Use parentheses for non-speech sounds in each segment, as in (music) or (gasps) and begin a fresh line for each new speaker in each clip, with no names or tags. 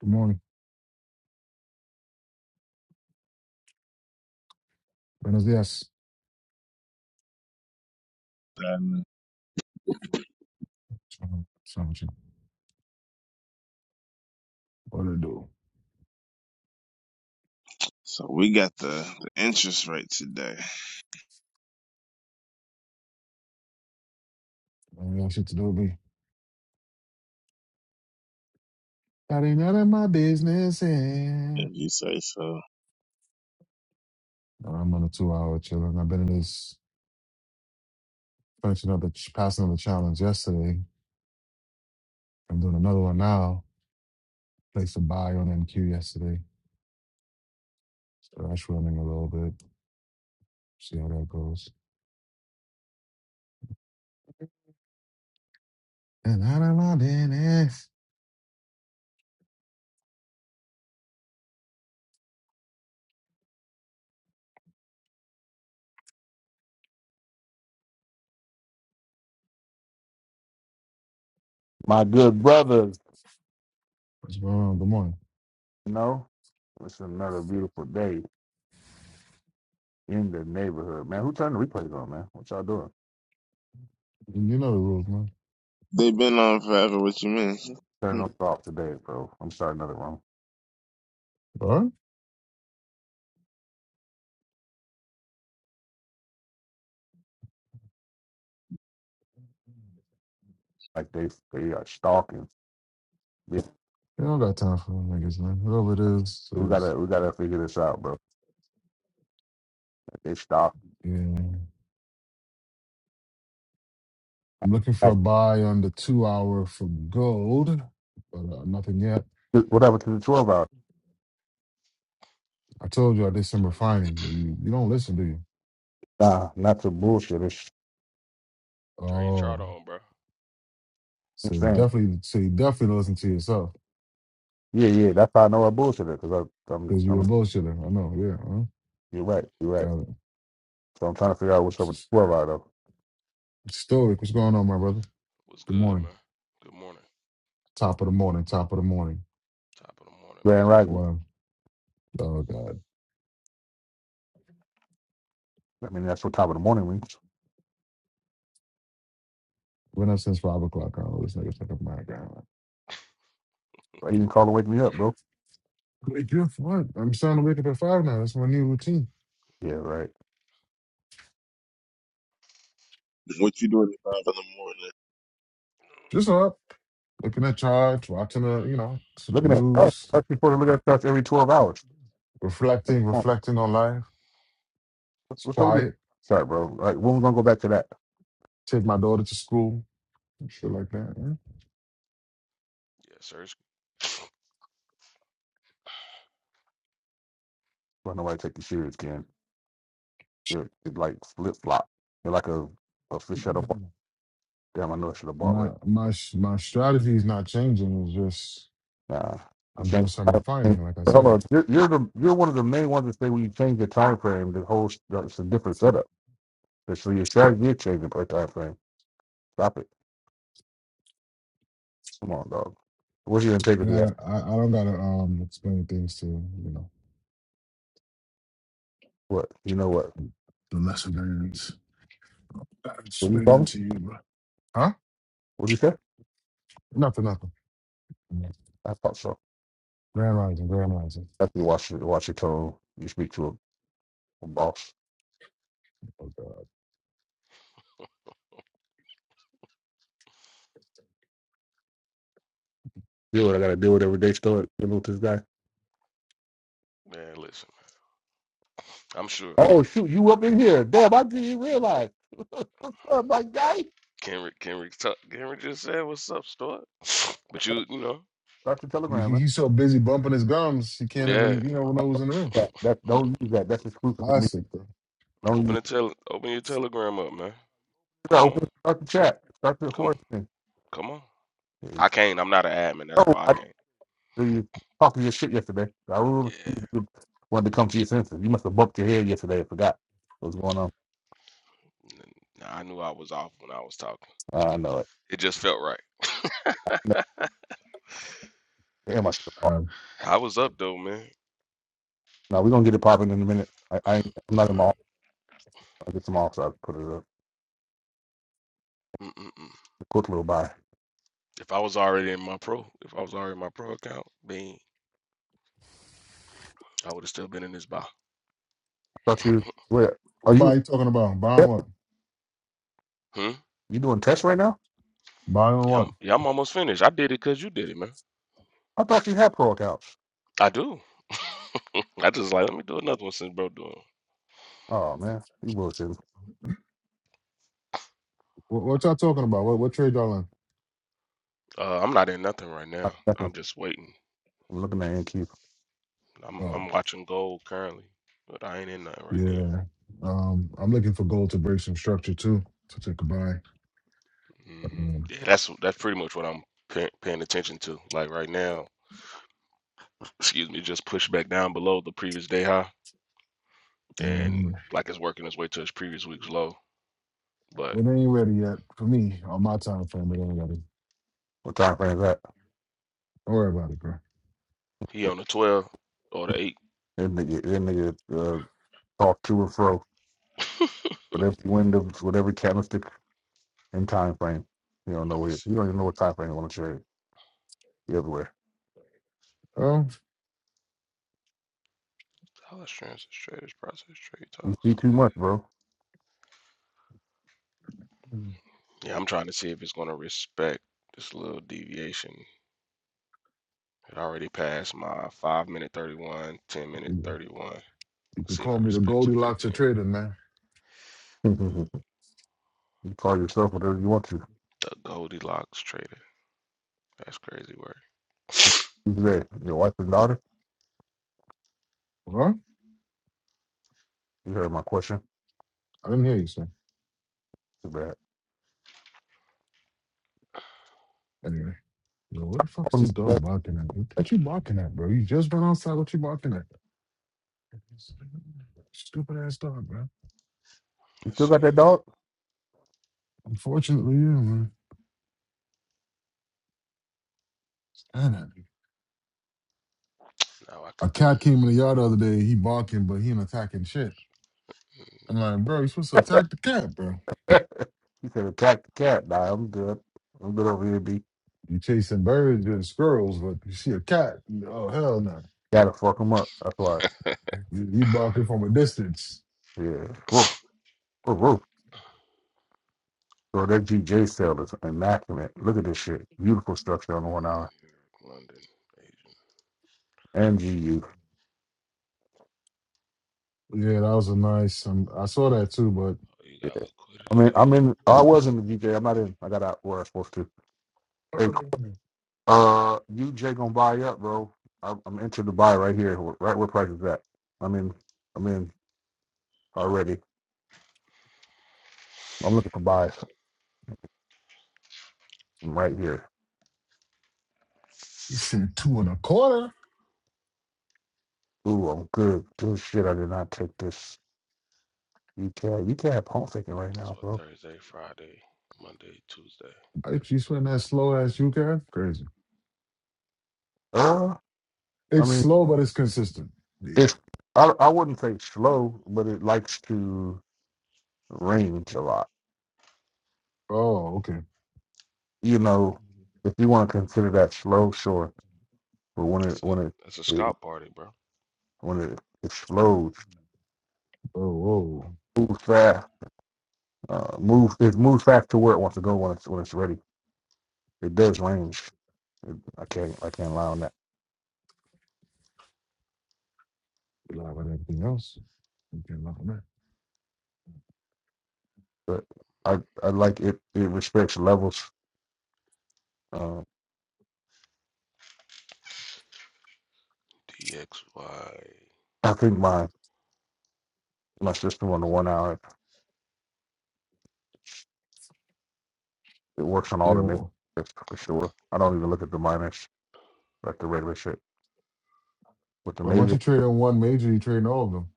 Good morning. Buenos dias.
Um,
Sandwich. What to do?
So we got the, the interest rate today,
Maybe I ain't shit to do, Be That ain't none of my business. eh.
if you say so.
I'm on a two hour chilling. I've been in this finishing up the ch- passing of the challenge yesterday. I'm doing another one now. Placed a buy on MQ yesterday. So that's running a little bit. See how that goes. And out of my business.
my good brothers,
What's going on? Good morning.
you know, it's another beautiful day in the neighborhood, man. Who turned the replays on, man? What y'all doing?
You know the rules, man.
They've been on forever. What you mean?
Turn
(laughs)
those off today, bro. I'm starting another room.
All right.
Like they they are stalking. We
You don't got time for them niggas, man. Whatever it is,
we
it is.
gotta we gotta figure this out, bro. They stalk.
Yeah. I'm looking for a buy under two hour for gold, but uh, nothing yet.
Whatever to the twelve hour.
I told you I did some
Turn
refining. You, you don't listen, do you?
Nah, not to bullshit. It's,
turn your chart
Oh,
on, bro.
I'm
so
saying,
definitely, so you definitely don't listen to yourself
yeah,
Yeah,
yeah. That's how I know I bullshit it because I'm
because you a
I'm
bullshitter. I know. Yeah. Huh?
you're right, you're right.
Got it.
So I'm trying to figure out what's
It's
up with the
just-
twelve hour though.
it's Stoic, what's going on, my brother?
What's
Good
good,
morning.
man? Good morning.
Top of the morning. Top of the morning.
Top of the morning, big
Grand
dog.
Rising.
Well, oh God,
I mean, that's what top of the morning means.
went up since five o'clock. I always niggas fuck up my ground.
He didn't call to wake me up, bro.
Wait, you what? I'm starting to wake up at five now. That's my new routine.
Yeah, right.
what you doing at five in the morning?
Just up. looking at charts, watching the, you know, s- the
Looking at stats,
news,
that's people to look at stats every twelve hours.
reflecting,
Come on.
reflecting on life.
What's
It's
up with this
quiet.
stat, bro? Like when we gonna go back to that?
Take my daughter to school, and shit like that.
Yeah, sir.
Why nobody take you serious, Ken? You're, you're like flip flop. You're like a, a fish out of water.
yeah.
Damn, I know I should have bought
My
right.
my s- my strategy is not changing. It's just
Nah, you
I'm doing
change.
some refining, like I
Hold
said.
on, you're, you're the you're one of the main ones that say when you change the time frame, the whole s- it's a different setup. So your strategy is changing per time frame. Stop it. Come on, dog. What's your
I
integrity? At?
gotta, I, I don't gotta um explain things to you know
What you know? What?
the lesser learners. I
What you
explain
call
that
me?
to you, bro. Huh?
What do you say?
Nothing, nothing.
I thought so.
Grand rising, grand rising.
After you watch it, watch your tone. You speak to a, a boss.
Oh God,
You know what I gotta deal with every day. Start dealing with this guy.
Man, listen. I'm sure
Oh shoot, you up in here? Damn, I didn't even realize. (laughs) What's up, my guy?
Kenrick Kenrick Tuck Kenrick just said what's up, Stuart. (laughs) (sniffs) But you you know,
Start the
he,
telegram, man.
he's so busy bumping his gums, he can't
yeah.
even you know know who's in the room.
That, that don't use that. That's exclusive for me.
Classic, bro.
Don't use.
Open the tele open your telegram up, man.
it.
Come on.
Open. Start the chat. Start the
Come
horse thing.
come on.
Hey,
I can't, I'm not an admin, that's
Oh,
why I
I
can't.
know you talking your shit yesterday. I really
Yeah.
wanted to come to your senses. You must have bumped your head yesterday. I forgot what's going on.
n- Nah, I knew I was off when I was talking.
I know it.
It just felt right.
No, damn, I should have bought.
All right.
I was up though, man.
it. No, we're gonna get it popping in a minute. I, I I'm not in
Uh,
my I get some off, so I can put it up.
mm, mm, mm.
A Quick little buy. I
If I was already in my pro, if I was already in my pro account, then I would have still been in this bar.
thought you, where
What
are you?
about you talking about? Buying
Yep.
what?
Hmm?
You doing tests right now?
Buying
Yeah,
what?
I'm, yeah, I'm almost finished. I did it because you did it, man.
I thought you had pro accounts.
I do. (laughs) I just like let me do another one since bro doing.
Oh man, you bullshit.
What, what y'all talking about? What, what trade y'all in?
Uh, I'm not in nothing right now.
(laughs) I'm
I'm just waiting.
looking at NQ.
I'm I'm
Oh,
watching gold currently, but I ain't in nothing right now.
yeah. Um, I'm looking for gold to break some structure too to take a buy.
hmm
Um,
Yeah, that's that's pretty much what I'm pay, paying attention to. Like right now, excuse me, just push back down below the previous day high, and
and
like it's working its way to its previous week's low.
it
But
ain't ready yet for me on my time frame. It ain't ready.
What time frame is that?
Don't worry about it, bro.
he on the 12 or the 8.
That nigga, that nigga uh, talk to and fro with every window, with every candlestick and time frame. You don't know
Let me
where.
see.
You don't even know what time frame you want to trade. You everywhere.
Oh,
Dollar's traders process trade
You
talks.
see too much, bro.
Yeah, I'm trying to see if it's going to respect this little deviation. It already passed my 5 minute 31, 10 minute
yeah.
31. Let's
you can
see if
call
it
me the
respects a
Goldilocks of
15.
trading, man.
(laughs) you call yourself whatever you want to.
The Goldilocks trader. That's crazy work. (sniffs)
Who's there? Your wife and daughter?
Huh?
You heard my question.
I didn't hear you, sir.
Too bad. (laughs)
Anyway, yo, what the fuck is
Oh,
this dog barking at? What what you barking at, bro? You just went outside. What you barking at? Stupid ass dog, bro.
You still
Let's
got
see.
that dog?
Unfortunately, yeah, man. God, I-
Now I can
a
turn
cat came in the yard the other day. He barking, but he ain't attacking shit. I'm like, bro, you supposed to attack the cat, bro.
He said attack the cat. Nah, I'm good. I'm good over here, B.
You chasing birds and squirrels, but you see a cat. Oh hell no!
Gotta fuck him up. That's why.
You, you barking from a distance.
Yeah. Woof, woof, woof. So that GJ cell is immaculate. Look at this shit. Beautiful structure on the one hour.
London, Asian.
And GU.
Yeah, that was a nice. Um, I saw that too, but
Oh, you got
I
liquidity
mean,
there.
I'm in. I was in the GJ. I'm not in. I got out where I was supposed to. Hey, uh, UJ gonna buy up, bro. I'm, I'm into the buy right here. Right where price is at. I'm in. I'm in already. I'm looking for buys. I'm right here.
he said two and a quarter.
Ooh, I'm good. Good shit. I did not take this. You can't you can't have pump faking right
That's
now,
what
bro.
Thursday, Friday, Monday, Tuesday.
If you swing that slow ass, you guys crazy.
Uh, I
It's
mean,
slow, but it's consistent. Yeah.
it's I I wouldn't say slow, but it likes to range a lot.
Oh, okay.
You know, if you want to consider that slow, sure. But when it
That's a
when it,
that's a
it
scalp party, bro.
when it, it slows,
Oh, whoa.
moves fast, uh, moves it moves fast to where it wants to go when it's when it's ready. It does range. I can't I can't lie on that.
You live on everything else. You can't lie on that.
But I I like it. It respects levels. Uh,
DXY.
I think my my system on the one hour. It works on
You
all the majors
know,
for sure. I don't even look at the minors like the regular shit. With the
but once
major,
you trade on one major, you trade on all of them.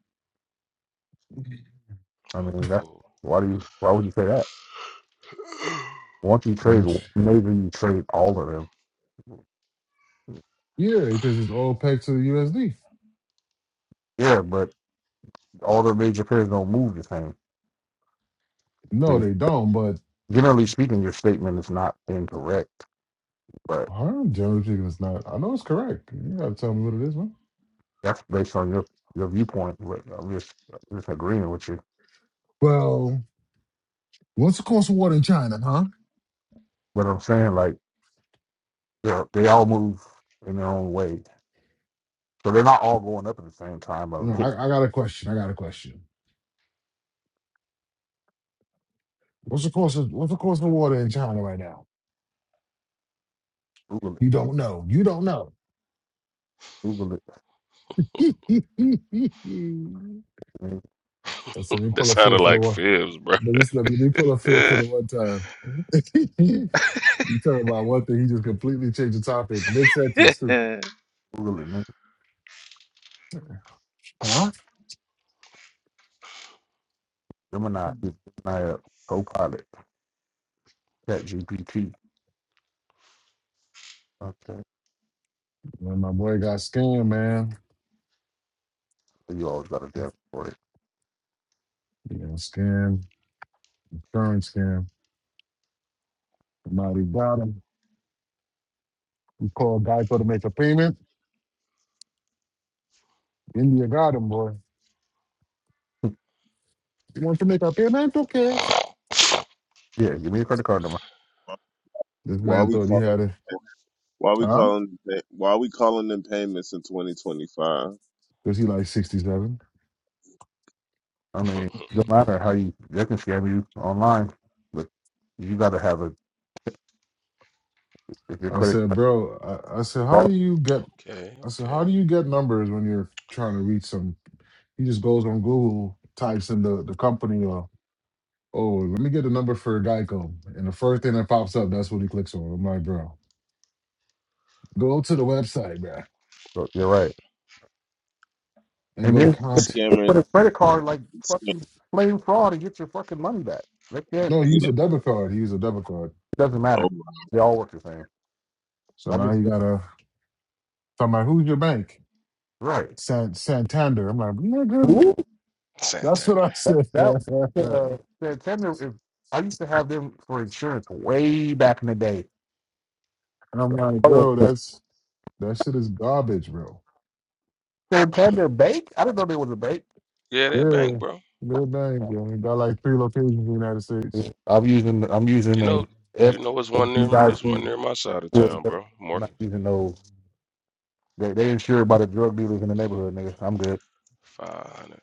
I
I
mean that's
go.
why do you why would you say that? Once you trade
Once,
one major, you trade all of them.
yeah, because it's all pegged to the USD.
Yeah, but all the major players don't move the same. So
No,
you,
they don't. But
generally speaking, your statement is not incorrect, but
Harlem generally speaking is not. I know it's correct. You gotta tell me what it is, man.
that's based on your your viewpoint. But I'm just just agreeing with you.
Well, what's the cost of water in China, huh?
But I'm saying like they're- they all move in their own way, so they're not all going up at the same time. Or
No, I, I got a question. I got a question. What's the cost of what's the cost of water in China right now?
Google it,
You don't know. You don't know.
Google
(laughs) Listen,
it.
let me
That
pull a feel
sounded
for the
like
water.
fibs, bro.
Let me, let me pull a
(laughs)
fifth for
okay,
the one time. (laughs) you talking about one thing, he just completely changed the topic. Mid sentence, too.
Google it. man.
Huh?
Gemini is Gemini Copilot, Chat GPT. Okay.
When my boy got scammed, man.
You always got a depth for it.
You know, scam, insurance scam. Somebody got him. He called Geico to make a payment. India got him, boy.
(laughs)
You want to make a payment? Okay.
Yeah, give me a credit card number.
This
Why
man
we
thought he
calling?
had it.
Why we
Huh?
calling? Why we calling them payments in 2025?
Because he like 67.
I mean, it don't matter how you they can scam you online, but you gotta have a if your
I
credit
said,
card
bro, I, I said, how do
fraud,
you get, I said, how
okay.
do you get numbers when you're trying to reach some He just goes on Google, types in the, the company or oh, let me get a number for Geico. And the first thing that pops up, that's what he clicks on. I'm like, bro, go to the website, bro,
so you're right.
and
And
go to
then
count.
Scammers.
put a credit card like
scam-
fucking plain fraud and get your fucking money back. They can't
No, he
Yeah.
used a debit card. He used a debit card.
it doesn't
Oh,
matter.
my
They all work the same.
So
Like
now
it's,
he
it's
gotta I'm like, who's your bank?
right.
San Santander. I'm like, nigga,
Ooh.
that's what I
Santander.
That
said. (laughs)
that
and
uh, Santander. If, I used to have them for insurance way back in the day.
I'm like,
Oh,
bro, that's that shit is garbage, bro.
Santander Bank. I didn't know they was a bank.
Yeah, that bank,
Yeah.
bro.
Good bank, bro. He Got like three locations in the United States.
I'm using I'm using
You know,
a F.
you know, it's one
You
near,
guys
it's
see,
one near my side of
for the
town,
bank.
bro.
I'm not
Morpheus.
using those. They they insured by the drug dealers in the neighborhood, nigga. I'm good.
Five hundred.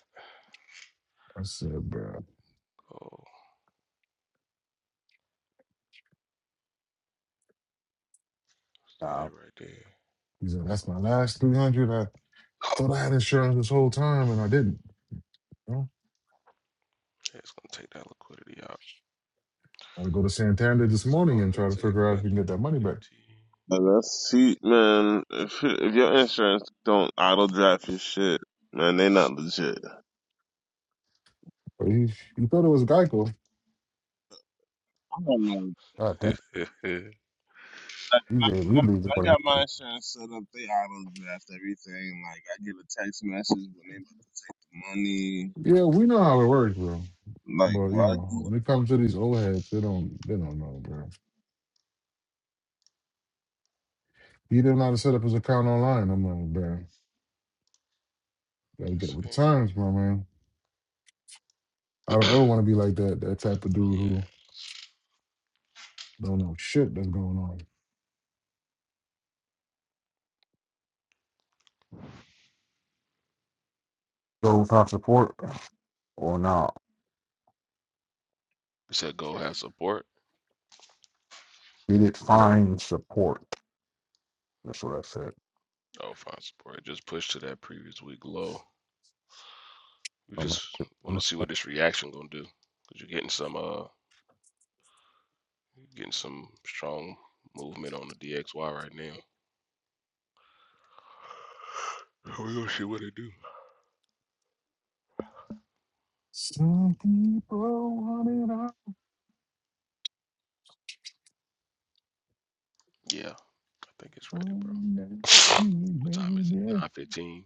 I said, bro.
Oh, is that
Nah,
it right there?
He said,
No,
"That's my last three hundred. I thought I had insurance this whole time, and I didn't. You know,
yeah, it's gonna take that liquidity out.
I would go to Santander this
It's
morning and
gonna
try to
take
figure out if
that
we can get that money back."
liquidity.
God. that's see, man. If, if your insurance don't auto draft your shit, man, they not legit.
But he he thought it was Geico.
I don't know
God damn.
(laughs) Let's
Like
You
when I,
just
when I
immediately
when
just
I got
want
my
to
insurance set up, they auto draft everything. Like I get a text message when they about to take the money.
Yeah, we know how it works, bro.
Like
But you
well, I
know,
do-
when it comes to these old heads, they don't they don't know, bro. He didn't know how to set up his account online. I'm like, bro, gotta get with
see.
the
Oh
times, my man. I don't ever want to be like that that type of dude
yeah.
who don't know shit that's going on.
go find support or not.
It said go have support.
Did it find support? That's what I said.
Oh, find support. It just pushed to that previous week low. We
I'm not-
just
I'm-
want
not.
to see what this reaction gonna do. Cause you're getting some uh getting some strong movement on the DXY right now. We're gonna see what it do.
Some people want it all.
Yeah, I think it's ready, bro.
Some that
(laughs)
you
what time is it?
made it.
Nine fifteen.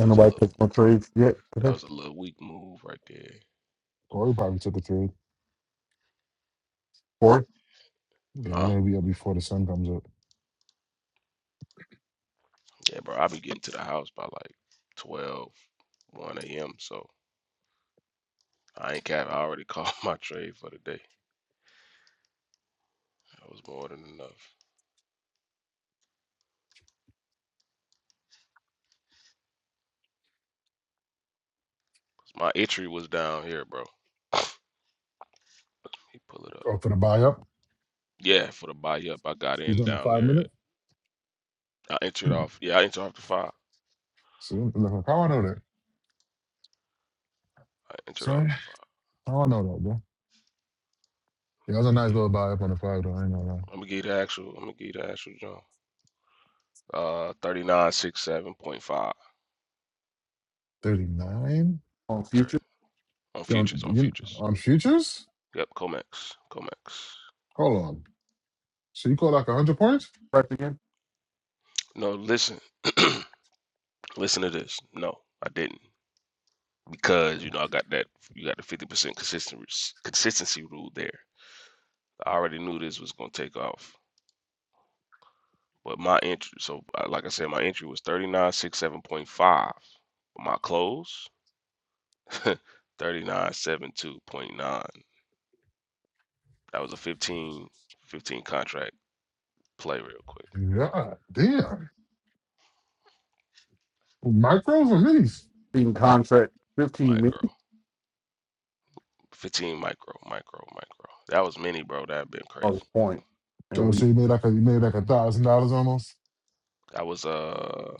That was a
nobody
little
took no trades yet.
that
Okay.
was a little weak move right there.
Corey probably took a trade.
Corey
Yeah, you
Huh?
know, he'll be up before the sun comes up.
Yeah, bro, I'll be getting to the house by like twelve one AM. So I ain't cap I already (laughs) called my trade for the day. That was more than enough. My entry was down here, bro. He pull it up.
Oh, for the buy up?
Yeah, for the buy up, I got
He's
in
on the
down
five
there.
minute?
I entered off. Yeah, I entered off the five.
See, look, how I know that?
I entered off
Sorry?
the five.
How I know that, bro? Yeah, that was
I'm
a
gonna
nice
get. it.
little buy up on the five, though. I ain't gonna lie.
I'm gonna get the actual. I'm gonna get the actual jump. Uh, thirty nine six seven point five.
39?
on future.
Thirty on
You on,
futures. On
you,
futures.
on futures?
Yep, Comex. Comex.
Hold on. So you call like 100 points?
press again.
No, listen. (clears throat) listen to this. No, I didn't because you know I got that. You got the fifty percent consistent consistency rule there. I already knew this was gonna take off. But my entry, so uh, like I said, my entry was thirty nine six seven point five. My close, 3972.9. That was a 15 15 contract play real quick.
Yeah, damn. Micros or minis?
Team contract, fifteen
Micro.
million
15 micro, micro, micro. That was mini, bro. That had been crazy.
dollars point, and
So,
we
so you made like a, you made like a thousand dollars almost?
That was uh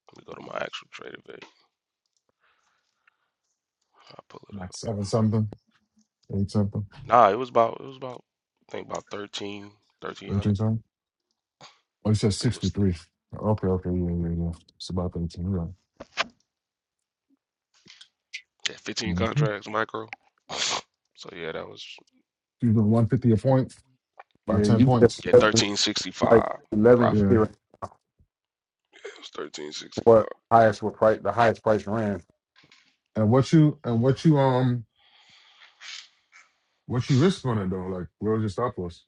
let me go to my actual trade of I'll pull it
Like
up.
seven something, eight something,
Nah, it was about it was about I think about 13 1300.
18 something? Oh, you said
I think it was
63. Okay, okay, yeah, yeah, yeah. It's about 18, right?
yeah, 15
Mm-hmm.
contracts micro. (laughs) so yeah, that was
She's doing one fifty a point by
yeah
ten
you just
points.
yeah
eleven, like
1365
eleven
profit.
Yeah.
here is
It was 1365.
what highest were price the highest price ran
And what you and what you um what you risk on it though? Like where was your stop loss?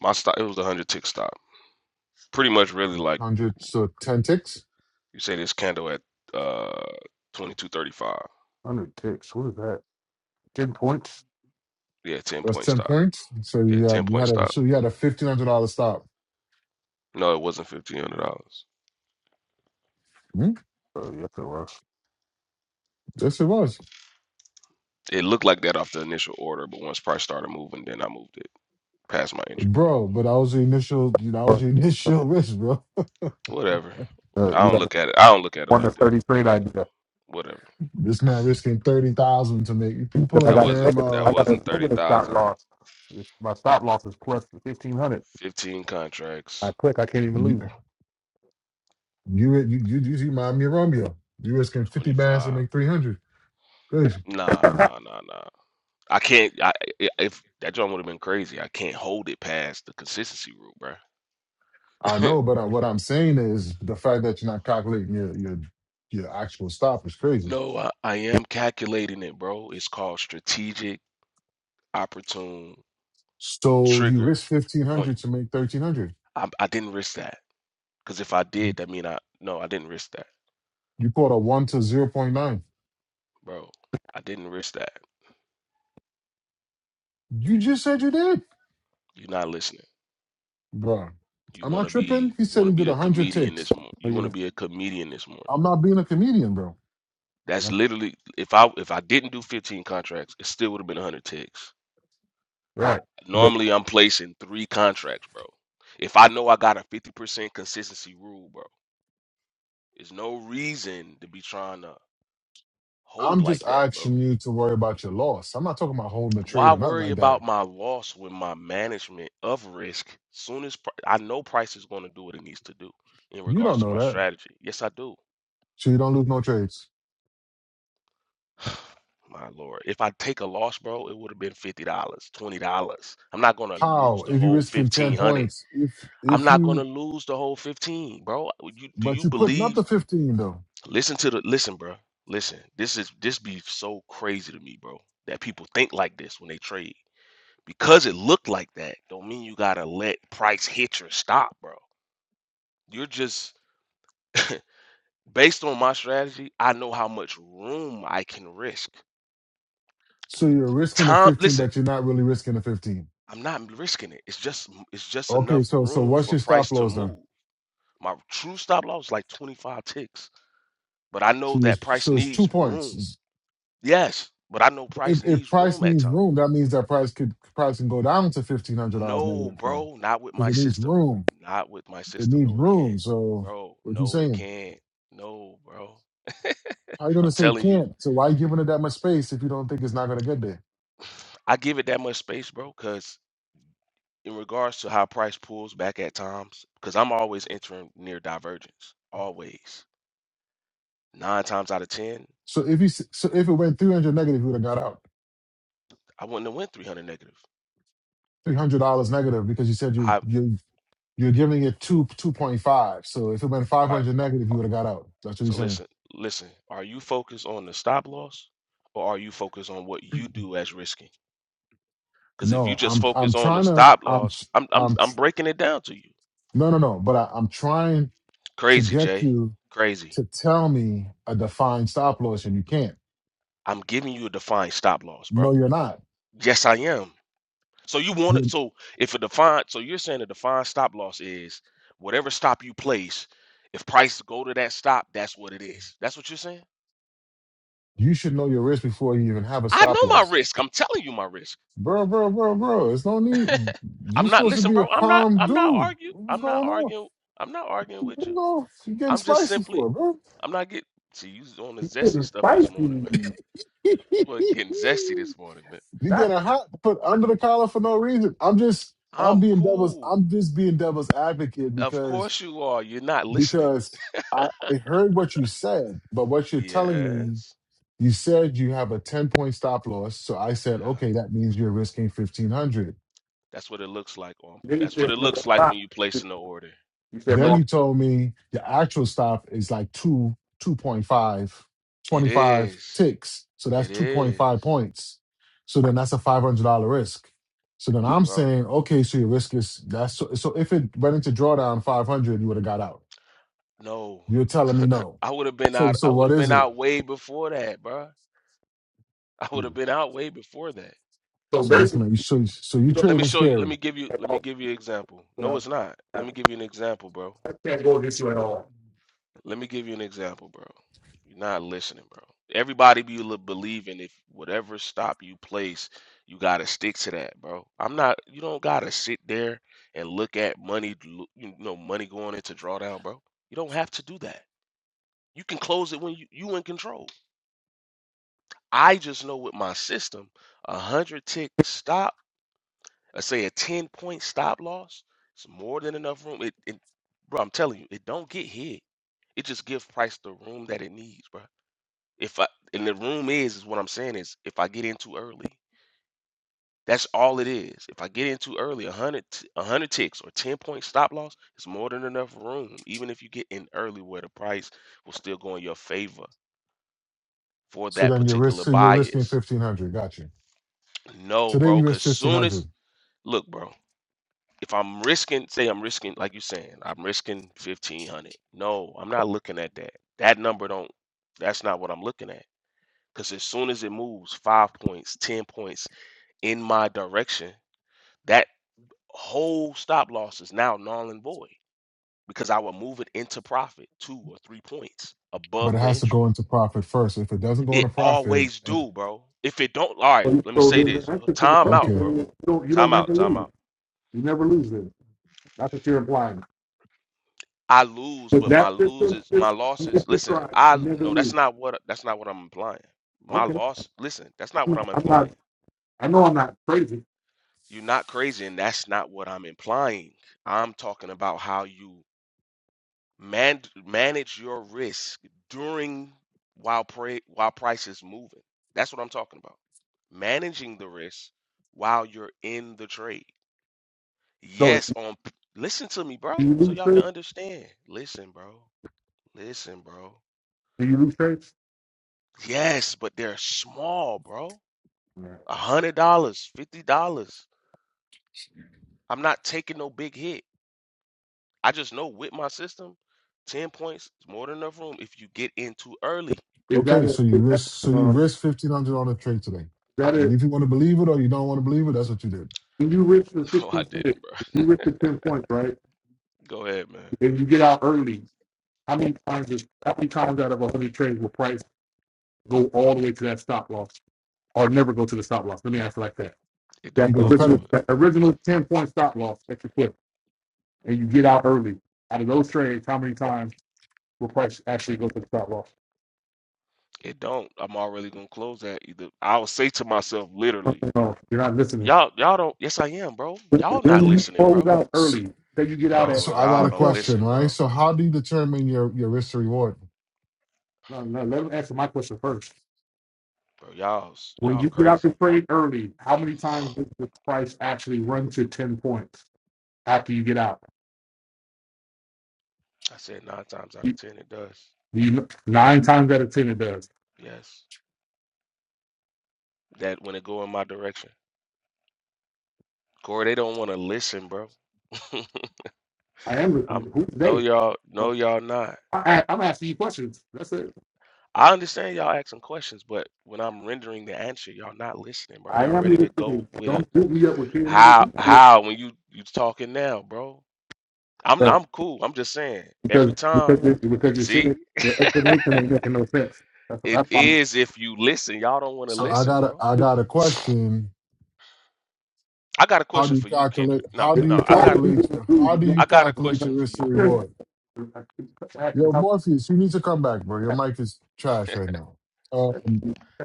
My stock it was the 100 tick stock. Pretty much really like
Hundred so ten ticks.
You say this candle at uh 22.35.
hundred ticks. What is that? Ten points.
Yeah, 10
That's
point
ten
stop.
points. So
Yeah,
you
10
had you
point
had a
stop.
so you had a fifteen hundred dollar stop.
No, it wasn't $1,500.
Hmm?
Oh yes, it was.
Yes, it was,
It looked like that off the initial order, but once price started moving, then I moved it past my entry point.
bro. But that was the initial. That was your initial (laughs) risk, bro.
Whatever.
Uh,
I
you
don't
got a
look at it. I don't look at it
one to
like that.
thirty trade
But
idea
whatever.
This man risking thirty thousand to make. If you
because I
pulling
That
a
got a
wasn't
damn
negative.
that
uh,
I got a
wasn't
negative stop
30,000.
loss. It's, my stop loss is plus fifteen hundred.
15 contracts,
I click, I can't even
you
lose.
you you you, you, you mind me of Romeo. You risking fifty bands to
25.
make three hundred. Crazy.
Nah, nah, nah, nah. I can't I i- if that joint would have been crazy. I can't hold it past the consistency rule, bruh.
I
(laughs)
know, but I, what I'm saying is the fact that you're not calculating your your your actual stop is crazy.
No, I, I am calculating it, bro. It's called strategic opportune
So you
trigger
risk fifteen
point.
hundred to make thirteen hundred.
I, I didn't risk that because if I did, that mean I no, I didn't risk that,
You caught a one to zero point nine.
bro. I didn't risk that.
You just said you did,
You're not listening.
bro.
You
Am
want
I
to be
tripping? He
you
said
want
he
to be
did
the
a hundred
comedian this
ticks.
morning. You
Well, You
want to
know,
be a comedian this morning.
I'm not being a comedian, bro.
That's
like,
literally if I if I didn't do 15 contracts, it still would have been 100 ticks.
right? But
Normally, I'm placing three contracts, bro. If I know I got a 50% consistency rule, bro. There's no reason to be trying to hold
I'm just
like that, bro.
asking you to worry about your loss. I'm not talking about holding a trade
Why
or nothing
worry
like
about
that.
my loss when my management of risk? Soon as pri- I know price is going to do what it needs to do in
You
regards
don't
to
know
my
that,
strategy. Yes, I do.
so you don't lose no trades.
(sighs) My lord, if I take a loss, bro, it would have been fifty dollars, twenty dollars. I'm not gonna lose
How?
the
If you're
whole
risking ten
fifteen hundred.
points, if
I'm
if
not gonna
you
lose the whole fifteen, bro. You, do
but
you
you putting up
believe?
the fifteen though.
Listen to the listen, bro. Listen, this is this be so crazy to me, bro. That people think like this when they trade. Because it looked like that, don't mean you gotta let price hit your stop, bro. You're just based on my strategy, I know how much room I can risk.
So
N-
you're risking a
Time,
15,
listen,
but you're not really risking a 15.
I'm not risking it. It's just it's just
Okay,
enough
so so
room
what's
for
your stop
price to
loss then?
move. My true stop loss is like 25 ticks, but I know
So it's,
that price
so it's two
needs room.
points.
Yes, but I know price
If, if
needs
price
room at
needs
times.
room, that means that price could price can go down to fifteen hundred dollars
No,
negative though,
bro, not with
because
my
it needs
system.
room.
Not with my
It
system.
needs
No, it
room.
can't.
So
Bro,
what you
no, it
saying?
can't. No, bro.
How you
I'm
gonna say
telling you,
can't? So why you giving it that much space if you don't think it's not gonna get there?
(sighs) I give it that much space, bro, because in regards to how price pulls back at times, because I'm always entering near divergence. Always. Nine times out of ten,
So if you s- so if it went three hundred negative, you would have got out
I wouldn't have went 300 negative.
three hundred dollars negative because you said you
I
you You're giving it two two point five. So if it went five
are
hundred negative, you would have got out. That's what
so
he's saying.
listen, listen, are you focused on the stop loss or are you focused on what you do as risking? Because if you
No,
just
I'm
focus
I'm
on the
trying to
stop
I'm
loss, I'm I'm
I'm
I'm breaking it down to you.
no no no. But I, I'm trying to
Crazy,
get
Jay.
you
Crazy.
to tell me a defined stop loss, and you can't.
I'm giving you a defined stop loss,
No,
bro.
you're not.
Yes, I am. So you want it.
You
So if a defined, so you're saying a defined stop loss is whatever stop you place. If prices go to that stop, that's what it is. That's what you're saying.
you should know your risk before you even have a
I
stop
know my
loss,
risk. I'm telling you my risk.
bro, bro, bro, bro. It's no
(laughs)
need. You're
I'm not.
supposed to
Listen,
be a
bro. I'm not.
calm
I'm not
dude.
arguing.
What's
I'm not
going on?
arguing. I'm not arguing
You
with you.
know, you're getting
I'm just
spicy
simply.
for it, bro.
I'm not getting. See, you was on the zesty
it's
stuff this morning,
spicy.
man. We're getting zesty
(laughs)
this morning, man.
You
Not.
get a hot put under the collar for no reason. I'm just I'm
I'm
being devil's
cool.
I'm just being devil's advocate
Of
because
course you are. You're not listening.
because I, I heard what you said, but what you're telling me,
Yes.
you said you have a 10 point stop loss. So I
Yeah.
said, okay, that means you're risking 1500.
That's what it looks like on.
Then he
That's what
said
it
no.
looks like when
stop.
you
am
place an order.
You said no.
Then
But
he told me the actual stop is like two, five, twenty five
it
twenty-five
is.
ticks. So
It
that's
is.
2.5 points. So then that's a $500 risk. So then I'm
Bro.
saying, okay, so your risk is that's so, so if it went into drawdown 500, you would have got out.
No.
You're telling me no.
I would have been
So
out
so
I would
what
have
is
been
it?
out way before that, bro. I would have been out way before that.
So
So this
basically,
man, so so you
you don't
Let me
trading
show you. Let
scary.
me give you
at
let me
all.
give you an example.
You
No,
know,
it's not. Let
I
me give you an example, bro.
can't go against you at all.
Let me give you an example, bro. You're not listening, bro. Everybody be li- believing if whatever stop you place, you gotta stick to that, bro. I'm not. You don't gotta sit there and look at money, lo- you know, money going into drawdown, bro. You don't have to do that. You can close it when you you in control. I just know with my system, a hundred tick stop, I say a ten point stop loss, it's more than enough room. It, it, bro, I'm telling you, it don't get hit. It just gives price the room that it needs, bro. If I and the room is is what I'm saying is if I get in too early, that's all it is. If I get in too early, a hundred t- a hundred ticks or ten point stop loss is more than enough room. Even if you get in early, where the price will still go in your favor for
So
that
then your risk,
particular
so you're risking
bias.
1500. Got you.
No,
Today
bro,
you
because
risk
soon as
1500,
look, bro, if I'm risking, say I'm risking, like you saying, I'm risking fifteen hundred. No, I'm not looking at that. That number don't. That's not what I'm looking at. Because as soon as it moves five points, ten points, in my direction, that whole stop loss is now null and void because I will move it into profit two or three points
but
above
it
the
has to go
entry.
into profit first. If it doesn't go
It
into profit,
always
eh,
do, bro. If it don't, all right,
So
let me
so
say
the
this.
answer to the
Time
question
out,
okay.
is
bro.
you don't you don't
Time
never
out, time
lose.
out.
You never lose then. That's what you're implying.
I lose,
With
but my
that system
loses, my
this you
losses.
just
Listen,
described,
I
you never
no, that's
lose.
not what that's not what I'm implying. My
Okay.
loss, listen, that's not
I'm
what
not,
I'm
I'm not
implying.
I know I'm not crazy.
You're not crazy, and that's not what I'm implying. I'm talking about how you Man, manage your risk during while pray, while price is moving. That's what I'm talking about. Managing the risk while you're in the trade.
So
Yes,
do
on listen to me, bro,
you
so
lose
y'all can
faith?
understand. Listen, bro. Listen, bro.
Do you lose faith?
Yes, but they're small, bro.
Right.
A hundred dollars, fifty dollars. I'm not taking no big hit. I just know with my system, ten points is more than enough room if you get in too early.
Is that
Okay,
it?
so you
Is that
risk so
it?
you
um, is
risk fifteen hundred on a trade today.
that a
If you want to believe it or you don't want to believe it, that's what you did.
when you reach the
(laughs) No, I
15 minutes,
didn't, bro.
you reach the 10 points, right?
Go ahead, man.
And you get out early. How many times is how many times out of 100 trades will price go all the way to that stop loss or never go to the stop loss. Let me answer like that.
It
That
don't
You're
go
gonna cut it.
original,
to it.
that original 10 point stop loss that you quit and you get out early. Out of those trades, how many times will price actually go to the stop loss?
It don't. I'm already gonna close that either. I'll say to myself literally,
No, you're not listening.
y'all, y'all don't. Yes, I am, bro. Y'all not
When you
listening,
close
bro.
out
So,
early, say you get out at
Bro,
so I got
y'all
a
two
don't
points.
question,
listen,
right?
bro.
So how do you determine your your risk to reward?
No, no, let them answer my question first.
Bro, y'all,
When
y'all
you get out
crazy.
the trade early, how many times does the price actually run to 10 points after you get out?
I said nine times out of
You,
ten, it does.
you, nine times out of 10 it does.
Yes, that when it go in my direction, Corey, they don't want to listen, bro. (laughs)
I am
I'm
listening. Who's
no
they?
y'all,
Well,
no y'all not.
I, I'm asking you questions. That's it.
I understand y'all asking questions, but when I'm rendering the answer, y'all not listening, bro.
I
Y'all
am
ready
your
to go
city.
with a
Don't shoot me up with shit niggas.
how
You not listening,
how when you you talking now, bro? I'm
bro.
I'm cool. I'm just saying. Every
Because
time,
because this, because your shit, is-
see,
your explanation ain't making no sense. That's what
it
that's why i
is if you listen. Y'all don't want to
So I
listen,
got a
bro. (sighs)
I got a
(sniffs)
question.
I got a
How do
question
you
for you, Kendrick.
calculate?
No,
How do
It's
you
no, I
all
got
the
a,
calculate?
people who
How
do.
do
I
you
got a
Yeah.
calculate the
question for
risk to
you.
reward?
I keep acting the
Yo,
top.
Morpheus, you need to come back, bro. Your mic is trash right now.
That
Um,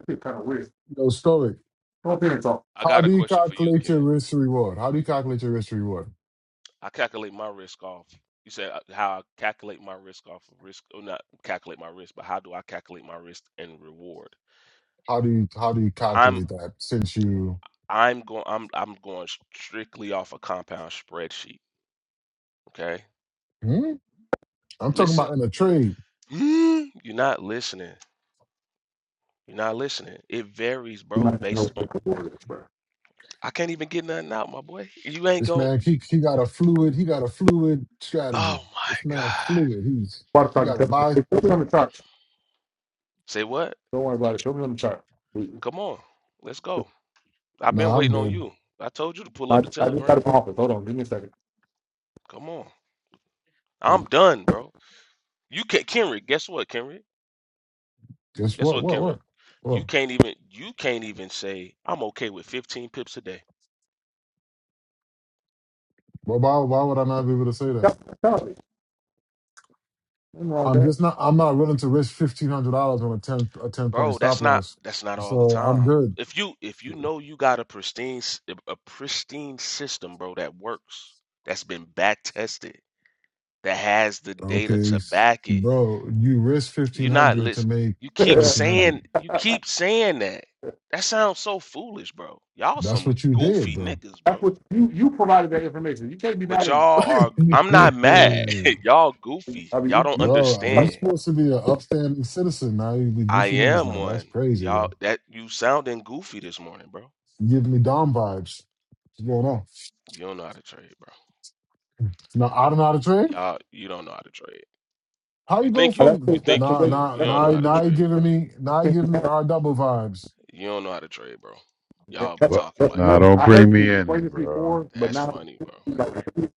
shit kind of weird.
yo, Stoic,
Come up here and talk.
I
how
got a
do you
question for you,
calculate your
Ken.
risk to reward? How do you calculate your risk to reward?
I calculate my risk off. You said uh, how I calculate my risk off of risk, or not calculate my risk, but how do I calculate my risk and reward?
How do you how do you
I'm
calculate that since you
I'm going I'm I'm going strictly off a compound spreadsheet. Okay,
Hmm? I'm talking
listen.
about
(gasps)
in a trade.
Mm, You're not listening. You're not listening. It varies,
You
bro,
might not know
based
what
on
the word is, bro.
I can't even get nothing out, my boy. You ain't
This
going
man,
you
he he got a fluid, he got a fluid strategy.
oh
This
my
man
God.
fluid. He's
Why the
you gotta buy.
Hey, Show me on the chart.
Say what?
Don't worry about it. Show me on the chart. I,
Come on. Let's go. I've been
Nah, I'm
waiting on
good.
you. I told you to pull up the
I just
telegram.
got it from office. Hold on. Give me a second.
Come on.
Like,
I'm done, bro. You can't Kenrick, guess what, Kenrick?
Guess
Guess
what?
what,
What
Kenrick?
what?
You
Well,
can't even you can't even say I'm okay with 15 pips a day.
well why why would I not be able to say that?
That's that's how Nothing wrong
I'm
with
just not I'm not willing to risk fifteen hundred dollars on a ten a ten point
Bro, that's
stop
not
loss.
that's not all the
So I'm
time.
good.
If you if you know you got a pristine s- a pristine system, bro, that works, that's been back tested, that has the data
Okay.
to
s-
back it.
Bro, you risk fifteen
You're not
hundred to
lis-
make
you
that. (laughs)
keep
thirteen hundred.
saying you keep saying that. That sounds so foolish, bro. Y'all
That's
some
what you did,
goofy
bro.
niggas,
That's
bro.
what you you provided that information. You can't be
But
mad at
y'all
him.
are I'm not mad.
(laughs)
(laughs) y'all goofy.
I
Y'all
mean,
don't
you, you
Bro, uh, you
understand.
supposed to be an upstanding citizen. Now you be
I
goofy niggas
am
now. That's
one.
crazy,
Y'all
bro.
that you sounding goofy this morning, bro.
You giving me Dom vibes. What's going on?
You don't know how to trade, bro.
Now I don't know how to trade?
y'all, you don't know how to trade.
How
You
you go
think you
that's
from
you
the, that's
think
the
you
nah
way
do.
nah
You
that's
don't
the
know
nah
way
how
you
to
now you
trade, bro.
giving me now you
think. that-
giving me R double vibes.
You don't know how to trade, bro. Y'all be
That's
Well,
talking
that's
like it.
nah,
not.
don't
I
bring
heard you
me in
explain
it,
this
bro.
before, but
That's
now
funny, bro.
like, you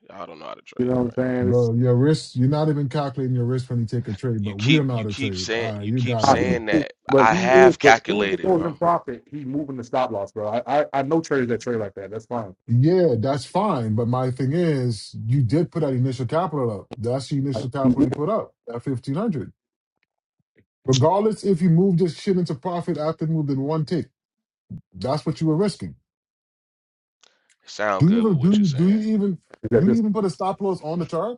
Y'all don't know how to trade,
know what I'm
bro.
saying. It's
Bro, your risk, you're not even calculating your risk when you take a trade,
You
but we
keep
don't know how
you
to
keep
trade.
saying
All right,
you
you
keep
got
how
it,
he
bro.
saying
is,
that
but
I
he is.
have
But as soon as it
calculated,
goes
bro.
in profit, he moving the stop loss, bro. I I, I know traders that trade like that. That's fine.
Yeah, that's fine. But my thing is, you did put that initial capital up. That's the
I,
initial
he
capital
is
you put up at fifteen hundred. Regardless if you move this shit into profit after moving one tick. That's what you were risking.
Sound
Do you
good with
even
what
do
you're
you do
saying.
you even
at
do you
this.
even put a stop loss on the chart?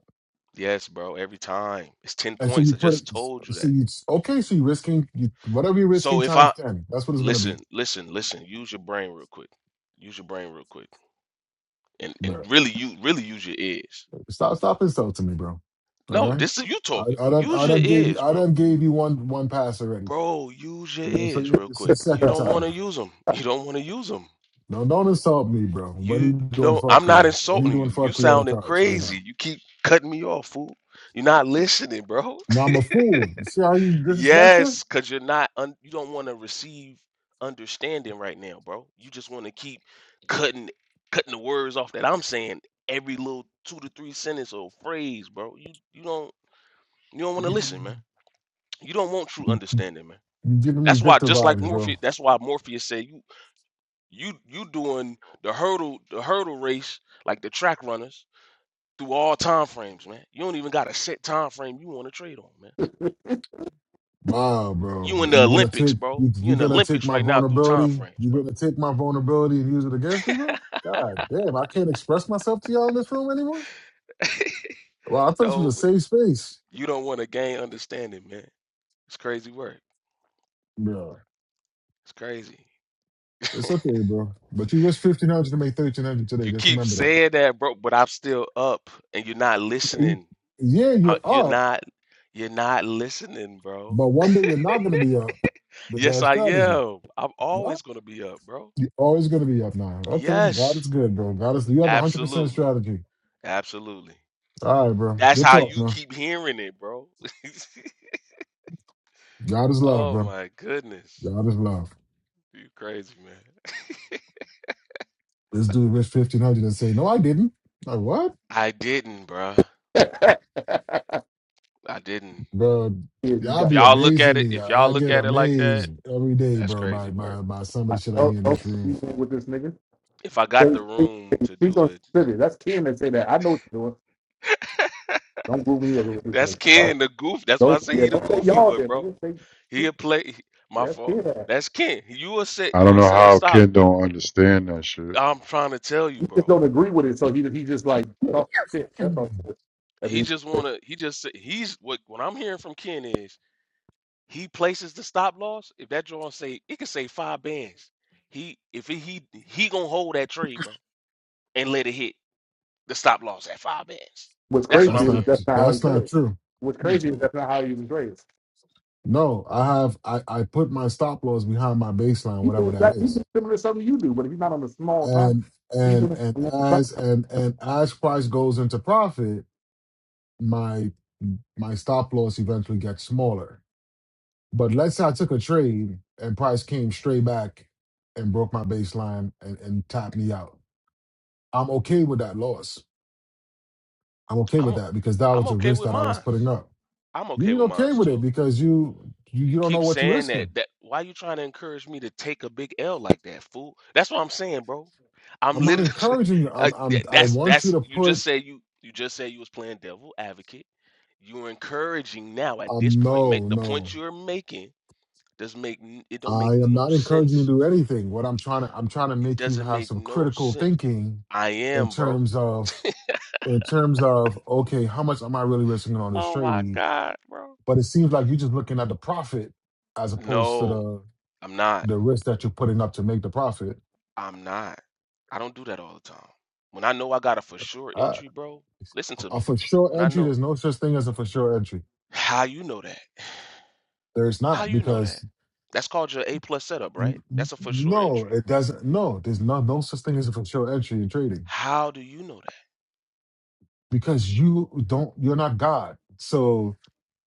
Yes, bro, every time. It's 10
And so
points.
you
I
put it.
just told you
So
that.
you okay. So you're risking you, whatever you're
So
risking
if
times
I
ten. That's what it's gonna
listen,
be,
listen, listen, use your brain real quick. Use your brain real quick. And and
bro.
really you really use your ears.
Stop stop insulting me, bro. All
No,
right.
this is you talking.
I, I don't
Use
I
your
don't gave you
ears,
I
bro.
don't gave you one one pass already.
Bro, use your
You know what I'm
ears
saying?
real
This is
quick.
the
You
second
don't
time,
want to
bro.
use them. (laughs) You don't want to use them.
No, don't insult me, bro. When are you
You
doing
don't. I'm not
fuckery? When are you
insulting
doing
you. You
fuckery on the
sounding
charge right
crazy.
now?
You keep cutting me off, fool. You're not listening, bro. (laughs)
Now I'm a fool. See how you disrespectful?
Yes, because you're not, un, you don't want to receive understanding right now, bro. You just want to keep cutting cutting the words off that I'm saying every little two to three sentence or phrase, bro. You you don't you don't want to listen, man. You don't want true understanding, man.
You giving me
That's why
Victor
just like
vibes, bro.
Morpheus, that's why Morpheus said you You you doing the hurdle the hurdle race like the track runners through all time frames, man. You don't even got a set time frame you want to trade on, man.
(laughs)
Wow, bro.
You in the
You're gonna
Olympics,
take
bro.
you,
You
you're
in the
gonna take
Olympics
my
right now through time
vulnerability.
frames, bro.
You're gonna take my vulnerability and use it against me, bro? God damn, I can't express myself to y'all in this room anymore. Well, I thought this was a
No,
safe space.
you don't want to gain understanding, man. It's crazy work.
Bro.
It's crazy.
It's okay, bro. But you risked fifteen hundred to make thirteen hundred today.
You
Just
keep
remember that.
saying that, bro, but I'm still up, and you're not
You-
listening.
yeah,
Uh,
you're
You're
up,
not. You're not listening, bro.
but one day you're not gonna be up with
Yes,
that
I
strategy.
am. I'm
No,
always gonna be up, bro.
You're always gonna be up now. Okay, God
Yes,
is good, bro. God is you have a hundred percent
absolutely.
strategy.
Absolutely.
All right, bro.
That's
Good
how
talk,
you
man.
keep hearing it, bro. (laughs)
God is love,
Oh
bro.
my goodness.
God is love.
You crazy, man.
This dude, Rich 1500, and say, No, I didn't. Like, what?
I didn't, bruh.
yeah,
I didn't.
Bro,
you
y'all
If
die.
be
y'all look at
amazing
it,
me.
if y'all
I, I
look
get
at it like that,
amazed every day,
that's
bro,
crazy
by,
work.
by by some of
I,
the shit I hear
don't
in
don't
this room.
be with this nigga.
If I got
Say,
the
say,
room
say,
to
speak
do
on
it,
city. That's Ken that say that. I know what you're doing. Don't group me up with this
that's
nigga. Y'all.
Ken the goof. That's why I
Don't,
say
yeah,
he the
don't say
goofy
y'all
one,
there,
bro.
nigga. Say
He'll play he- my
that
fault.
kid ass.
That's Ken. You will set
I
you
don't
will
know
set a
how
stop.
Ken don't understand that shit.
I'm trying to tell you,
He just
bro.
don't agree with it, so he he just like talk shit.
(clears throat)
That's all. I
He
mean,
just
what's
wanna he just said- he's what what I'm hearing from Ken is He places the stop loss. If that joint say it can say five bands, he if he he, he gonna hold that trade, bro, and let it hit the stop loss at five bands. That's
crazy
what
That's
I'm
is
not
hearing.
that's not how
that's
he's
not
raised.
true.
What's crazy is that's not how he was raised.
No, I have I, I put my stop loss behind my baseline,
He
whatever
doing
that
that. He
is.
doing similar to something you do, but if he's not on a small time.
And
He
and
doing
and
it.
as
(laughs)
and and as price goes into profit, my my stop loss eventually gets smaller. But let's say I took a trade and price came straight back and broke my baseline and, and tapped me out. I'm okay with that loss. I'm okay
I'm
with
o-
that because that
I'm
was a
okay
risk
with
that I was putting
mines.
up.
I'm okay
You are
with
okay
mines
with it
too.
because you you,
You
you don't
keep
know what you're
saying that.
risking.
That why you trying to encourage me to take a big L like that, fool? That's what I'm saying, bro. I'm
I'm not
literally
encouraging you.
(laughs) uh,
I'm I'm
th-
I
that's
want you
that's
to
you just
put
said you you just said you was playing devil advocate. You're encouraging now at this
um
point. Make
no,
the
no.
point you're making Doesn't make n- it don't
I
make
am
no
not encouraging you
sense.
to do anything. What I'm trying to I'm trying to
It
make you
doesn't
have
make
some
no
critical
sense.
thinking
I
in
am, bro.
terms of in terms of okay, how much am I really risking on this
Oh my
trade?
God, bro.
But it seems like you're just looking at the profit as opposed to
No,
the
I'm not.
the risk that you're putting up to make the profit.
I'm not. I don't do that all the time. When I know I got a for sure
Uh,
entry, bro, listen to
a
me.
for sure
When I
entry,
know
there's no such thing as a for sure entry.
how you know that.
There's
How
not
you know that?
because
That's called your A plus setup, right?
n- n-
That's a for sure
no,
entry.
it doesn't. No, there's no no such thing as a for sure entry in trading
How do you know that?
because you don't. You're not God. So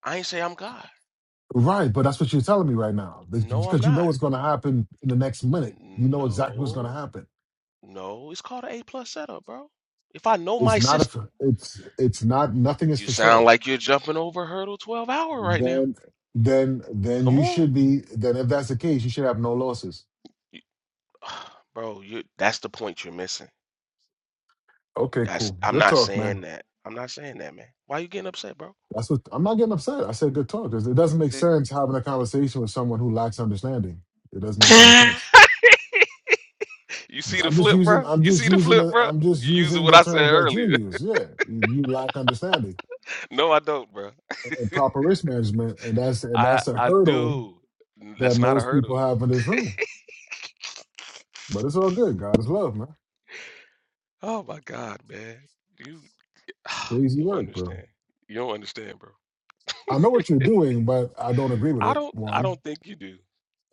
I ain't say I'm God.
right, but that's what you're telling me right now
No, I'm
because you know
not.
what's going to happen in the next minute. You
N-
know exactly what's going
No,
to happen.
no, it's called an A plus setup, bro. If I know my
It's not a.
system.
for- It's it's not. Nothing is
You
for sure
sound like you're jumping over hurdle 12 hour right now.
Then, then, then
Come
you
on.
should be. Then, if that's the case, you should have no losses.
You- (sighs) bro, you that's the point you're missing.
Okay,
That's
cool.
I'm
Good
not
talk,
saying
man.
that. I'm not saying that, man. Why you getting upset, bro?
That's what I'm not getting upset. I said good talk 'cause it doesn't make
See-
sense having a conversation with someone who lacks understanding. It doesn't make any sense.
(laughs) you see the
I'm just
flip,
using.
bro?
I'm
You
just
see the
using.
flip,
The,
bro?
I'm just
You using
using
what
the
I said
terms that you
earlier.
use. Yeah, you you lack understanding
(laughs) no, I don't, bro.
and proper risk management, and that's and
I
that's a
I
hurdle
do. N-
that
That's not a
most
hurdle.
people have in this room. But it's all good. God is love, man.
Oh my god, man. You (sighs)
Crazy
you don't
work, bro.
understand. You don't understand, bro.
I know what you're doing, but I don't agree with
I
it.
don't I
One.
don't think you do.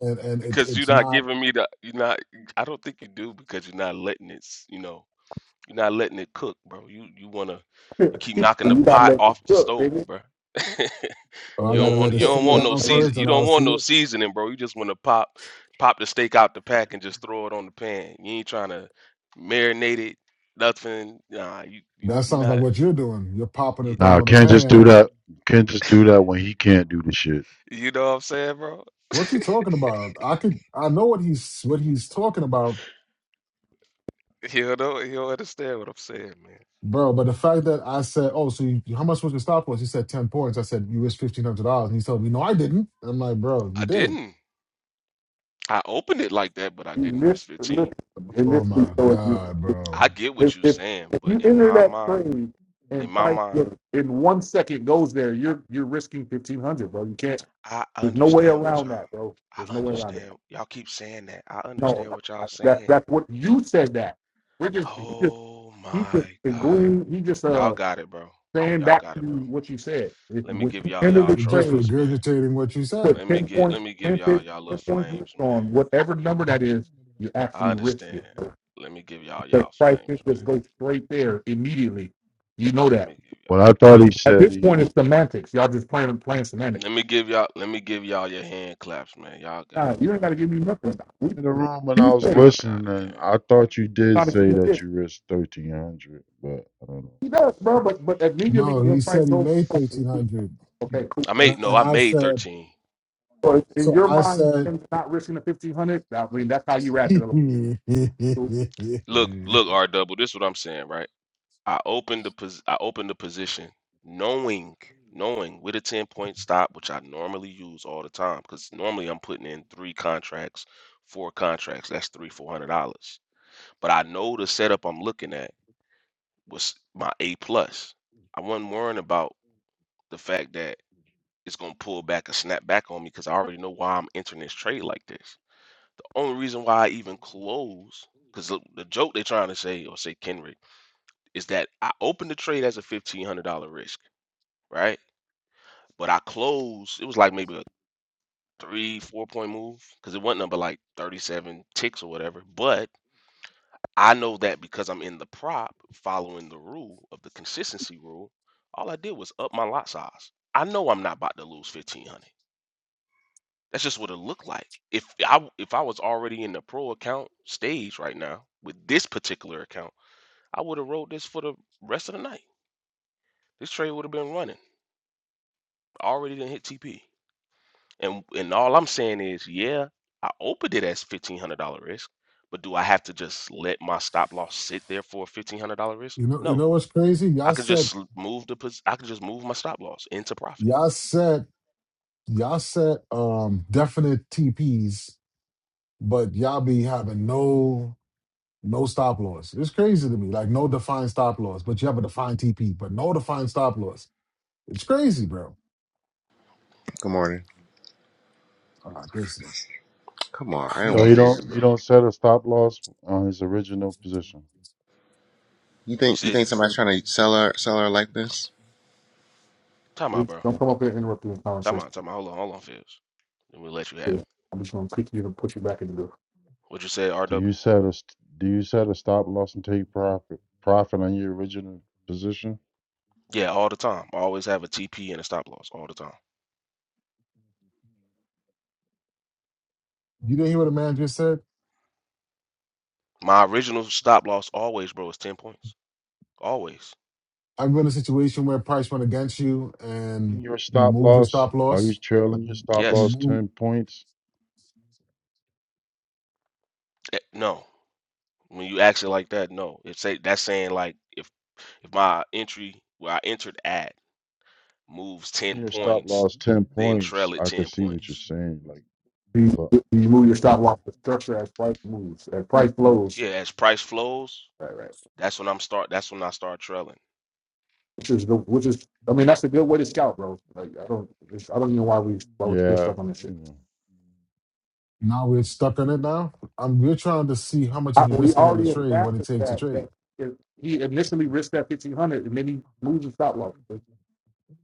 and and it's
because you're
it's
not
not.
giving me the you're not I don't think you do because you're not letting it s- you know you're not letting it cook, bro. You you wanna you keep knocking the
You gotta
pot
let it
off the
cook,
stove,
baby. You
bro. (laughs)
Oh,
you
I
gotta let
don't
gotta
it
want
let
you
it
cook.
don't
simmer
want
Let-
no
down
it cook.
season
first,
you
and
don't
I'll
want
see
no
it.
seasoning, bro. You just wanna pop pop the steak out the pack and just throw it on the pan. You ain't trying to marinate it, nothing. Nah, you you
That
you
sounds like
not
what you're doing. You're popping
you,
and throwing
Nah,
on the
Ken just do
pan.
that. Ken just do that when he can't do the shit.
you know what I'm saying, bro? (laughs)
What you talking about? I could. I know what he's what he's talking about,
He'll know he'll understand what I'm saying, man.
bro. But the fact that I said, "Oh, so you, how much was your stop loss?" He said ten points. I said you risked fifteen hundred dollars, and he told me, "No, I didn't." And I'm like, bro, you
I
did.
didn't. I opened it like that, but I
You
didn't risk
listen, listen,
15.
and
Oh
listen.
my
So it's you.
god, bro,
I get
If,
what you're
if,
saying,
if you
but in
enter
my
that
mind,
trade
in
and
my
price
mind,
goes- in one second goes there, you're you're risking fifteen hundred, bro. You can't.
I
There's no way
understand what
around
y'all.
that, bro. There's
I
no way around it.
understand. Y'all keep saying that. I
No,
understand what y'all
that
saying.
that's what you said. That we're just he just
Oh
he just
my God.
agreeing. He just
Y'all
uh
got it, bro.
saying
Y'all
back
got
to
it,
you
bro.
what you said. If
Let
you-
me
when
give
you
y'all
enter
y'all
the
just
trade,
trophies, man.
regurgitating what you said.
put
Let me
ten
get
points,
let me give
10,
y'all
15,
y'all little
10 points risk
flames, man.
on whatever number that is. You actually
I
risk
understand.
it.
Let me give y'all
The
y'all
price
flames, man.
just goes straight there immediately. You know
Let
that.
me give
What I thought he
At
said
this point,
he
it's semantics. Y'all just playing playing
y'all.
semantics.
Let me give y'all let me give y'all your hand claps, man. Y'all got
Nah,
it,
you
bro.
don't got to give me nothing. We,
in the room when I
you
was
said it.
Y'all got
listening,
it,
and
gang.
I thought you
You
did
gotta give
say
me
that
this.
you risked thirteen hundred, but I don't know.
He does, bro. But but immediately
No,
when
he
fight
said he
goes,
made thirteen
from
hundred,
okay, cool.
I
and
made
I-
no,
and
I
I
made
said,
13.
So in
so
your
I
mind,
said.
you're not risking the fifteen hundred. I mean, that's how you
(laughs)
wrap
you
it up. Cool.
Look, look, R double. This is what I'm saying, right? I opened the pos- I opened the position, knowing, knowing with a ten point stop, which I normally use all the time, because normally I'm putting in three contracts, four contracts. That's three four hundred dollars. But I know the setup I'm looking at was my A plus. I wasn't worrying about the fact that it's gonna pull back or snap back on me because I already know why I'm entering this trade like this. The only reason why I even close, because the, the joke they're trying to say or say Kenrick is that I opened the trade as a fifteen hundred dollar risk, right? But I closed. It was like maybe a three, four point move because it wasn't number like thirty seven ticks or whatever. But I know that because I'm in the prop, following the rule of the consistency rule, all I did was up my lot size. I know I'm not about to lose fifteen hundred. That's just what it looked like. If I if I was already in the pro account stage right now with this particular account, I would have rolled this for the rest of the night. This trade would have been running. I already didn't hit TP. And and all I'm saying is, yeah, I opened it as fifteen hundred dollar risk, but do I have to just let my stop loss sit there for a fifteen hundred dollar risk?
know, you
No,
know what's crazy?
I
Y'all
could
said,
just l- move the pos- I could just move my stop loss into profit.
y'all said, y'all said, um, definite TPs, but y'all be having no, no stop loss. It's crazy to me, like no defined stop loss, but you have a defined TP, but no defined stop loss. It's crazy, bro.
Good morning.
All right, this nigga,
Come
(sighs)
on, I don't
So
nigga
want
you
on here,
this.
don't you
bro.
don't set a stop loss on his original position.
You
You
think you
said,
think somebody's trying to sell her sell her like this?
time out,
It's-
bro.
Don't come up here and interrupt the
Time
conversation.
out, time out. Hold on, hold on, Fizz. Then we'll let you have it.
Yeah. I'm just gonna kick you and put you back into
What you said,
Do
RW?
you set a st- do you set a stop loss and take profit profit on your original position?
Yeah, all the time. I always have a TP and a stop loss all the time.
You didn't hear what the man just said?
My original stop loss always, bro, is ten points. Always.
I've been in a situation where price went against you and
your
you
stop
moved your
loss?
stop
Are you
loss.
trailing your stop
You
Yes.
loss
move.
ten points?
Eh, No. When you ask it like that, no. It's say that's saying like if. If my entry where I entered at moves 10
Your stop
points,
loss ten
then
points.
trail it
I could
10
see what you're
points.
saying, like,
the.
but
You, you move your stop loss to structure as price moves, as price flows.
Yeah, as price flows,
Right, right.
that's when I'm start that's when I start trailing.
Which is the which is. I mean, that's a good way to scout, bro. Like I don't, I don't know why we why we're still
yeah,
stuck on this
you
shit.
know,
Now we're stuck in it now. I'm, we're trying to see how much are
I,
you
we
risking on the
already
trade, what it
established
takes to
that
trade.
that if he initially risked that fifteen hundred and then he moves the stop loss. If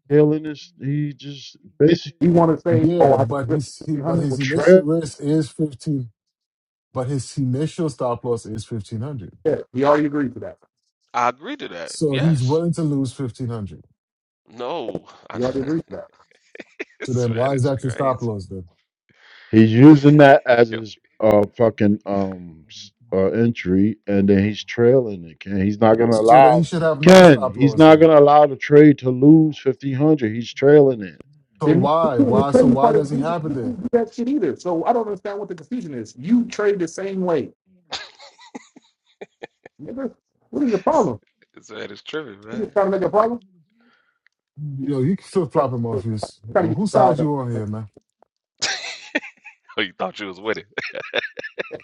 trailing is he just basically
He want to say, "Oh,
Yeah,
I just
but
risked
his he,
fifteen
but
hundred
his
with that."
initial
trail.
risk is 15. but his initial stop loss is 1500
Yeah, he already agreed to that.
I agree to that.
so he's
Yes.
willing to lose 1500
No. I,
He already agreed to that.
(laughs)
so
this
then why
man
is
is
that your stop
crazy.
loss then
He's using that as
Yo,
his uh fucking um s- uh entry, and then he's trailing it. Ken, he's not gonna
so then he
allow
should have no
Ken.
stop
He's
loss
not
then
gonna allow the trade to lose fifteen hundred. He's trailing it.
so
And
why
the
why so
crazy
why
part is,
does he
you
have it then
didn't do that shit either. So I don't understand what the confusion is. You trade the same way, nigga. What is the
this
problem?
this man is tripping,
You
man.
just
(laughs)
trying to make a problem?
yo you can flip
Trying
flopping,
to
morpheus
trying to get you
whose side
riled up.
you on here man
Oh, you thought you was with it.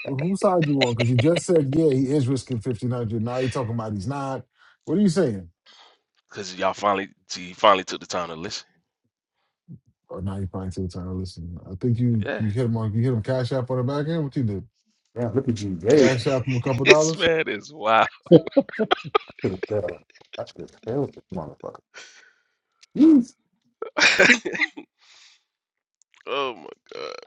whose side you on because you just said yeah he is risking 1500 now you talking about he's not what are you saying
(laughs) Cause y'all finally see you finally took the time to listen.
Or now you probably too tired. Listen, I think you
Yeah.
you
(laughs)
hit him on you hit him cash app on the back end. What you did?
Damn, look at you, Jay.
Cash app him a couple
This
dollars.
man is wild.
I should have failed this motherfucker. Jeez,
(laughs) oh my god.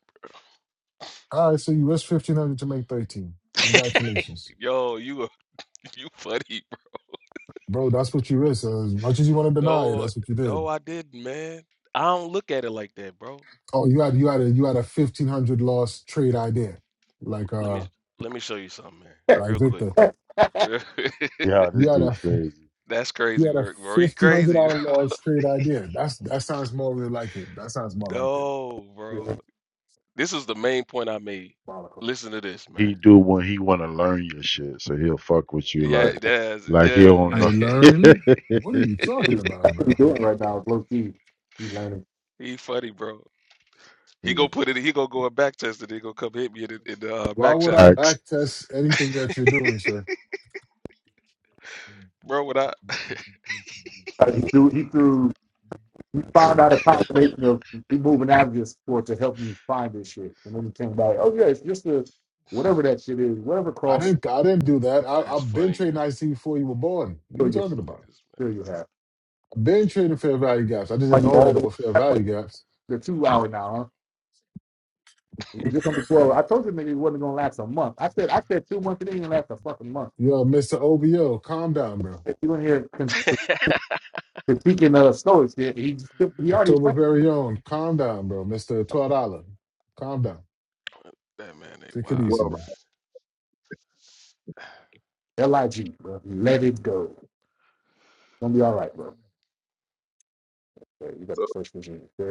All right, so you risked fifteen hundred to make thirteen. Congratulations,
(laughs) Yo, you a- (laughs) you funny.
bro. That's what you risked. As much as you want to deny it,
No,
that's what you
no,
did.
I didn't, man. I don't look at it like that, bro.
Oh, you had you had a you had a fifteen hundred loss trade idea, like
Let me
uh
let me show you something, man,
(laughs)
like
real quick.
Victor.
that's
Real- (laughs)
Yeah, this
You had
dude
a
crazy.
That's
you
crazy
had a
work, bro. You
fifteen hundred
crazy,
dollar
bro. (laughs)
loss trade idea. That's that sounds more really like it. That sounds more like it.
No, bro. This is the main point I made.
diabolical.
Listen to this, man.
he do when he want to learn your shit. So he'll fuck with you like,
Yeah, that's
like he don't
I
yeah.
know.
learned. What are
(laughs)
you
what
talking
he's
about, bro?
doing right now is low key. He's learning.
(laughs) He funny, bro.
He's
He gonna
learning.
put it. He gonna go and back test it. He gonna come hit me in the, in the uh,
Why
back
would I
channel,
Facts.
backtest anything that you're doing, sir?
bro. What I? (laughs)
Uh, he threw. He threw. He found out a combination of he moving out of this sport to help me find this shit, and then he came by.
Mhm.
Oh yeah, it's just a whatever that shit is, whatever
I
cross
didn't. I didn't do that. I,
That's
I've been
funny,
trading
man.
IC before you were born. What are you
still you
talking about?
Niggas,
still you have.
I've been trading fair value gaps. I just didn't
Like
know
all
that it
the,
were fair value gaps.
the two hour now, huh? It was Just under twelve. I told you nigga it wasn't gonna last a month. I said I said two months. It didn't even last a fucking month.
Yo, Mister OBO, calm down, bro.
If you in here con-
man, goofy. (laughs)
critiquing uh, Stoics, he he he already
October very own, calm down, bro. Mister Twelve Dollar, calm down.
That man ain't
Take it
wild.
easy,
Well,
bro.
Lig, bro. Let it go. It's Gonna be all right, bro. Yeah, you got
so,
the first vision. Yeah.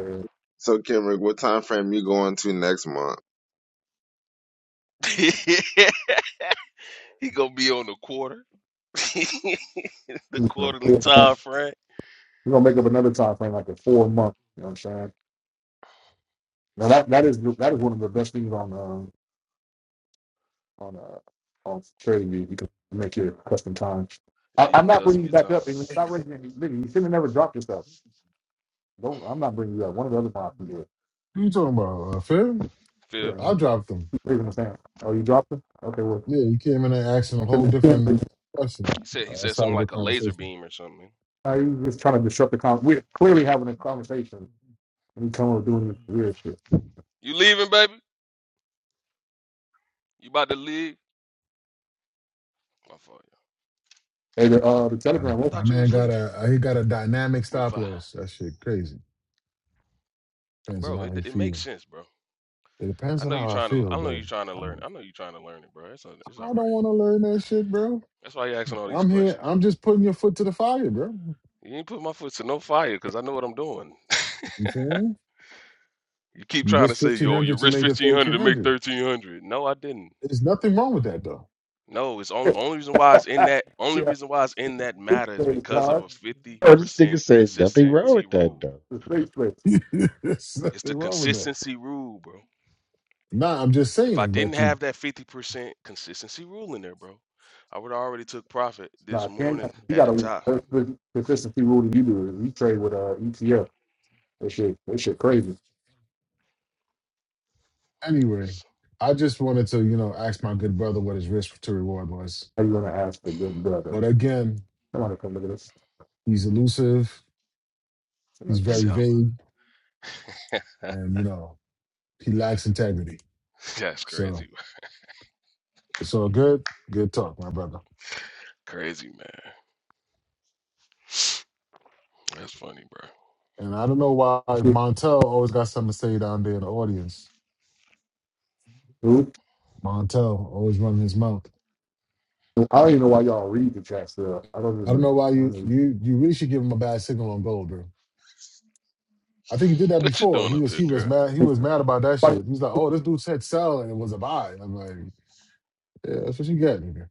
so Kendrick, what time frame you going to next month?
(laughs) He gonna be on the quarter, (laughs) the
You know,
quarterly
four
time
month.
frame.
We're gonna make up another time frame, like a four month. You know what I'm saying? Now that that is that is one of the best things on uh, on uh, on TradingView. You can make your custom times.
Yeah,
I,
you
I'm
can
not
cuss
bringing
him
you
your
back
time.
up, and stop raising any. nigga, You should have never dropped yourself. Don't. I'm not bringing you up. One of the other mods can do it.
What are you talking about? Uh, fair?
Yeah,
Phipps,
I
man.
dropped them.
Keep raising the sand. Oh, you dropped him? Okay, well.
Yeah, you came in and asked him a whole different question
he said he
uh,
said
outside
something
of the
like a laser
conversation.
beam or something.
Are you just trying to disrupt the con? We're clearly having a conversation, and you come up with doing this weird shit.
You leaving, baby? You about to leave? My fault. yeah.
Hey, the, uh, the
Um,
I
Telegram.
That
thought you
man
was
got
leaving.
a uh, he got a dynamic
Give me
stop
five,
loss. That shit crazy. Depends on
bro.
how
It
you
it makes
feel.
sense, bro.
It depends
I
on
know you
how I
trying to.
feel,
I know
but
you trying to
I
learn.
mean,
I know you trying to learn it, bro. It's all,
I
it's all
don't
right.
want to learn that shit, bro.
That's why you asking all these
I'm here.
questions.
I'm just putting your foot to the fire, bro. You know
You ain't put my foot to no fire because I know what I'm doing. (laughs)
what I'm saying
You keep
you
trying to
risked
say,
fifteen
yo,
hundred
you
to
risk
make the
fifteen hundred
thirteen
to make
hundred.
thirteen hundred. No, I didn't.
There's nothing wrong with that, though.
No, it's only only reason why it's in that
(laughs)
only
Yeah.
reason why it's in that
six
matter is
days,
because of
Josh.
a 50%
oh, this nigga says nothing wrong
consistency
with that
rule.
though.
The six days.
(laughs) There's
It's
nothing
the
wrong with that.
consistency rule, bro.
Nah, I'm just
If I
saying.
didn't
But you,
have that 50% consistency rule in there, bro, I would have already took profit this
Nah, Cam
morning
he
at
got
the
a
top.
consistency rule that you do. You trade with uh ETF. That shit that shit crazy.
anyway.
(laughs)
I just wanted to, you know, ask my good brother what his risk to reward was.
How you gonna ask for good brother?
But again,
Somebody come look at this.
he's elusive. He's
Somebody
S-
come.
See,
very
I'm
vague,
a-
and you know, he lacks integrity.
(laughs) that's
So.
crazy, bro.
So good, good talk, my brother.
crazy man. That's funny, bro.
And I don't know why
(laughs)
Montel always got something to say down there in the audience.
Who?
Montel always running his mouth.
I don't even know why y'all read the chat still. I don't
I don't
even
know why
I
you
mean
you you really should give him a bad signal on gold, bro. I think he did that
What you
before.
doing
He
up
was
here,
he was
girl?
mad he was mad about that
somebody-
shit. He was like, oh, this dude said sell and it was a buy. I'm like, yeah, that's what you get, nigga.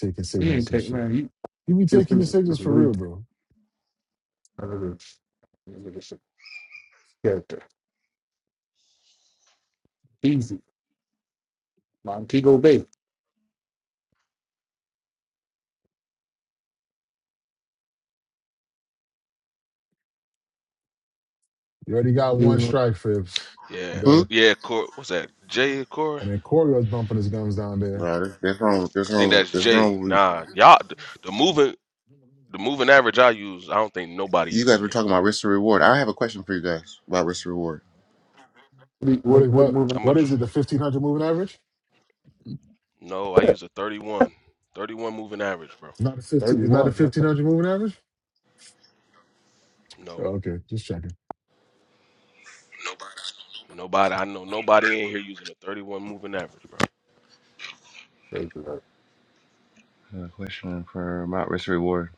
Taking
he ain't
signals and
take
shit.
man, he
You be
this
taking
thing
your
is
signals for
really
real, bro.
another character. Easy. Montego Bay.
You already got
You
one
know,
strike, Phipps.
Yeah,
You got
Hmm?
it.
yeah. Cor, what's that? Jay Cora?
And then Corey was bumping his gums down there.
No, this, this wrong. This
I think
wrong.
that's
This
Jay.
wrong. With,
Nah, y'all. The moving The moving average I use, I don't think nobody
you guys
using
were
there.
talking about risk to reward. I have a question for you guys about risk to reward.
What is
what what
what?
moving?
I'm a
What is
dr-
it? The fifteen hundred moving average?
no. I use a 31, 31 moving average, bro.
It's not a
Thirty
fifteen. It's not a
one.
fifteen
That's
hundred moving average.
No,
Oh, okay, just checking.
nobody. I know nobody in here using a 31 moving average, bro.
crazy. Like,
I have a question for about risk to reward.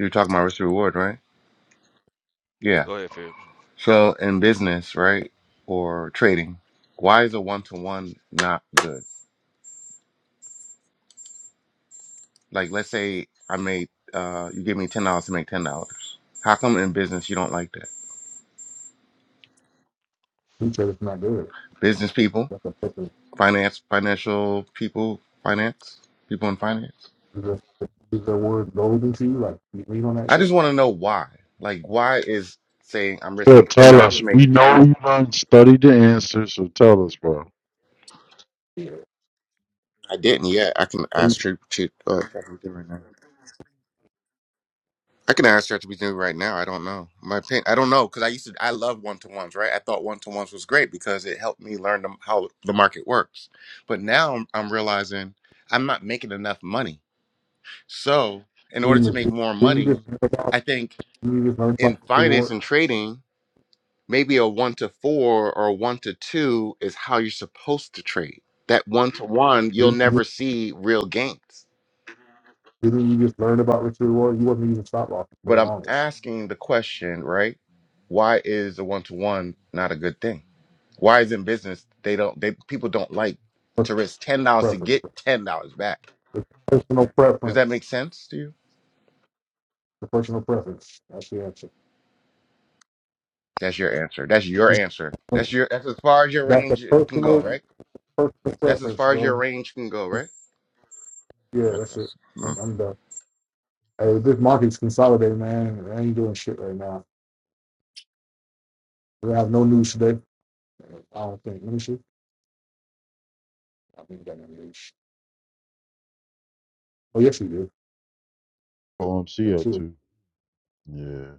You were talking about risk to reward, right? Yeah.
Go ahead, Fibs.
So in business, right, or trading, why is a one to one not good? Like, let's say I made uh, you give me ten dollars to make ten dollars. How come in business you don't like that?
he said it's not good.
Business people.
That's a
finance, financial people, finance, people in finance.
Is the, is the word golden to you? Like, you read on that
I
shit?
just want to know why. Like, why is saying I'm
So
risking ten
tell
dollars
us,
to
we
make ten?
know you done studied the answers, so tell us, bro.
Yeah.
I didn't yet. I can
Are you
ask Chat Chat- uh, ChatGPT right now. I can ask ChatGPT right now. I don't know my opinion. I don't know because I used to. I love one to ones, right? I thought one to ones was great because it helped me learn the, how the market works. But now I'm, I'm realizing I'm not making enough money. So in order to make more
Didn't you just
money,
learn about,
I think
didn't you just learn
in
about Richard?
finance
reward?
and trading maybe a one to four or a one to two is how you're supposed to trade. That one to one, you'll
Didn't you,
never
just,
see real gains.
didn't you just learn about Richard Reward? You wasn't using stop losses for the
But I'm
longest.
asking the question, right? Why is a one to one not a good thing? Why is in business they don't they people don't like
That's
to risk ten dollars to
preference.
get ten dollars back?
The personal
Does that
preference.
make sense to you?
The personal preference. That's the answer.
That's your answer. That's your
Just,
answer. That's your that's as far as your
that's the
range can go,
personal,
right?
personal
That's as
preference,
far as your
bro.
range can go, right?
Yeah, that's it.
Okay.
I'm, I'm done. Hey, this market's consolidating, man. I ain't doing shit right now. We have no news today. I don't think. Let me see. I think we got no news. Oh, yes, we do. At
OMC up
2,
Yeah,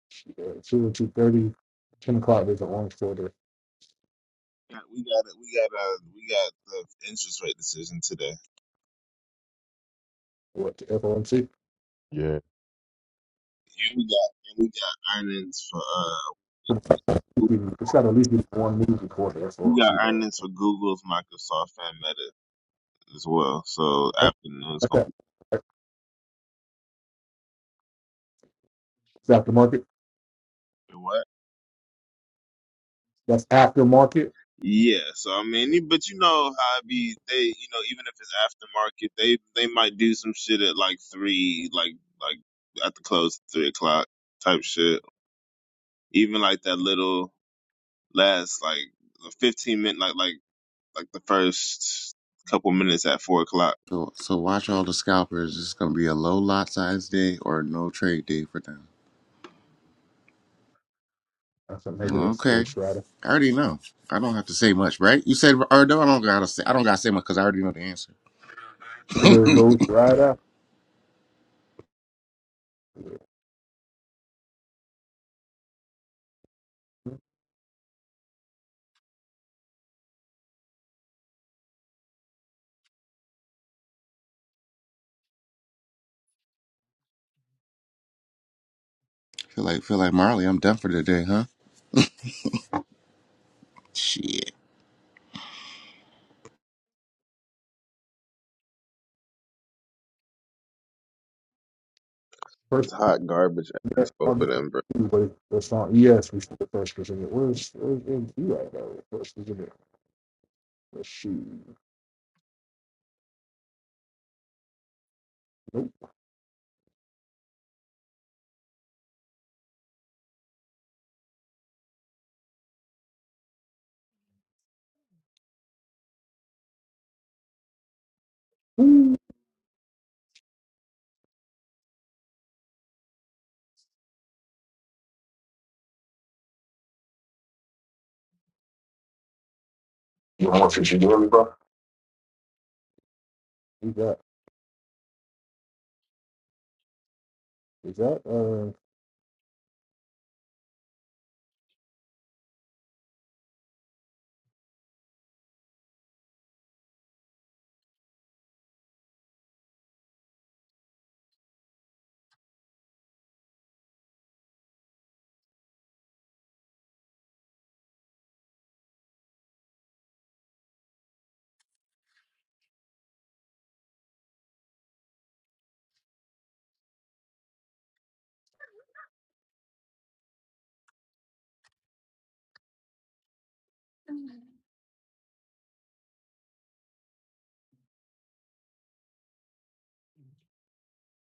uh, 2 and 2.30, 10 o'clock, there's a lunch for the,
got- we got it. We got uh we got the interest rate decision today,
what, the FOMC?
yeah.
and we got and we got earnings for uh
It's got to at least be one news report for the
we got
FOMC, though.
earnings for Google's, Microsoft, and Meta as well. So
That-
afternoon it's
That's
gonna be
that. That's aftermarket.
what?
That's aftermarket.
Yeah, so I mean, you- but you know how it be they, you know, even if it's aftermarket, they they might do some shit at like three, like like at the close three o'clock type shit. Even like that little last like fifteen minute, like like like the first couple minutes at four o'clock.
So, so watch all the scalpers. It's gonna be a low lot size day or no trade day for them.
That's a maybe
Well,
that's
Okay,
Ghost Rider.
I already know. I don't have to say much, right? You said, or no, I don't gotta say. I don't gotta say much because I already know the answer. (laughs)
Maybe
feel
that's Ghost Rider.
like, feel like Marley. I'm done for today, huh? Shit.
First,
It's hot garbage ass
that on
opening, bro.
but that's on ES. We see the first Virginia. Where's where's NG right now? First Virginia. Let's shoot. Nope. You want to Virginia, bro? Is that is that uh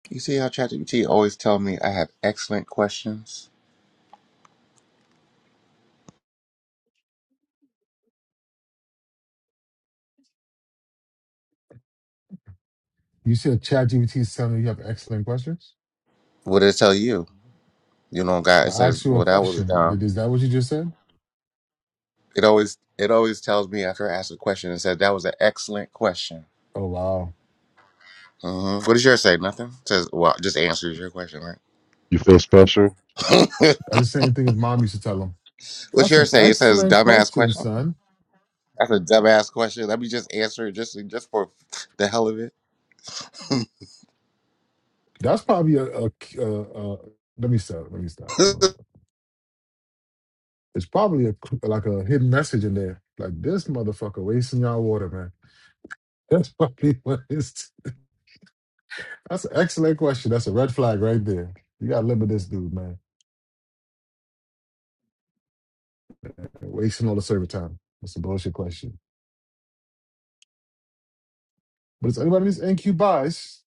You see how ChatGPT always tell me I have excellent questions.
You said ChatGPT is telling you you have excellent questions.
What did it tell you? You know, God, it
I asked
says,
you a
"Well, that was
question.
dumb."
Did is that what you just said?
It always, it always tells me after I ask a question, and says, "That was an excellent question."
Oh wow,
Mhm. What does yours say? Nothing. It says, "Well, just answers your question, right?"
You feel special?
(laughs)
that's the same thing as mom used to tell him.
What's
That's an
yours say? It says
excellent
dumbass
question,
question.
son.
That's a dumbass question. Let me just answer it just just for the hell of it.
That's probably a. a, a, a let me stop. Let me stop. Let
(laughs)
me- It's probably a like a hidden message in there. Like this motherfucker wasting y'all water, man. (laughs) That's probably what it's. That's an excellent question. That's a red flag right there. You gotta limit this dude, man. They're wasting all the server time. That's a bullshit question. But is anybody in this NQ bias?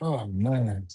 Oh man.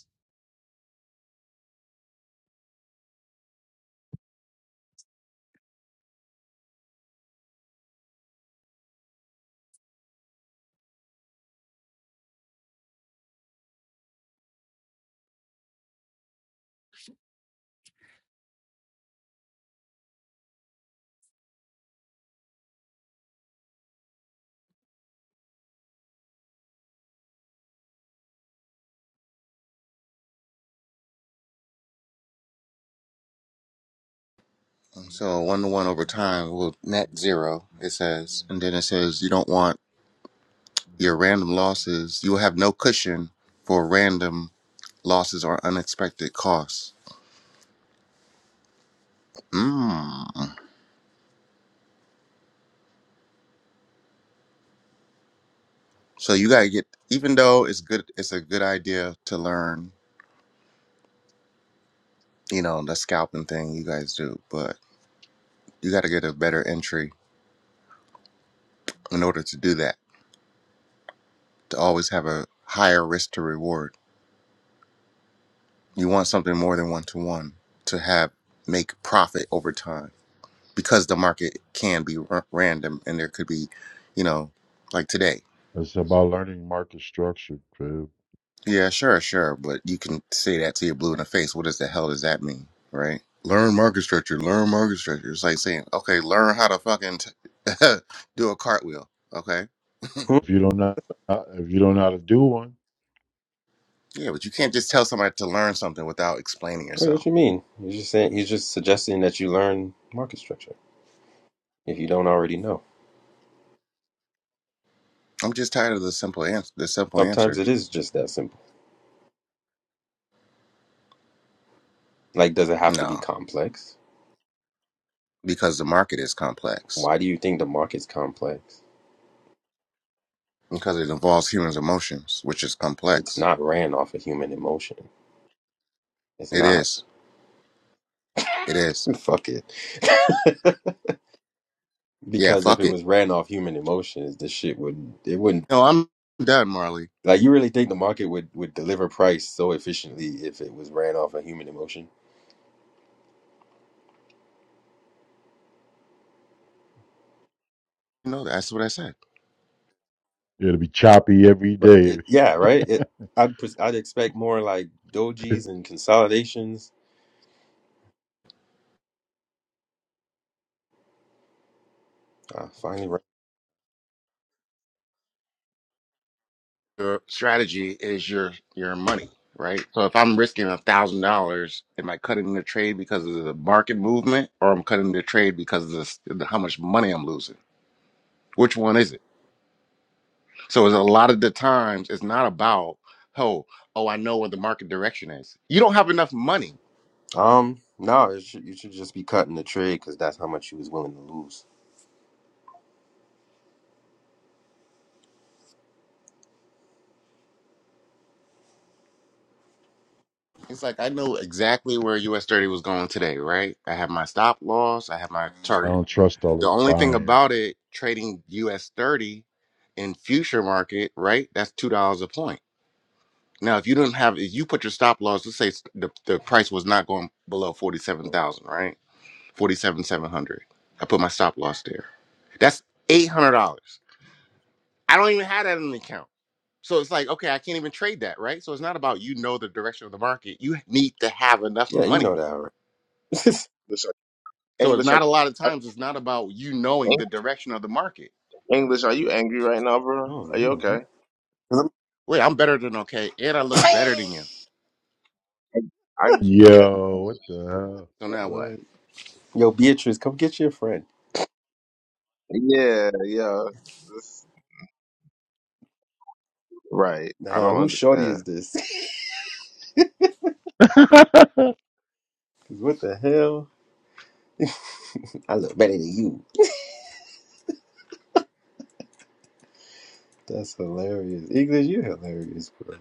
so one to one over time will net zero. It says, and then it says you don't want your random losses. You will have no cushion for random losses or unexpected costs. Mm. So you gotta get. Even though it's good, it's a good idea to learn. You know the scalping thing you guys do, but you got to get a better entry in order to do that. to always have a higher risk to reward. You want something more than one to one to have make profit over time because the market can be r- random and there could be, you know, like today.
It's about learning market structure, crib.
Yeah, sure, sure, but you can say that to your blue in the face. What does the hell does that mean, right? Learn market structure. Learn market structure. It's like saying, okay, learn how to fucking t- (laughs) do a cartwheel. Okay,
Hmm?
If you don't know, if you don't know how to do one,
yeah, but you can't just tell somebody to learn something without explaining
Wait, what
yourself.
you mean? He's just saying he's just suggesting that you learn market structure if you don't already know.
I'm just tired of the simple ans- the simple
Sometimes it
answers.
is just that simple. Like, does it have to
No.
be complex?
because the market is complex
Why do you think the market's complex?
because it involves humans' emotions, which is
It's
complex.
not ran off of human emotion. It's
It
not.
is. It is.
(laughs) Fuck it.
Yeah,
Because if
fuck
it
it.
was ran off human emotions, the shit would it wouldn't
No, I'm done, Marley.
like you really think the market would would deliver price so efficiently if it was ran off of human emotion?
You know that's what I said.
it'll be choppy every
Right.
day.
It, yeah, right. It I'd pres- I'd expect more like dojis and consolidations I finally. Re-
Your strategy is your your money, right? So if I'm risking a thousand dollars, am I cutting the trade because of the market movement, or I'm cutting the trade because of the, the how much money I'm losing? Which one is it? So it's a lot of the times it's not about oh oh I know what the market direction is. You don't have enough money
um, no, it should, you should just be cutting the trade because that's how much you was willing to lose.
It's like I know exactly where US 30 was going today, right? I have my stop loss, I have my
I
target.
don't trust all
The
this
only thing
buying.
about it, trading US 30 in future market, right? That's $2 a point. Now, if you didn't have, if you put your stop loss, let's say the, the price was not going below 47,000, right? Forty seven seven hundred. I put my stop loss there. That's $800. I don't even have that in the account. So it's like, okay, I can't even trade that, right? So it's not about you know the direction of the market. You need to have enough
Yeah, you
money
know that, right?
English, are-
So it's
English, are
not a
you,
lot of
are-
times. It's not about you knowing the direction of the market.
Eng- English, are you angry right now,
(laughs) oh,
bro? Are you
mm.
okay?
man.
Wait, I'm better than okay, and I look better than you.
I get,
Yo, what the
So now what?
what? Yo, Beatrice, come get your friend.
yeah, yeah, This- right. I
Nah,
don't
whose shorty
understand.
is this? (laughs)
hell? (laughs)
'Cause what the hell? I look better than you. That's hilarious. English, you're hilarious, bro.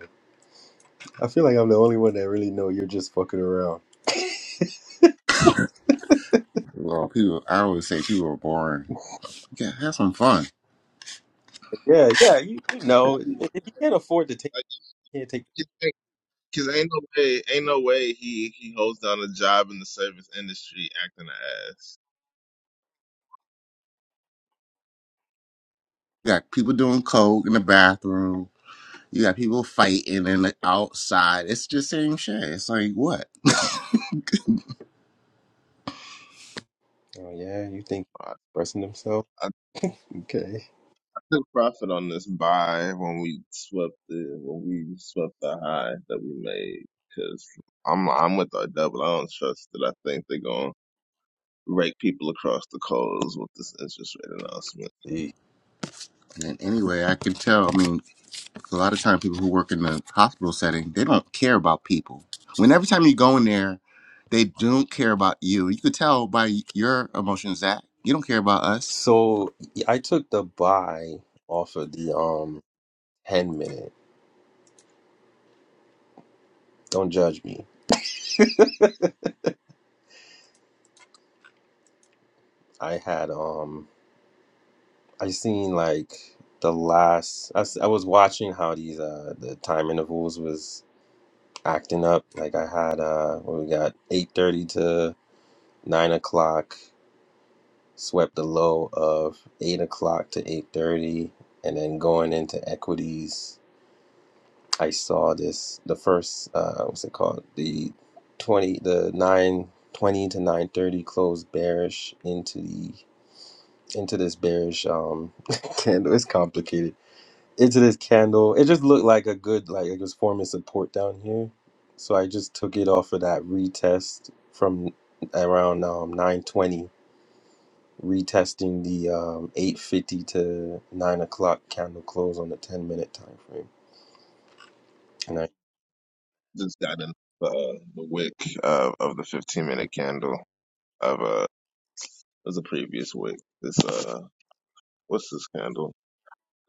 I feel like I'm the only one that really know you're just fucking around.
Well, people. I always say people are boring. Yeah, have some fun.
Yeah, yeah, you, you know.
I'll be
If
watching.
if you can't afford to take,
Like,
you can't take.
you think- Cause ain't no way, ain't no way he he holds down a job in the service industry acting an ass.
You got people doing coke in the bathroom. You got people fighting in the outside. It's just same shit. It's like what? (laughs)
Oh, yeah, you think
I,
he's expressing himself?
I
Okay.
took profit on this buy when we swept the when we swept the high that we made. Cause I'm I'm with our double. I don't trust that. I think they're gonna rake people across the coals with this interest rate announcement.
And anyway, I can tell. I mean, A lot of time, people who work in the hospital setting, they don't care about people. When every time you go in there, they don't care about you. You could tell by your emotions that you don't care about us.
So yeah, I took the buy off of the um ten minute. Don't judge me. I had um I seen like the last I, s- I was watching how these uh the time intervals was acting up. Like I had uh what we got eight thirty to nine o'clock. Swept the low of eight o'clock to eight thirty, and then going into equities. I saw this the first uh what's it called the twenty the nine twenty to nine thirty closed bearish into the into this bearish um (laughs) candle. It's complicated into this candle. It just looked like a good like it was forming support down here, so I just took it off of that retest from around um nine twenty retesting the um 850 to 9 o'clock candle close on the 10 minute time frame and i
Just got in uh, the wick of of the 15
we-
minute candle of uh, it was a previous wick. This uh, what's this candle?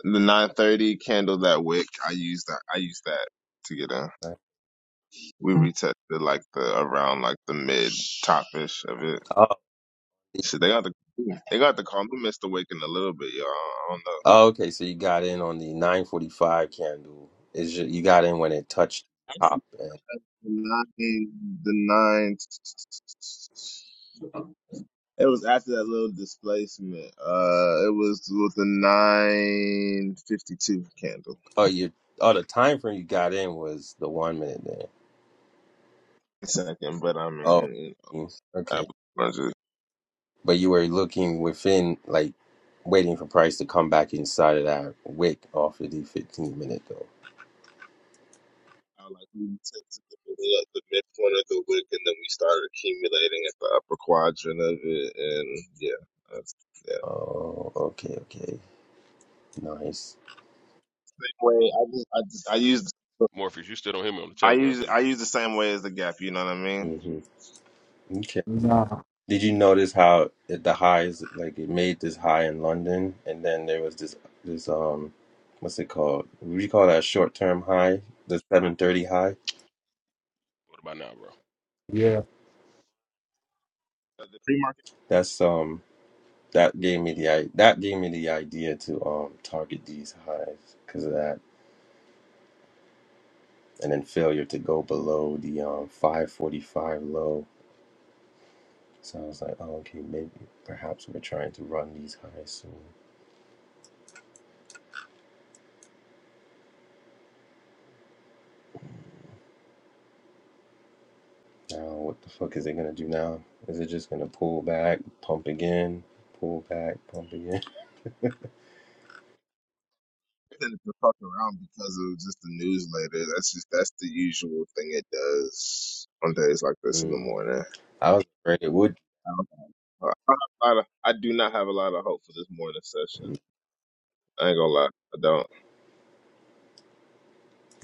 The 930 candle that wick, I use that. I use that to get in.
I-
We retested like the around like the mid top ish of it.
oh,
So they got the they got the call me Mr. Waking a little bit, y'all. I don't know.
Oh, okay, so you got in on the 945 candle. Is you you got in when it touched top
Actually,
and
the nine, the nine. It was after that little displacement. Uh, it was with the nine fifty two candle
oh you oh the time frame you got in was the one minute there.
second, but I
Oh
mean, you
mm, okay.
know,
But you were looking within like waiting for price to come back inside of that wick off of the 15 minute though.
Uh, like we took the middle of the midpoint of the wick, and then we started accumulating at the upper quadrant of it, and yeah, that's, yeah.
Oh okay, okay. Nice.
Same Way I just I just I use
Morpheus, you still don't hear me on the
I
Telegram, do
use
you?
I use the same way as the gap. You know what I mean?
Mm-hmm. Okay.
nah?
Did you notice how at the
All right.
highs, like it made this high in London, and then there was this this um, what's it called? We call that short term high? The seven thirty high.
What about now, bro?
Yeah.
But The free market
That's um, that gave me the i that gave me the idea to um target these highs because of that, and then failure to go below the um five forty five low. So I was like, oh okay, maybe perhaps we're trying to run these highs soon. Now, what the fuck is it gonna do now? Is it just gonna pull back, pump again, pull back, pump again?
tended to fuck around because of just the newsletter. That's just that's the usual thing it does on days like this in the
Mm.
morning.
I was afraid it would.
I don't have a lot of- I do not have a lot of hope for this morning session.
Mm.
I ain't gonna lie, I don't.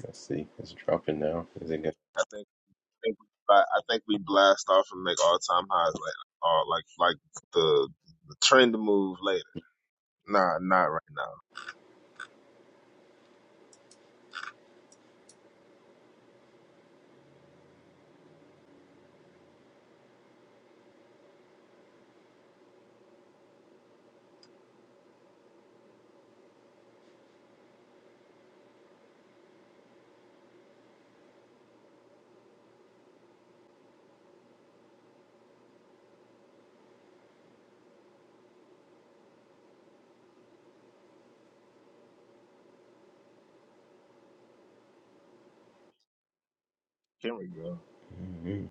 Let's see. It's dropping now. Is it gonna
I think. think we, I I think we blast off and make all time highs later, or like like the, the trend move later. Nah, not right now. Kendrick, go.
mm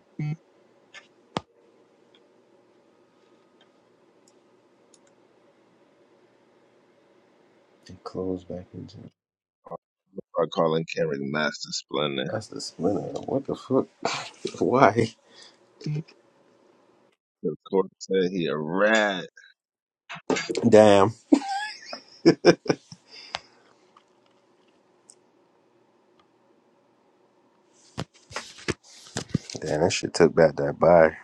it close back into?
I call him Kendrick Master Splendor.
That's the splinter. What the fuck? (laughs) Why?
The court said he a rat. (laughs)
Damn. Damn, that shit took back that buy.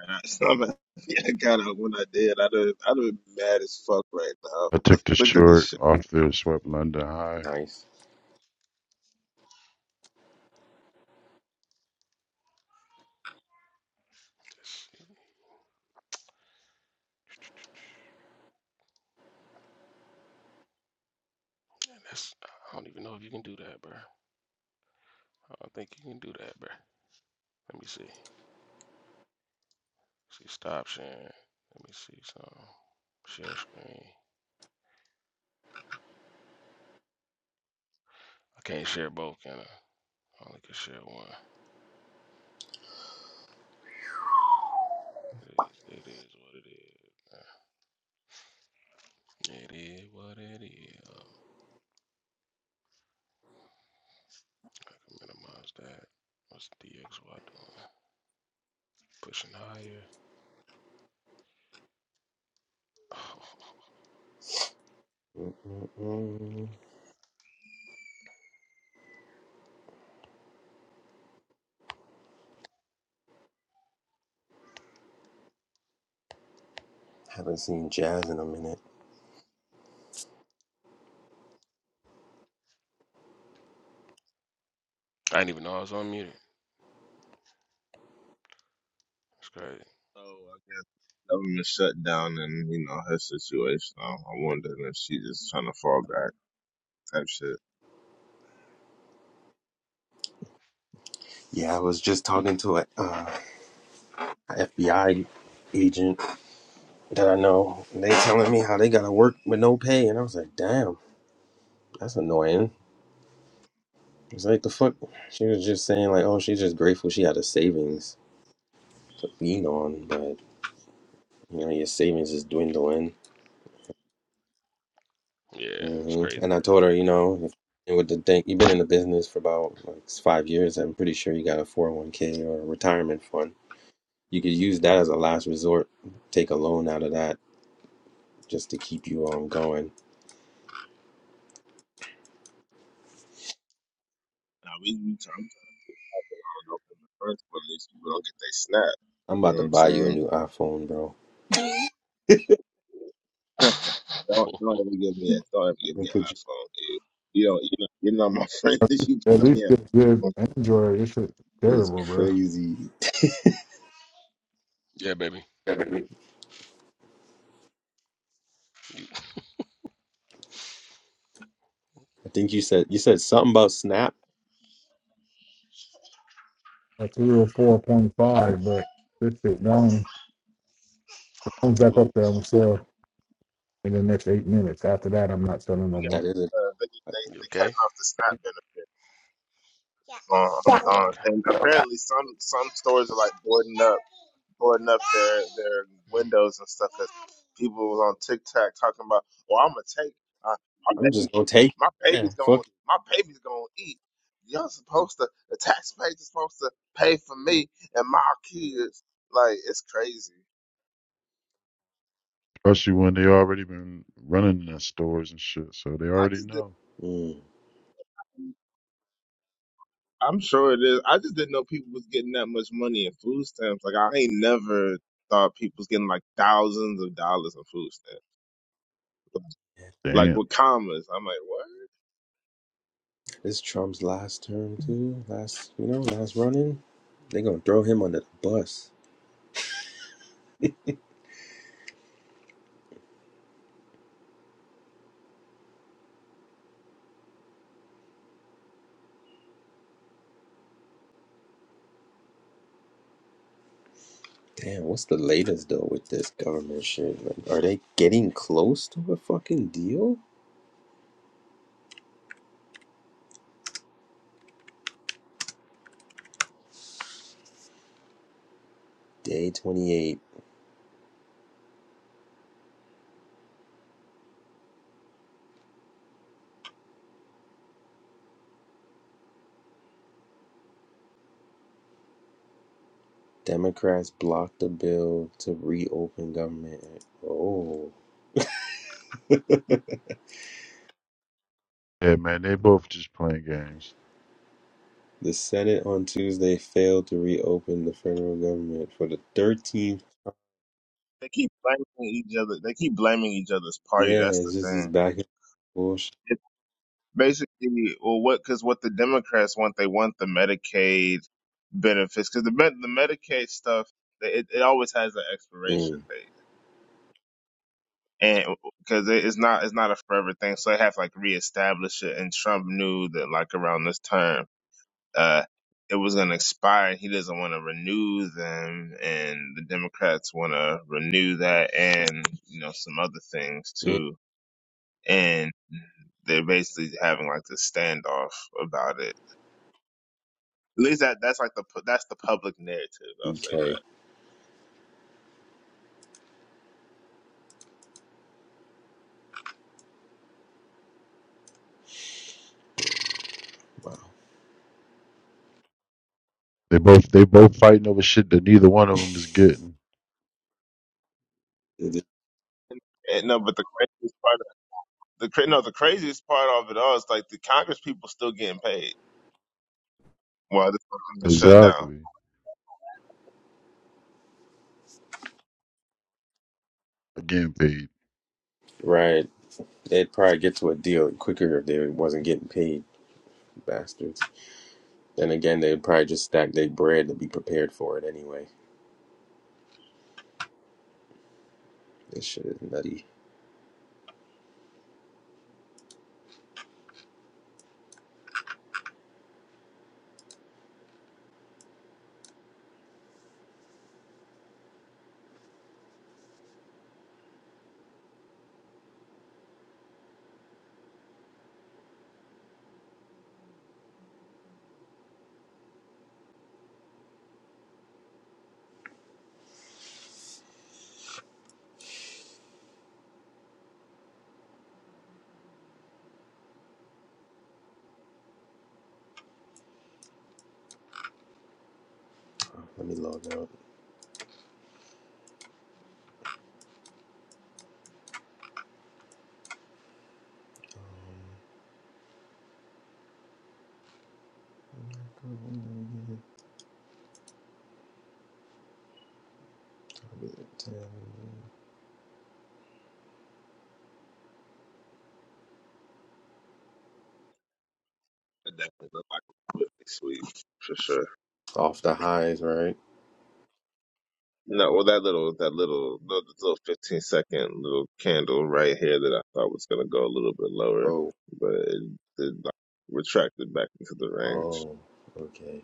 And I- Somebody, (laughs) yeah, I got up when I did. I'd have, I'd have been mad as fuck right
I
now.
took the
(laughs) Look at this
short
shit.
off their swept London high,
Nice.
That's, yeah, that's- I don't even know if you can do that, bro. I don't think you can do that, bro. Let me see. See, stop sharing. Let me see something. Share screen. I can't share both, can I? I only can share one. It is. It is what it is. It is what it is. I can minimize that. What's DXY doing? Pushing higher. (sighs) Oh,
Mm-mm-mm. Haven't seen Jazz in a minute.
I didn't even know I was unmuted. It's crazy.
So I guess government shut down and you know her situation. I I wonder if she just trying to fall back type shit.
Yeah, I was just talking to a uh, FBI agent that I know. And they telling me how they gotta work with no pay, and I was like, damn, that's annoying. It's like the fuck. She was just saying like, oh, she's just grateful she had a savings to lean on, but you know your savings is dwindling.
Yeah, it's
hmm
crazy,
And I told her, you know, if, and with the thing, you've been in the business for about like five years. I'm pretty sure you got a 401k or a retirement fund. You could use that as a last resort. Take a loan out of that just to keep you um going.
Now we, we talk- open in the first place, people don't get they snap.
I'm
You
about
know
to
what I'm
buy you a
saying?
new iPhone, bro.
(laughs) don't don't
bro.
ever give me a don't ever
I'm
give
gonna
me an
put you.
iPhone, dude. You know, you know, you know my friend. (laughs) that You
At
got
least
me an
get good
iPhone.
Android. This shit
It's
terrible, bro.
crazy.
(laughs) yeah, baby.
Like
I think you said you said something about Snap.
three or four point five, but this shit going comes back
Ooh,
up there I'm in the next eight minutes. After that, I'm not selling
We
no
got
That
more.
isn't.
uh, they they
you
they
okay?
cutting off the snap benefit. Uh, um,
Okay.
uh,
Uh,
and apparently some some stores are like boarding up. boarding up their their
Mhm.
windows and stuff because people was on TikTok talking about, "Well, I'm gonna take uh, my
I'm just
baby,
gonna take.
my
It. Yeah,
baby's gonna
fuck.
my baby's gonna eat." Y'all supposed to the taxpayers are supposed to pay for me and my kids. Like it's crazy.
especially when they already been running in the stores and shit, so they
I
already
just did.
know.
it. Mm.
I'm sure it is. I just didn't know people was getting that much money in food stamps. Like I ain't never thought people was getting like thousands of dollars in food stamps. Like like
Damn.
with commas, I'm like, what?
This Trump's last term too. Last, you know, last running. They gonna throw him under the bus. Damn, what's the latest though with this government shit? Like, are they getting close to a fucking deal? Day twenty eight. Democrats blocked the bill to reopen government. Oh.
Yeah, man, they both just playing games.
The Senate on Tuesday failed to reopen the federal government for the 13th
They keep blaming each other. They keep blaming each other's party.
Yeah,
That's the
it's just this
thing.
back and forth.
It's basically, well, what? Because what the Democrats want, they want the Medicaid benefits. Because the med- the Medicaid stuff, it, it always has an expiration
Mm,
date, and because it, it's not it's not a forever thing, so they have to, like reestablish it. And Trump knew that like around this term, uh, it was gonna expire. And He doesn't want to renew them, and the Democrats want to renew that, and you know some other things
mm,
too and they're basically having like this standoff about it. At least that that's like the pu- that's the public narrative. I'll say
okay.
that.
They both they both fighting over shit that neither one of them is getting.
It is-
And, no, but the craziest part, of, the cra- no, the craziest part of it all is like the Congress people still getting paid while this thing is shut down.
Exactly. Again, paid
Right. They'd probably get to a deal quicker if they wasn't getting paid, bastards. Then again, they'd probably just stack their bread to be prepared for it anyway. This shit is nutty. Oh, Let me log out. Um,
It definitely looked like a really sweet for sure.
Off the highs, right?
No, well that little that little little, little fifteen second little candle right here that I thought was gonna go a little bit lower,
Oh,
but it, it like, retracted back into the range.
oh, okay.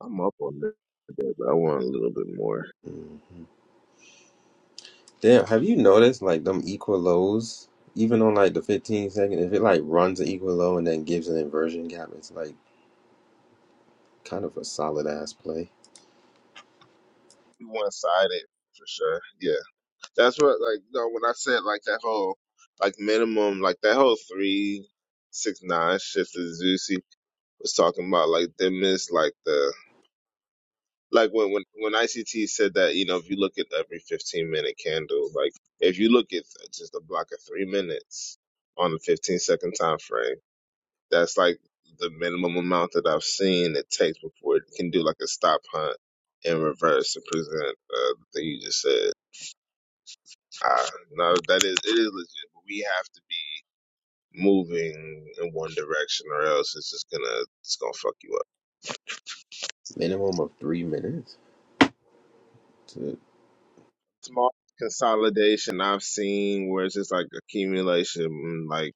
I'm up on that, but I want a little bit more.
Mm-hmm. Damn, have you noticed like them equal lows? Even on like the 15 second, if it like runs an equal low and then gives an inversion gap, it's like kind of a solid ass play.
One sided for sure. Yeah, that's what like no. When I said like that whole like minimum like that whole three six nine shift that Zusi was talking about like them is like the like when when when ICT said that you know if you look at every fifteen minute candle like if you look at just a block of three minutes on a fifteen second time frame. That's like the minimum amount that I've seen it takes before it can do like a stop hunt in reverse and present uh, the thing you just said. Ah, no, that is it is legit, but we have to be moving in one direction or else it's just gonna it's gonna fuck you up.
Minimum of three minutes. To,
Small consolidation I've seen where it's just like accumulation, like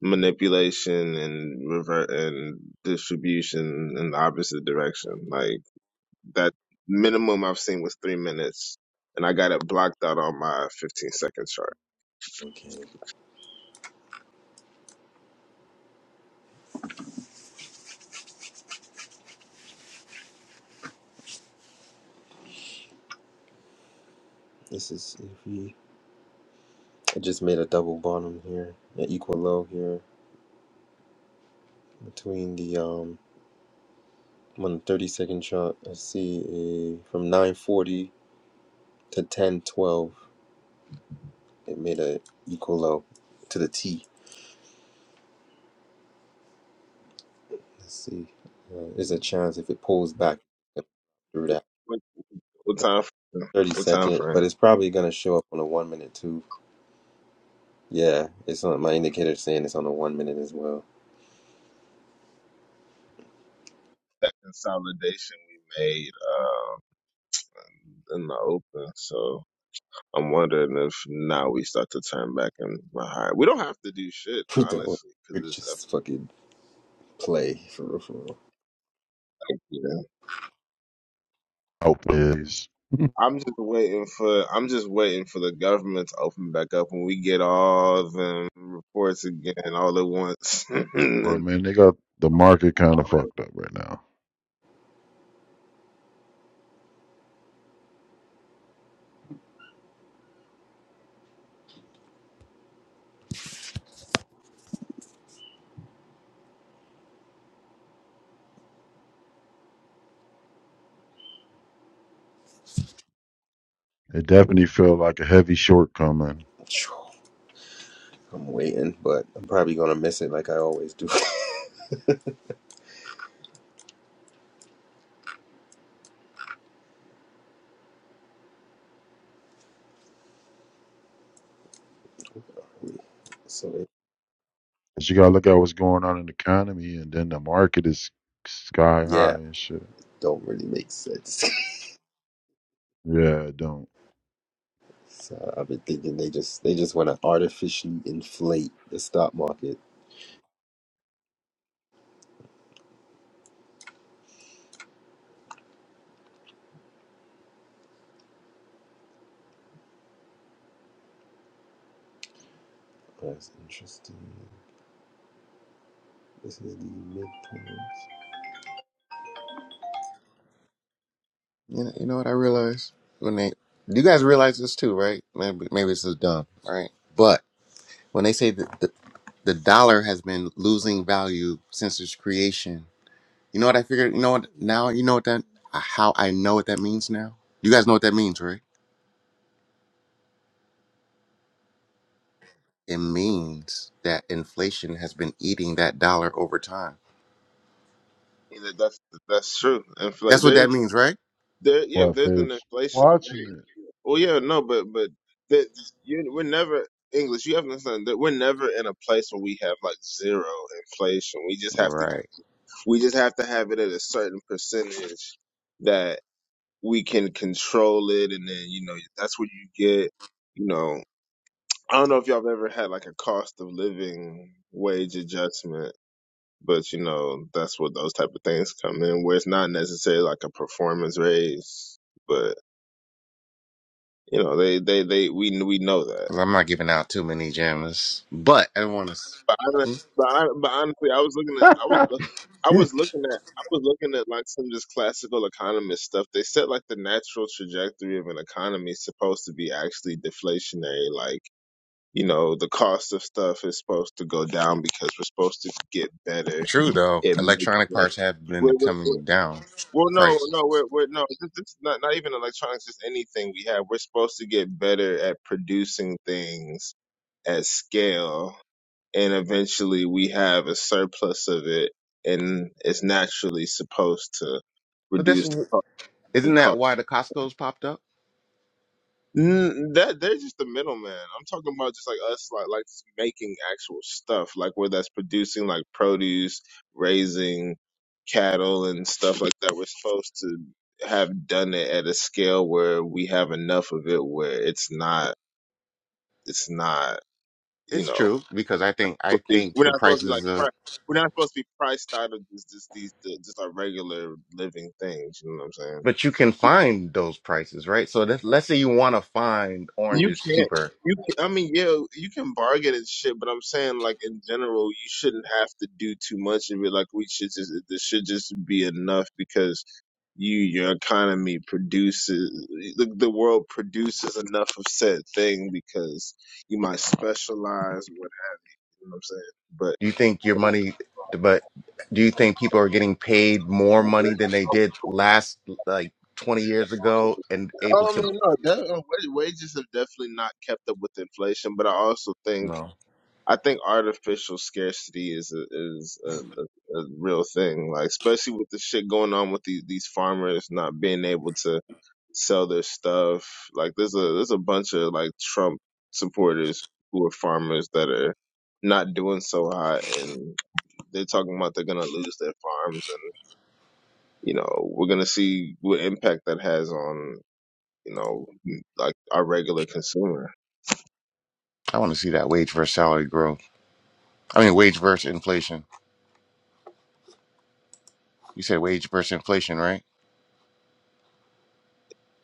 manipulation and revert and distribution in the opposite direction. Like that minimum I've seen was three minutes, and I got it blocked out on my 15 second chart.
okay, this is iffy. I just made a double bottom here, an equal low here between the um I'm on the 30 second chart. I see a from 940 to 1012. It made a equal low to the T. Let's see. Uh, there's a chance if it pulls back through that.
What, what time? Frame?
30
What time
second, but
frame?
it's probably going to show up on a one minute too. Yeah, it's on my indicator saying it's on a one minute as well.
That consolidation we made uh, in the open. So I'm wondering if now we start to turn back and run higher. We don't have to do shit
(laughs) Don't
honestly because
could
it's F-
just fucking play for real, for real.
like, you know.
outpays. (laughs)
I'm just waiting for. I'm just waiting for the government to open back up when we get all the reports again all at once. (laughs)
But
And
man, they got the market kind of fucked up right now. It definitely felt like a heavy shortcoming. Cause
(sighs) I'm waiting, but I'm probably going to miss it like I always do. (laughs) so it,
you gotta look at what's going on in the economy, and then the market is sky high
yeah,
and shit.
don't really make sense.
Yeah, it don't.
(laughs) so I've been thinking they just they just want to artificially inflate the stock market. That's interesting. This is the midpoint.
You know, you know what I realized when they you guys realize this too, right? Maybe maybe this is dumb, right? But when they say that the, the dollar has been losing value since its creation, you know what I figured? You know what now? You know what that? How I know what that means now? You guys know what that means, right? it means that inflation has been eating that dollar over time.
Yeah, that's that's true. Inflate
That's what
there
that means, right?
there yeah,
What,
there's an
Fibs?
inflation
Watching
rate. Well yeah, no, but but that you we're never English, you have to understand that we're never in a place where we have like zero inflation. We just have to
Right.
we just have to have it at a certain percentage that we can control it and then, you know, that's where you get, you know I don't know if y'all have ever had like a cost of living wage adjustment but you know, that's what those type of things come in, where it's not necessarily like a performance raise, but you know, they they they we we know that.
'Cause I'm not giving out too many gems, but I want
But hon-
to.
but hon- but honestly, I was looking at
it.
I was
(laughs)
look- I
(laughs)
was looking at I was looking at like some just classical economist stuff. They said like the natural trajectory of an economy is supposed to be actually deflationary, like you know, the cost of stuff is supposed to go down because we're supposed to get better
True though,
at making
electronic parts have been
it.
coming down
Well, no,
price.
no, we're, we're no. This, this is not not even electronics. Just anything we have. We're supposed to get better at producing things at scale, and eventually we have a surplus of it, and it's naturally supposed to
But that's
reduce the co- the
isn't
cost,
that why the Costco's popped up?
Mm, that they're just the middleman. I'm talking about just like us, like like just making actual stuff, like where that's producing like produce, raising cattle and stuff like that. We're supposed to have done it at a scale where we have enough of it, where it's not, it's not, you
It's
know,
true because I think I think
we're
the
not supposed to be like
prices
pri-
of
we're not supposed to be priced out of just just these the- just our regular living things. You know what I'm saying?
but you can find those prices, right? So that, let's say you want to find
You
oranges
can't.
cheaper
You. Can, I mean, yeah, you can bargain and shit, but I'm saying like in general, you shouldn't have to do too much and be like, we should just. This should just be enough because you your economy produces the, the world produces enough of said thing because you might specialize. Whatever you know what I'm saying, but.
Do you think your money, but do you think people are getting paid more money than they did last, like 20 years ago, and able
Um,
to?
no, that, uh, wa- wages have definitely not kept up with inflation, but I also think
No.
I think artificial scarcity is a, is a, a, a real thing. Like especially with the shit going on with these these farmers not being able to sell their stuff. Like there's a there's a bunch of like Trump supporters who are farmers that are not doing so hot and they're talking about they're gonna lose their farms and you know we're gonna see what impact that has on you know like our regular consumer.
I want to see that wage versus salary growth. I mean, wage versus inflation. You said wage versus inflation, right?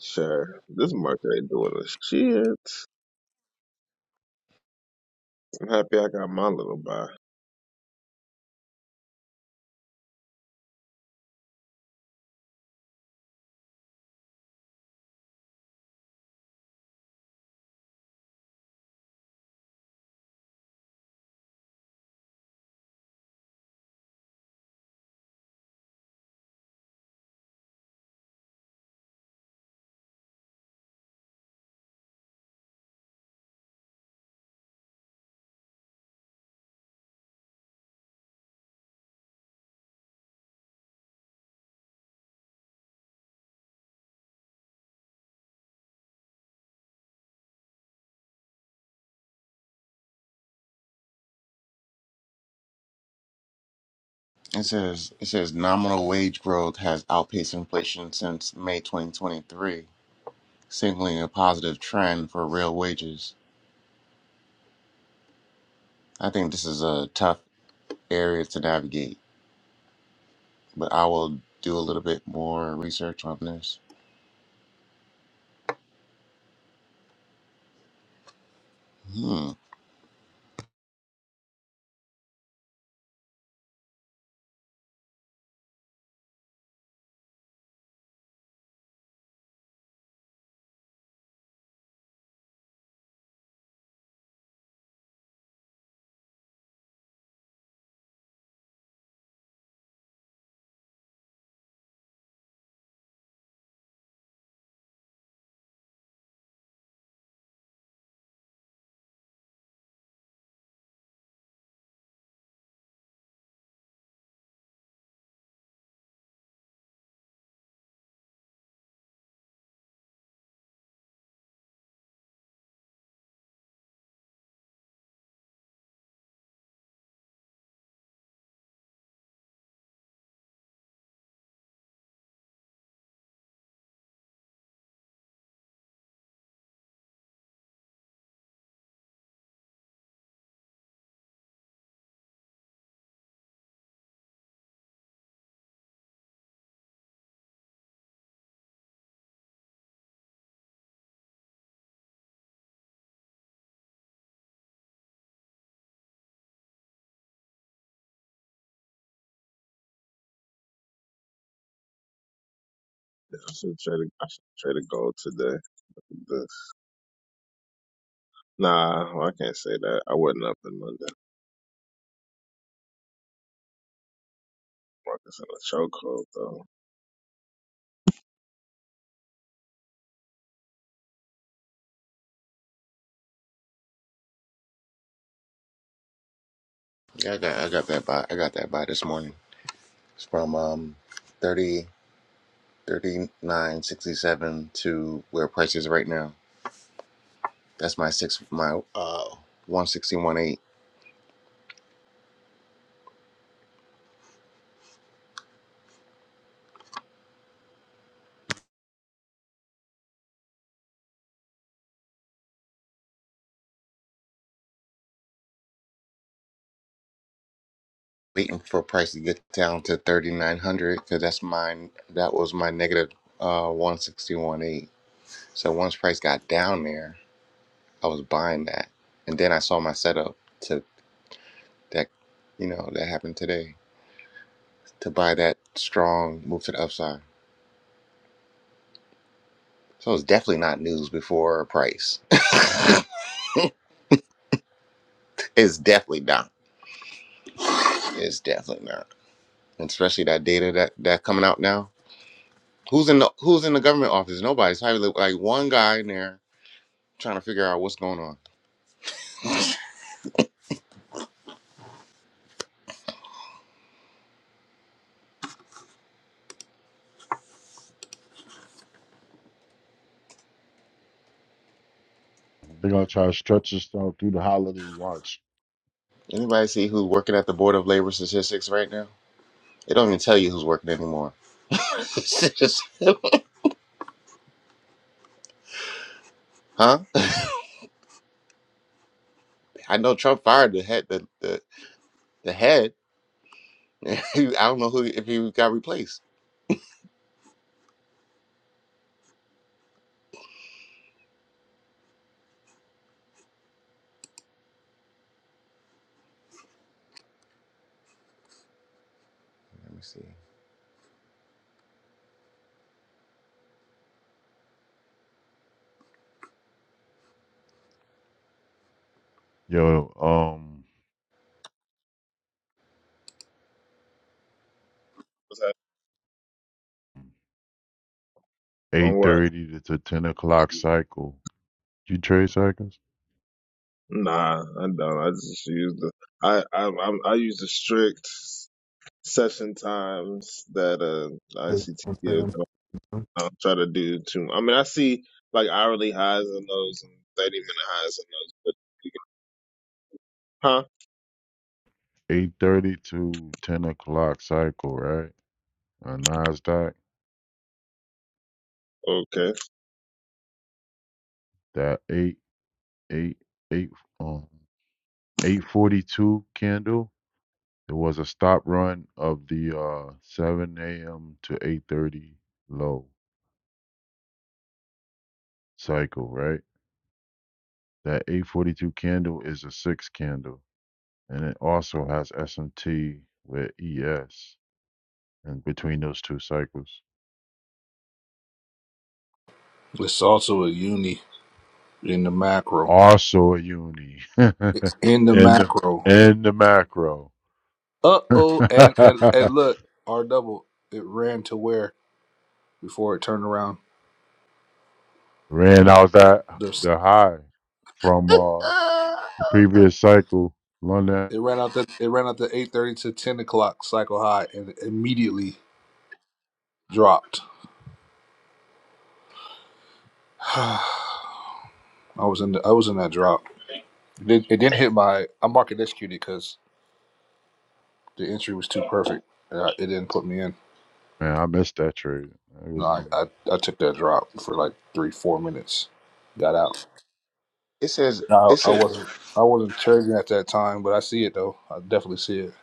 Sure, this market ain't doing a shit. I'm happy I got my little buy.
It says it says nominal wage growth has outpaced inflation since May 2023, signaling a positive trend for real wages. I think this is a tough area to navigate, but I will do a little bit more research on this. Hmm.
Yeah, I should trade. I should trade a gold today. The, nah, well, I can't say that. I wasn't up in London. Marcus in a chokehold though.
Yeah, I got I got that by I got that by this morning. It's from um thirty thirty nine sixty seven to where price is right now. That's my six my uh one sixty one eight. Waiting for price to get down to thirty nine hundred because that's mine. That was my negative uh one sixty one eight. So once price got down there, I was buying that, and then I saw my setup to that. You know that happened today to buy that strong move to the upside. So it's definitely not news before price. (laughs) it's definitely not. It's definitely not. especially that data that that coming out now. Who's in the Who's in the government office? Nobody's probably like one guy in there trying to figure out what's going on.
They're gonna try to stretch this out through the holidays. Watch.
Anybody see who's working at the Board of Labor Statistics right now? They don't even tell you who's working anymore. (laughs) It's just- huh? I know Trump fired the head the the, the head. (laughs) I don't know who if he got replaced. Let me see.
Yo, um,
What's that? On
eight
what?
thirty to to ten o'clock cycle. You trade cycles?
Nah, I don't. I just use the. I I I'm, I use the strict session times that uh ICT gives. I don't, I don't try to do too. much. I mean, I see like hourly highs in those and thirty minute highs in those, but. Huh?
Eight thirty to ten o'clock cycle, right? On Nasdaq,
Okay.
that eight eight eight um eight forty two candle. There was a stop run of the uh seven a.m. to eight thirty low cycle, right? That 842 candle is a six candle, and it also has SMT with ES in between those two cycles.
It's also a uni in the macro.
Also a uni (laughs) in
It's in the
the,
macro.
in the macro.
Uh oh, and and and
(laughs)
look, R double. It ran to where before it turned around.
Ran out that
There's
the high from uh, the previous cycle. London,
it ran out the it ran out the eight thirty to ten o'clock cycle high and immediately dropped. (sighs) I was in the, I was in that drop. It, did, it didn't hit my. I market executed because the entry was too perfect. And I, it didn't put me in.
man, I missed that trade. It
No,
wasn't
I,
even.
I I took that drop for like three four minutes. Got out.
It says
No,
it
I
says.
wasn't I wasn't trading at that time, but I see it though. I definitely see it.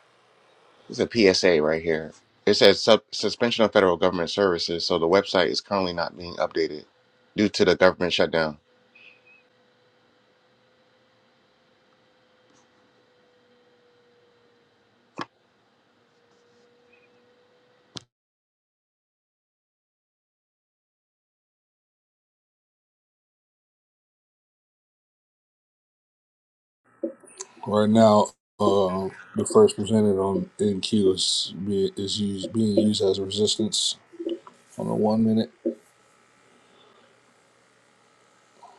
It's a PSA right here. It says sub- suspension of federal government services, so the website is currently not being updated due to the government shutdown.
Right now, uh, the first presented on NQ is be, is used being used as a resistance on the one minute.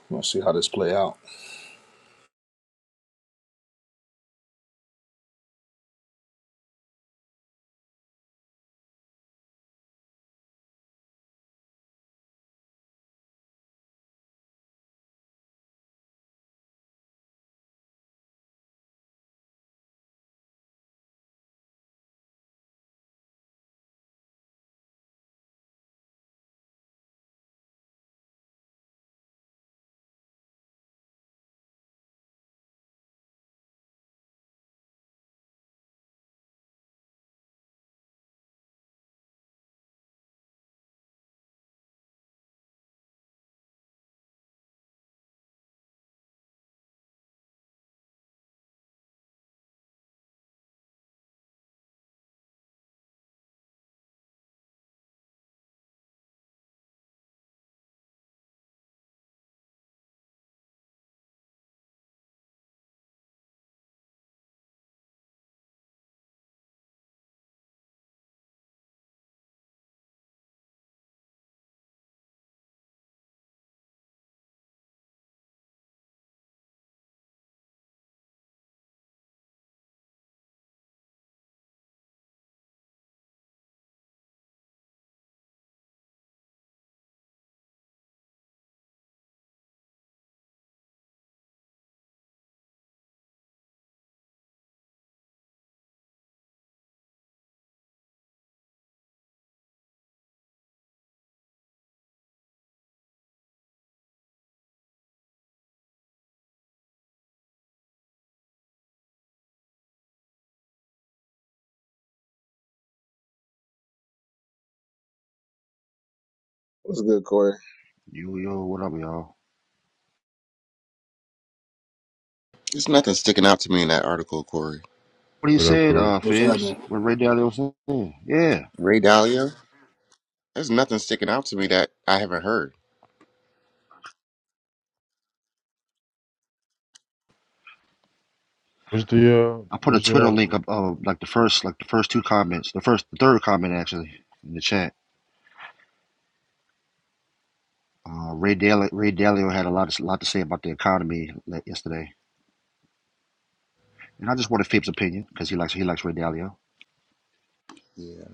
Let's see how this play out.
What's good, Corey?
Yo, yo, what up, y'all?
There's nothing sticking out to me in that article, Corey.
What you
What up,
said,
Corey?
uh,
What's
Fibs?
happening?
What Ray Dalio said? Yeah,
Ray Dalio? There's nothing sticking out to me that I haven't heard.
What's the uh?
I put a
What's the
Twitter link
article?
up of like the first, like the first two comments, the first, the third comment actually in the chat. Uh, Ray Dalio, Ray Dalio had a lot, of lot to say about the economy le- yesterday, and I just wanted Fibs' opinion because he likes, he likes Ray Dalio.
Yeah.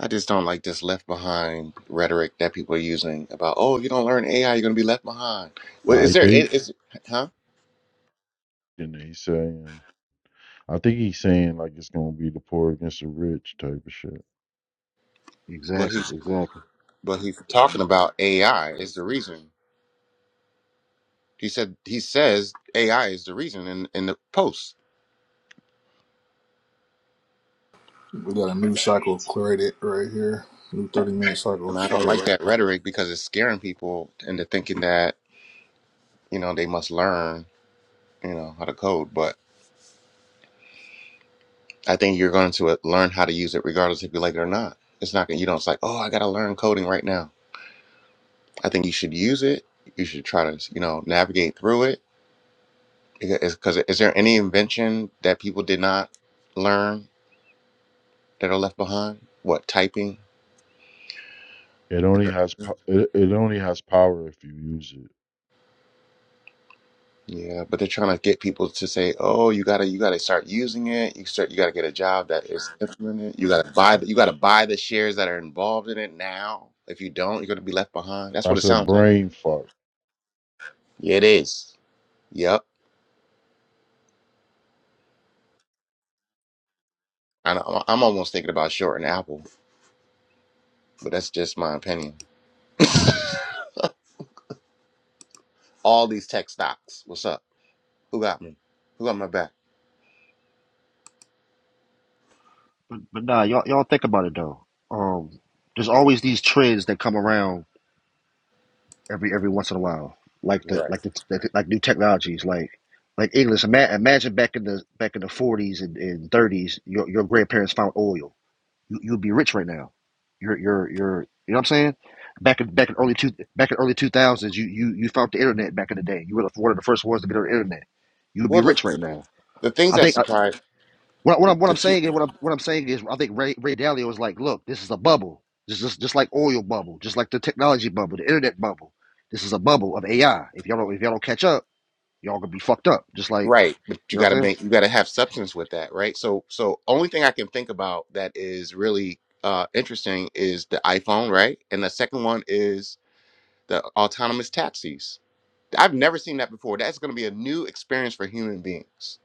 I just don't like this left behind rhetoric that people are using about, oh, if you don't learn AI, you're going to be left behind. Well,
Nah, he
is there,
paid.
is, is- huh?
And he saying I think he's saying like it's gonna be the poor against the rich type of shit.
But
Exactly,
he's,
exactly.
but he's talking about AI is the reason. He said, he says AI is the reason in, in the post.
We got a new cycle created right here. New thirty minute cycle
And I don't
started right.
like that rhetoric because it's scaring people into thinking that, you know, they must learn, you know, how to code. But I think you're going to uh, learn how to use it regardless if you like it or not. It's not going to, you know, it's like, oh, I got to learn coding right now. I think you should use it. You should try to, you know, navigate through it. Because is there any invention that people did not learn that are left behind? What, typing?
It only has po- it, it only has power if you use it.
Yeah, but they're trying to get people to say, "Oh, you gotta, you gotta start using it. You start, you gotta get a job that is implementing it. You gotta buy, the, you gotta buy the shares that are involved in it now. If you don't, you're gonna be left behind." That's what it
That's a
sounds like.
brain fuck.
Yeah, it is. Yep. And I'm, I'm almost thinking about shorting Apple, but that's just my opinion. All these tech stocks. What's up? Who got me? Who got my back?
But, but nah, y'all, y'all think about it though. Um, there's always these trends that come around every every once in a while, like the
Right.
like the like, like new technologies, like like English. Ima- imagine back in the back in the forties and, and thirties, your your grandparents found oil. You you'd be rich right now. You're you're you're you know what I'm saying? Back in back in early two back in early two thousands, you you you found the internet back in the day. You were the- one of the first ones to get on the internet. You'd be
Well, the
rich right now.
the things
I
that
think
supply
what, what
the,
I'm what
the
I'm
two
saying is what I'm what I'm saying is I think Ray Ray Dalio was like, look, this is a bubble, just just just like oil bubble, just like the technology bubble, the internet bubble. This is a bubble of AI. If y'all don't if y'all don't catch up, y'all gonna be fucked up. Just like
Right, but you
you know what I'm
got to
saying.
make you got to have substance with that, right? So, so only thing I can think about that is really uh interesting is the iPhone, right? And the second one is the autonomous taxis. I've never seen that before. That's going to be a new experience for human beings.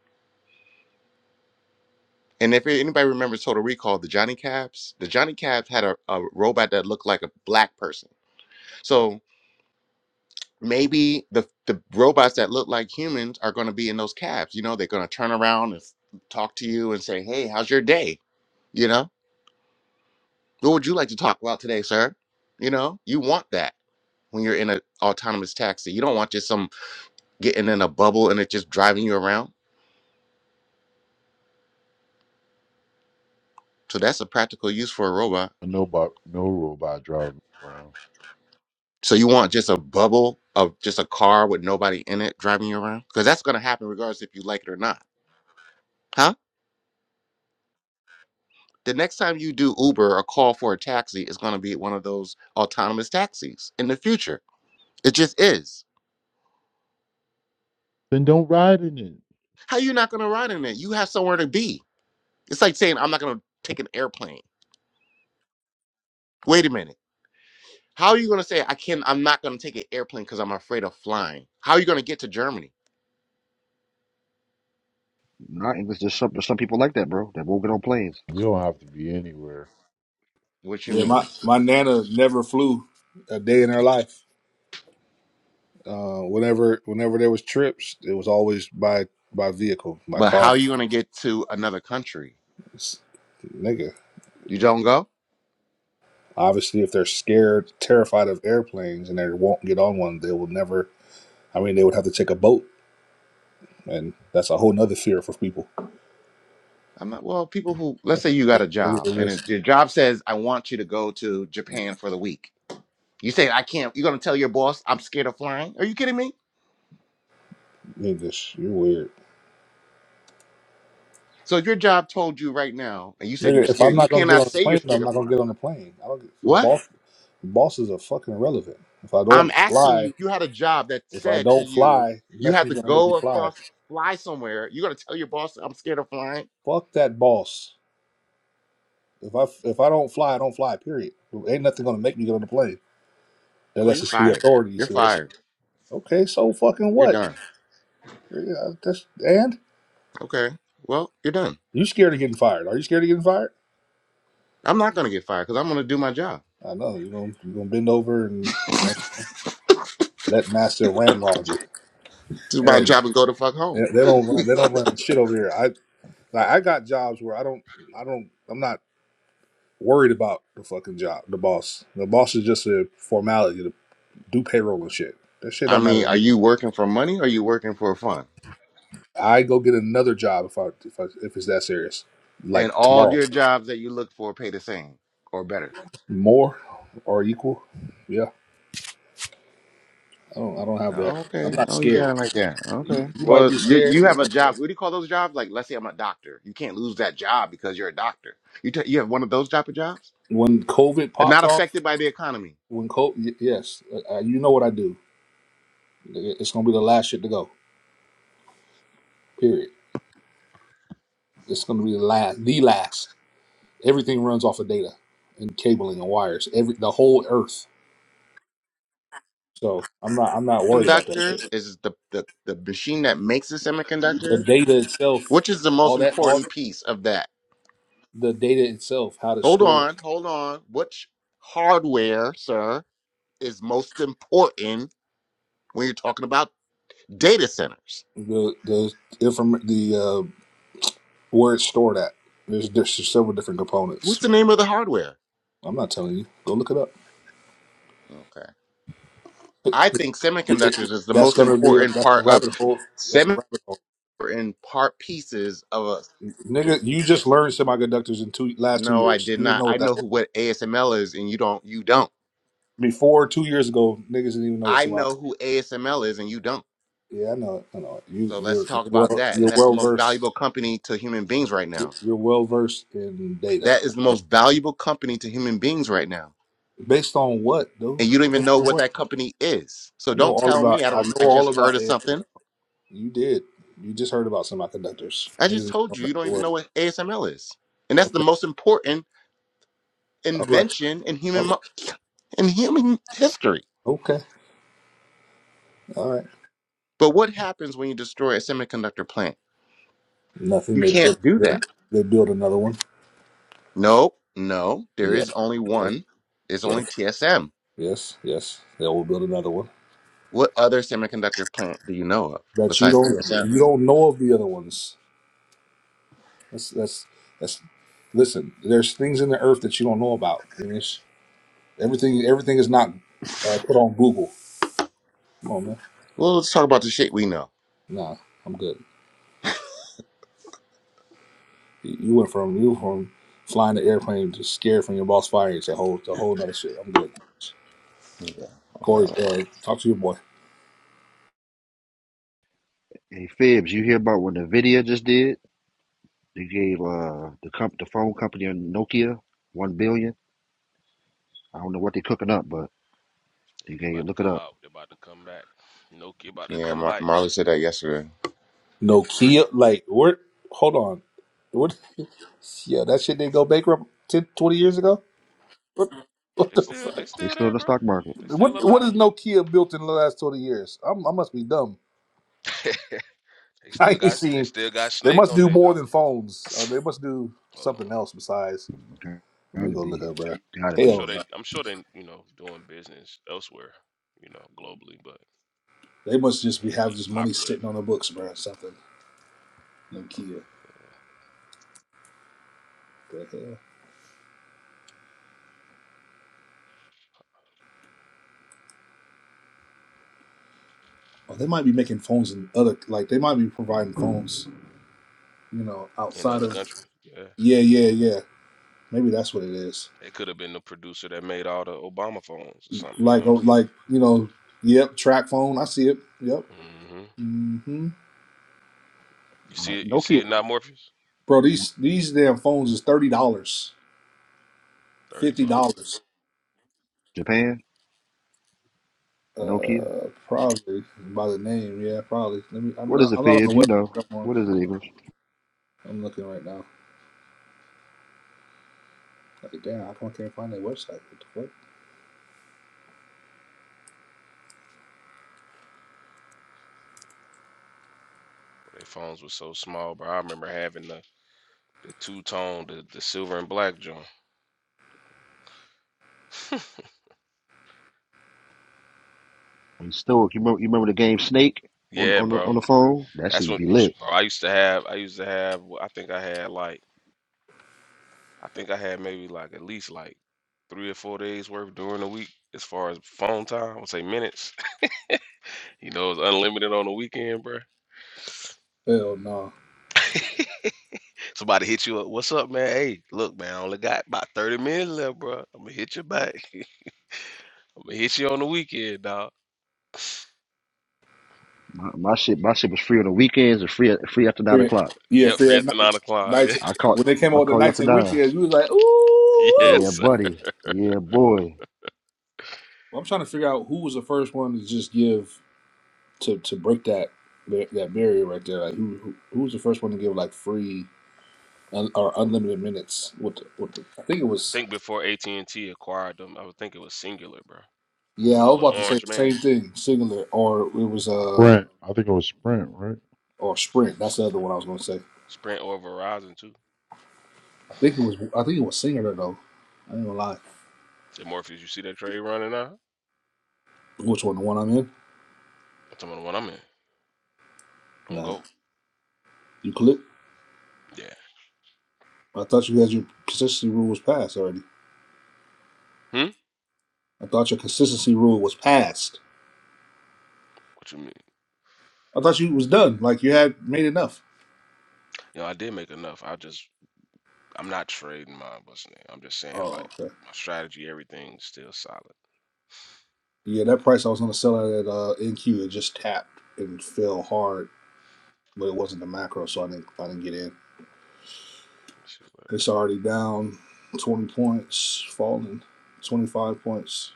And if anybody remembers Total Recall, the Johnny Cabs, the Johnny Cabs had a, a robot that looked like a black person. So maybe the the robots that look like humans are going to be in those cabs. You know, they're going to turn around and talk to you and say, "Hey, how's your day?" You know, what would you like to talk about today, sir? You know, you want that when you're in an autonomous taxi. You don't want just some getting in a bubble and it just driving you around. So that's a practical use for a robot.
A no bo- no robot driving around.
So you want just a bubble of just a car with nobody in it driving you around? Because that's going to happen regardless if you like it or not. Huh? The next time you do Uber or call for a taxi, it's going to be one of those autonomous taxis in the future. It just is.
Then don't ride in it.
How you not going to ride in it? You have somewhere to be. It's like saying, I'm not going to take an airplane. Wait a minute. How are you going to say I can I'm not going to take an airplane cuz I'm afraid of flying? How are you going to get to Germany?
Not English. There's some there's some people like that, bro. That won't get on planes.
You don't have to be anywhere.
What you
now. Yeah,
mean?
my my nana never flew a day in her life. Uh, whenever whenever there was trips, it was always by by vehicle, by
But how are
car.
you going to get to another country?
It's- nigga,
You don't go?
obviously, if they're scared, terrified of airplanes, and they won't get on one, they will never. I mean, they would have to take a boat, and that's a whole nother fear for people.
I'm like, well, people who let's say you got a
It
job and it,
is
your job says I want you to go to Japan for the week. You say I can't. You're going to tell your boss I'm scared of flying? Are you kidding me?
English. You're weird.
So if your job told you right now and you said you're
Nigga, if
scared,
I'm
you
not gonna get
cannot
on
say
the
you're
plane,
scared
I'm
of
not gonna
flying.
get on the plane. I don't. Your
What?
boss, your bosses are fucking irrelevant. If I
I'm
don't
asking
fly,
you, you had a job that
if I
said to
don't
you,
fly,
you had to
nothing's gonna make me
go
fly.
across, fly somewhere. You're going to tell your boss, I'm scared of flying?
Fuck that boss. If I if I don't fly, I don't fly. Period. Ain't nothing gonna make me get on the plane
Oh,
unless
you're
it's the
fired.
authorities.
You're
So that's
fired.
okay. So fucking
You're
what?
done.
Yeah, that's, and
Okay. Well, you're done.
you scared of getting fired? Are you scared of getting fired?
I'm not going to get fired because I'm going to do my job.
I know you're gonna you're gonna bend over and you know, let master ramrod you.
Do my
Hell no.
job and go to fuck
They
home.
they don't run. They don't run shit over here. I. Like I got jobs where I don't, I don't, I'm not worried about the fucking job, the boss. The boss is just a formality to do payroll and shit. That shit
I
don't matter
mean,
to
are
me.
you working for money or are you working for fun?
I go get another job if I if I, if it's that serious,
And
like
all
tomorrow,
your jobs that you look for pay the same or better.
more or equal. Yeah, I don't, I don't have that.
Oh,
I'm
okay.
not
Oh, you
scared.
got it like that.
You,
Okay.
you might
Well,
be
you
scared
you
you
have a
know,
job. What do you call those jobs? Like, let's say I'm a doctor. You can't lose that job because you're a doctor. You ta you have one of those type of jobs,
when COVID
and not
popped off.
affected by the economy.
When COVID, yes, uh, you know what I do. It's gonna be the last shit to go. Period. It's gonna be the last, the last. Everything runs off of data and cabling and wires. Every the whole Earth. So I'm not I'm not worried about that
Semiconductors
shit.
is the the the machine that makes the
The
semiconductors,
data itself,
which is the most
all that all
important piece of that.
the data itself, how to
Hold
store
on,
it,
hold on. Which hardware, sir, is most important when you're talking about data centers?
the the inform the uh, where it's stored at. There's there's just several different
What's
components.
the name of the hardware?
I'm not telling you. Go look it up.
Okay. I think
It-
semiconductors is the
that's
most
gonna be a,
important
that's a
part of
rabbit hole. That's a
semi
rabbit hole.
important part pieces of us.
Nigga, you just learned semiconductors in two last two
No, I
years.
did
You didn't
not.
know
I
what that
know
was.
who what ASML is, and you don't. You don't.
Before two years ago, niggas didn't even know what
I
semiconductors.
know who ASML is, and you don't.
Yeah, I know. it, I know. it. You
So
you're
let's
you're
talk about
well
that. And
you're
that's the
well
most
versed.
valuable company to human beings right now.
You're well versed in data.
That is the most valuable company to human beings right now.
Based on what,
And
dude?
you don't even
Based
know
on
what
what?
that company is. So
I know
don't
all
tell
about.
me I
I
don't.
know
I
all
just heard
about
of
ASML.
something.
You did. You just heard about semiconductors.
I
Niggas
just
didn't
told
know
you
about
you don't
your
even
work.
know what ASML is, and that's the
Okay.
most important.
All right.
invention in
All
human
right.
in human history.
Okay. All right.
But what happens when you destroy a semiconductor plant?
Nothing.
You
They build.
can't do
They,
that.
they build another one.
Nope, no, there is
Yes.
only
Yes.
one. There's only
Yes.
TSM.
Yes. Yes. They will build another one.
What other semiconductor plant do you know of
That you
besides
don't.
TSM?
You don't know of the other ones. That's that's that's. Listen, there's things in the earth that you don't know about. I mean, it's, everything everything is not uh, put on Google. Come on, man.
Well, let's talk about the shit we know.
Nah, I'm good. You you went from you went from flying the airplane to scared from your boss firing to whole to whole other shit. I'm good.
Yeah,
Corey,
okay.
uh, talk to your boy.
Hey Fibs, you hear about what Nvidia just did? They gave uh the comp the phone company on Nokia one billion. I don't know what they're cooking up, but they
Yeah, they
gave
about to
look it
come
up.
out. They about to come back. Nokia about to
yeah
come
Mar-
back.
Marla said that yesterday.
Nokia, like what? Hold on, what? Yeah, that shit didn't go bankrupt 10 20 years ago. (laughs) What
They
the
still,
fuck?
they
They
still
still in
there,
the
bro.
stock market.
They
What
still
what
alive.
is Nokia built in the last twenty years? I'm, I must be dumb.
(laughs) they
(laughs)
still
I ain't
got, they
seen.
still got
They
Snake
must
on
do
their
more
dog.
than phones.
(laughs)
Uh, they must do
Hold
something else
on.
besides. Let me
Gotta
go look
be,
up, bro.
gotta
I'm sure
Hell
be.
they,
no.
I'm sure they, you know, doing business elsewhere, you know, globally, but.
They must just be
Ain't
have
nothing
just money
popular
sitting on the books, bro. Something.
you know,
Nokia. The hell. Oh, they might be making phones and other like they might be providing phones. You know,
in
outside
other
of.
countries. Yeah.
Yeah, yeah, yeah. Maybe that's what it is.
They could have been the producer that made all the Obama phones or something. You know
Like,
what
oh, like you know, yep, track phone. I see it. Yep.
I'm saying? hmm
hmm
You
Uh,
see it? You see
Nokia,
it now, Morpheus?
Bro, these these damn phones is thirty dollars,
Thirty
fifty
bucks.
dollars.
Japan. Nokia.
Uh, probably by the name. Yeah, probably. Let me. I'm
What is
not,
it,
I'm not on
Fibs?
the
You know.
website. I'm on.
What is it, English?
I'm looking right now. Like, damn, how come I can't find that website? What the fuck?
But their phones were so small, bro. I remember having the the two tone, the the silver and black joint.
Hey, Stoic, you remember, you remember the game Snake on the,
Yeah,
on the,
bro.
on the phone? That
That's
shit,
what
be lit.
bro, I used to have. I used to have. well, I think I had like. I think I had maybe like at least like three or four days worth during the week as far as phone time. I would say minutes. (laughs) You know, it was unlimited on the weekend, bro.
Hell no.
(laughs) Somebody hit you up. What's up, man? Hey, look, man, I only got about 30 minutes left, bro. I'm gonna hit you back. (laughs) I'm gonna hit you on the weekend, dog.
My, my shit my shit was free on the weekends and free free after nine
Free,
o'clock.
yeah,
Yep,
free
free
at
after nine
night.
o'clock. (laughs)
I
Nights
call
when they came
I
out with the
call you
nights
after
and
nine.
weekends, we was like, ooh.
Yeah.
woo."
Yeah,
Yes. I
buddy. Yeah, boy.
Well, I'm trying to figure out who was the first one to just give to to break that bar- that barrier right there. Like, who who, who was the first one to give like free un, or unlimited minutes? With the, with the, I think it was.
think before AT&T acquired them, I would think it was Singular, bro.
Yeah,
Remember
I
the
was
little
about to say
orange
the
man?
same thing, singular, or it was uh.
Sprint. I think it was Sprint, right?
or Sprint.
S-
That's the other one I was gonna say.
Sprint or Verizon too.
I think it was I think it was Singer though. I ain't gonna lie.
Say Morpheus, you see that trade running now? I'm
Which one? The one I'm in?
talking about the one I'm in. On
Nah.
go.
You click.
Yeah.
I thought you had your consistency rule was passed already.
Hmm?
I thought your consistency rule was passed.
What you mean?
I thought you was done. Like you had made enough.
You know, I did make enough. I just I'm not trading mine, what's the name? I'm just saying
Oh,
like
okay.
my strategy, everything's still solid.
Yeah,
You
that
know,
price I was gonna sell it at uh, NQ. It just tapped and fell hard, but it wasn't the macro, so I didn't I didn't get in.
let's see what
It's already down twenty points, falling twenty five points.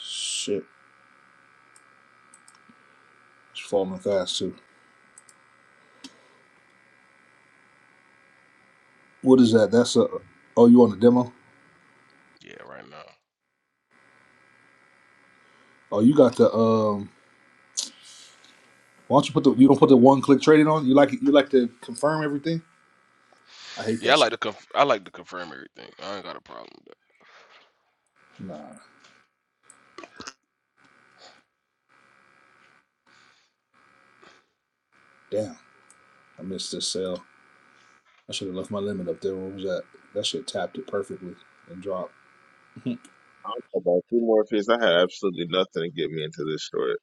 Shit, it's falling fast too. What is that? That's a. Oh, you on the demo?
Yeah, right now.
Oh, you got the. Um, why don't you put the? You don't put the one click trading on. You like it? You like to confirm everything? I hate
Yeah, I
that
like
shit.
to conf- I like to confirm everything. I ain't got a problem
Nah, damn. I missed this sale. I should have left my limit up there. What was that? That shit tapped it perfectly and dropped. (laughs)
i about Two more Morpheus. I had absolutely nothing to get me into this short.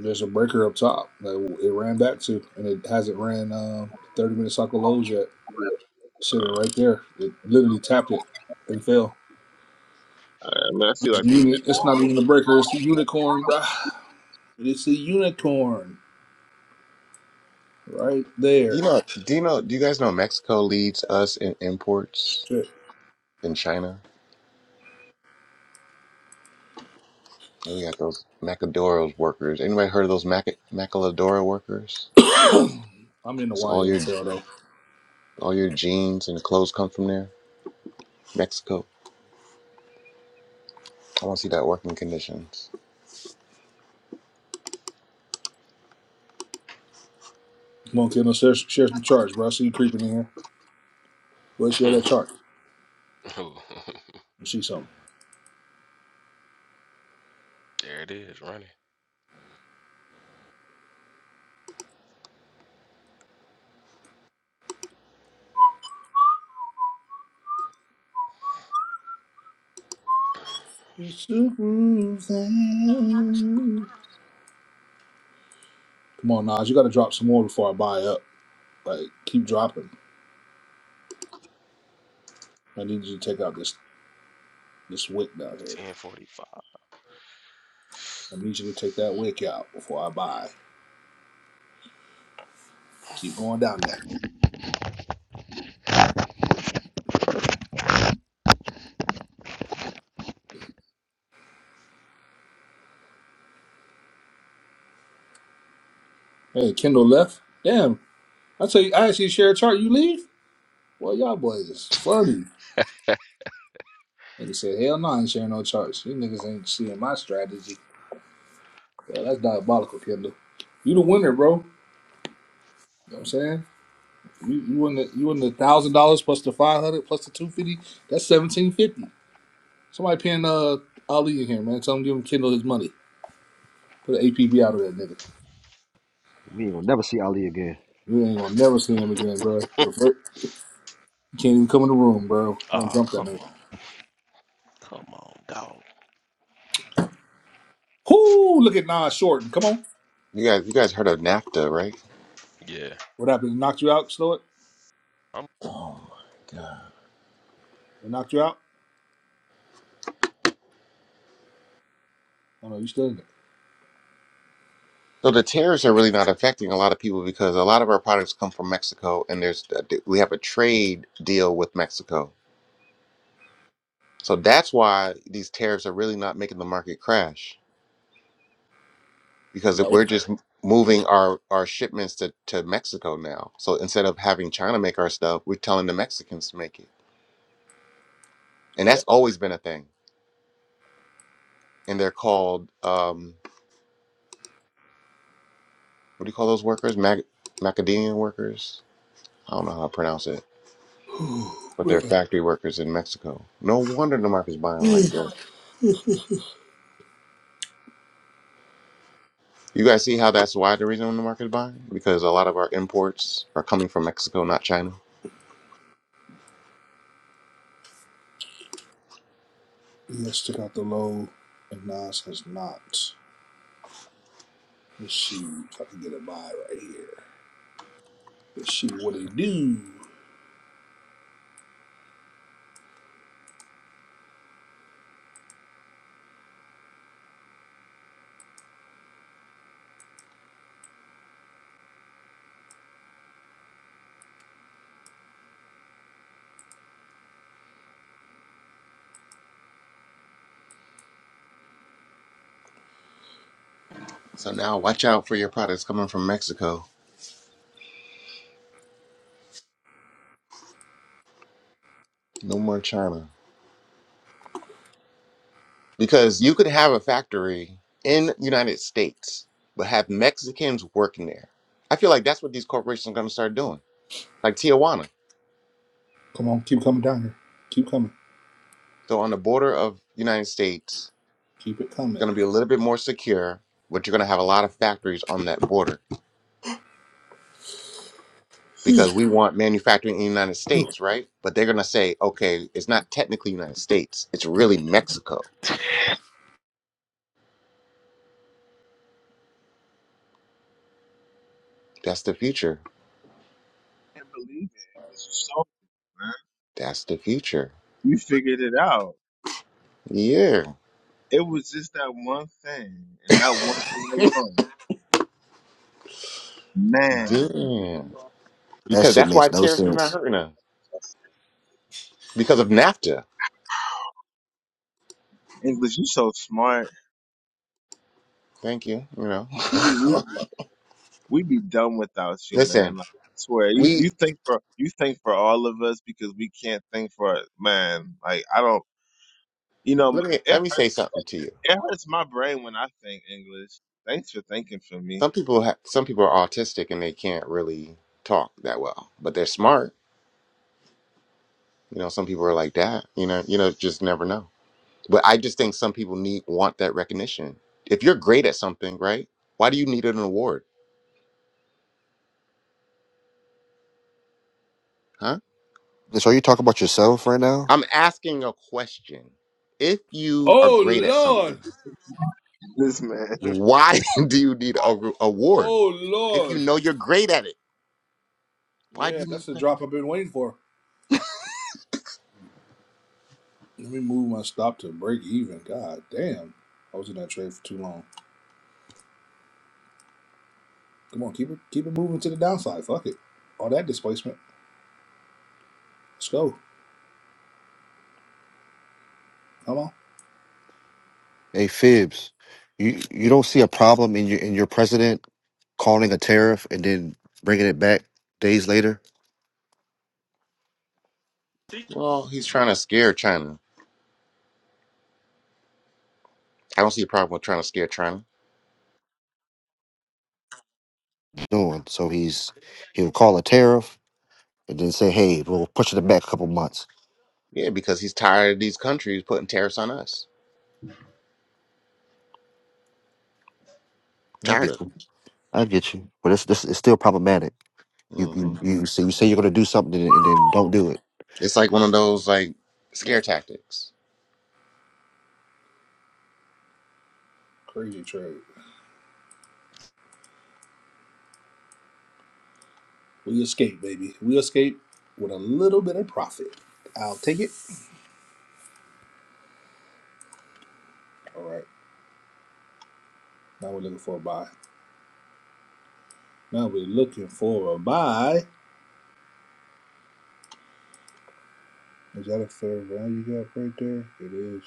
There's a breaker up top that it ran back to, and it hasn't ran um, 30 minute cycle lows yet. Sitting
Um,
right there, it literally tapped it and fell.
I, I mean, I feel
It's, a
like the
uni- it's not
Oh,
even a breaker. It's a unicorn, bruh. It's a unicorn right
You
there.
know, do you know? Do you guys know Mexico leads us in imports
Shit.
in China? And we got those Macadoros workers. Anybody heard of those Mac- Macaladora workers?
I'm in the
So all your
YMCL though.
all your jeans and clothes come from there, Mexico. I want to see that working conditions.
Come on, Kendall, share, share some charts, bro. I see you creeping in here. Let's
with
share that
that.
chart.
(laughs) Ooh, (laughs)
Let's see something.
there it is, running.
It's the groove thing. Come on, Nas. You got to drop some more before I buy up. Like, keep dropping. I need you to take out this this wick down here.
1045.
I need you to take that wick out before I buy. Keep going down there. Hey, Kendall left. Damn. I tell you, I actually share a chart. You leave? Well, y'all boys is funny. Nigga said, hell no, I ain't sharing no charts. You niggas ain't seeing my strategy. God, that's diabolical, Kendall. You the winner, bro. You know what I'm saying? You you win the you win the thousand dollars plus the five hundred plus the two fifty. That's seventeen fifty. Somebody paying uh Ali in here, man. Tell him give him Kendall his money. Put an APB out of that nigga.
We ain't gonna never see Ali again.
You ain't gonna never see him again, bro. You can't even come in the room, bro. You gonna
Oh,
jump that
come
nigga.
on. Come on, dog.
Whoo! Look at Nas Shorten. Come on.
You guys, you guys heard of NAFTA, right?
Yeah.
What happened? They knocked you out, Stoic?
I'm
Oh my god.
They knocked you out? Oh no, you still in there.
So the tariffs are really not affecting a lot of people because a lot of our products come from Mexico, and there's we have a trade deal with Mexico. So that's why these tariffs are really not making the market crash because
You
if
got one?
we're just moving our our shipments to to Mexico now. So instead of having China make our stuff, we're telling the Mexicans to make it, and
Is
that's
that?
always been a thing. and they're called um, what do you call those workers? Mac- macadamia workers. I don't know how to pronounce it,
(sighs)
but they're
Ooh,
factory workers in Mexico. No wonder the market's buying
man.
like this. You guys see how that's why the reason the market's buying because a lot of our imports are coming from Mexico, not China.
Let's check out the low. And Nas has not. Let's see if I can get a buy right here. Let's see what they do.
So now watch out for your products coming from Mexico. No more China because you could have a factory in United States but have Mexicans working there. I feel like that's what these corporations are going to start doing, like Tijuana.
Come on, keep coming down here. Keep coming.
So on the border of United States,
Keep it
it's
coming.
going to be a little bit more secure, but you're going to have a lot of factories on that border
(laughs)
because we want manufacturing in the United
oh
States, right? But they're going to say, okay, it's not technically United States, it's really Mexico. That's the future.
I can't believe it. It was just so man.
That's the future.
You figured it out.
Yeah.
It was just that one thing, and that one thing
(laughs)
alone. Man,
Damn.
That
Because
shit
that's why
makes no
tariffs is not
sense.
hurting us because of NAFTA.
English, you so smart.
Thank you. You know,
We we-
(laughs)
we be done without you, man.
listen,
Like, I swear, you
we
you think for you think for all of us because we can't think for man. Like I don't, you know,
let me
it
let me
hurts.
say something to you.
It hurts my brain when I think English. Thanks for thinking for me.
Some people ha- some people are autistic and they can't really talk that well, but they're smart. You know, some people are like that. You know, you know, just never know. But I just think some people need want that recognition. If you're great at something, right? Why do you need an award? Huh?
So are you talking about yourself right now?
I'm asking a question. If you are great at
Lord.
something,
This man.
why (laughs) do you need a re- award?
Oh
If you
Lord.
know you're great at it, why do
Yeah,
you need
that's the
recognition?
drop I've been waiting for. Let me move my stop to break even. God damn. I was in that trade for too long. Come on, keep it keep it moving to the downside. Fuck it. All that displacement. Let's go. Come on.
Hey, Fibs, you you don't see a problem in your in your president calling a tariff and then bringing it back days later?
Well, he's trying to scare China. I don't see a problem with trying to scare China.
doing. So he's he'll call a tariff and then say, "Hey, we'll push it back a couple months."
Yeah, because he's tired of these countries putting tariffs on us.
Yeah, I
Tired
get
of
you.
it.
I get you. But it's this it's still problematic. You
hmm
you you say you say you're going to do something and, and then don't do it.
It's like one of those like scare
Man,
tactics.
crazy trade. We escape, baby. We escape with a little bit of profit. I'll take it. All right. Now we're looking for a buy. Now we're looking for a buy. Is that a third round you got right there? It is.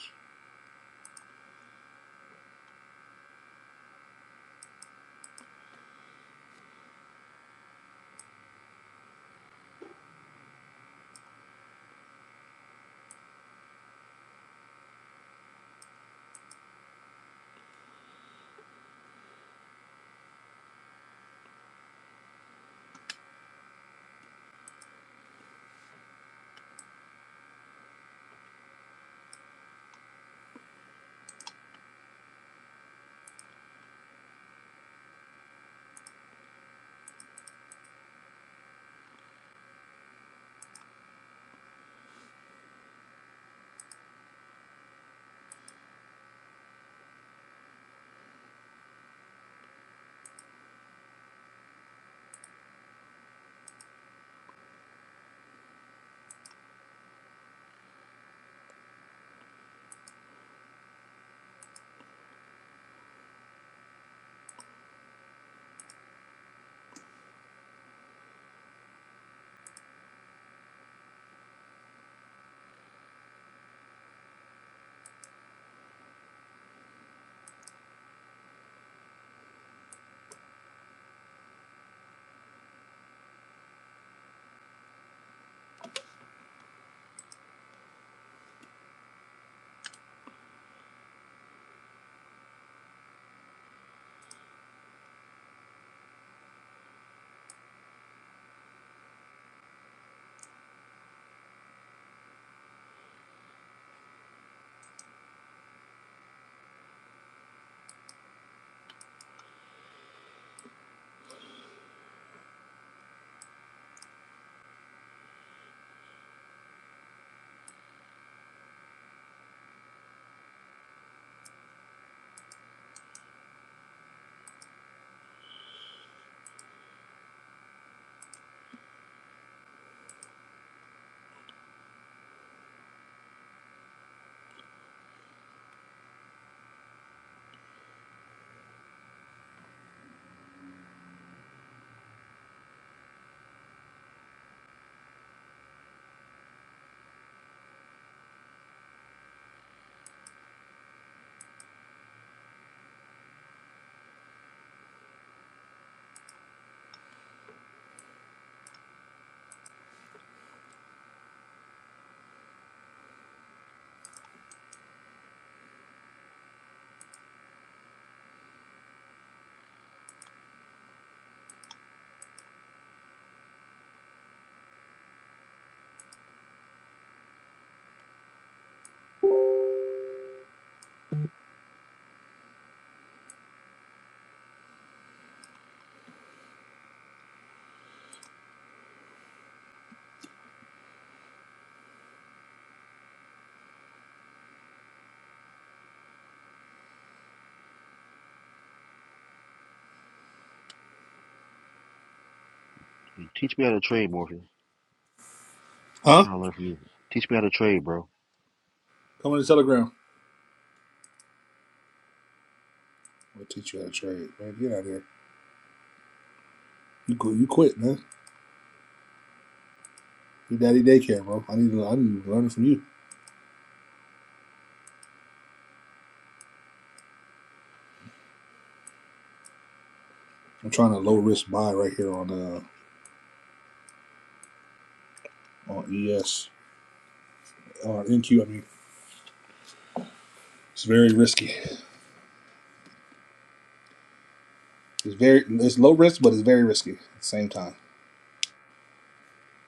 Yeah, Teach me how to trade, Morpheus. I'm
Huh?
trying to learn from you. Teach me how to trade, bro.
Come on the telegram. I'll teach you how to trade. Man, get out of here. You quit, you quit, man. Your daddy daycare, bro. I need to I need to learn it from you. I'm trying to low
That,
risk buy right here on uh on ES on NQ. I mean, it's very risky. It's very it's low risk, but it's very risky at the same time.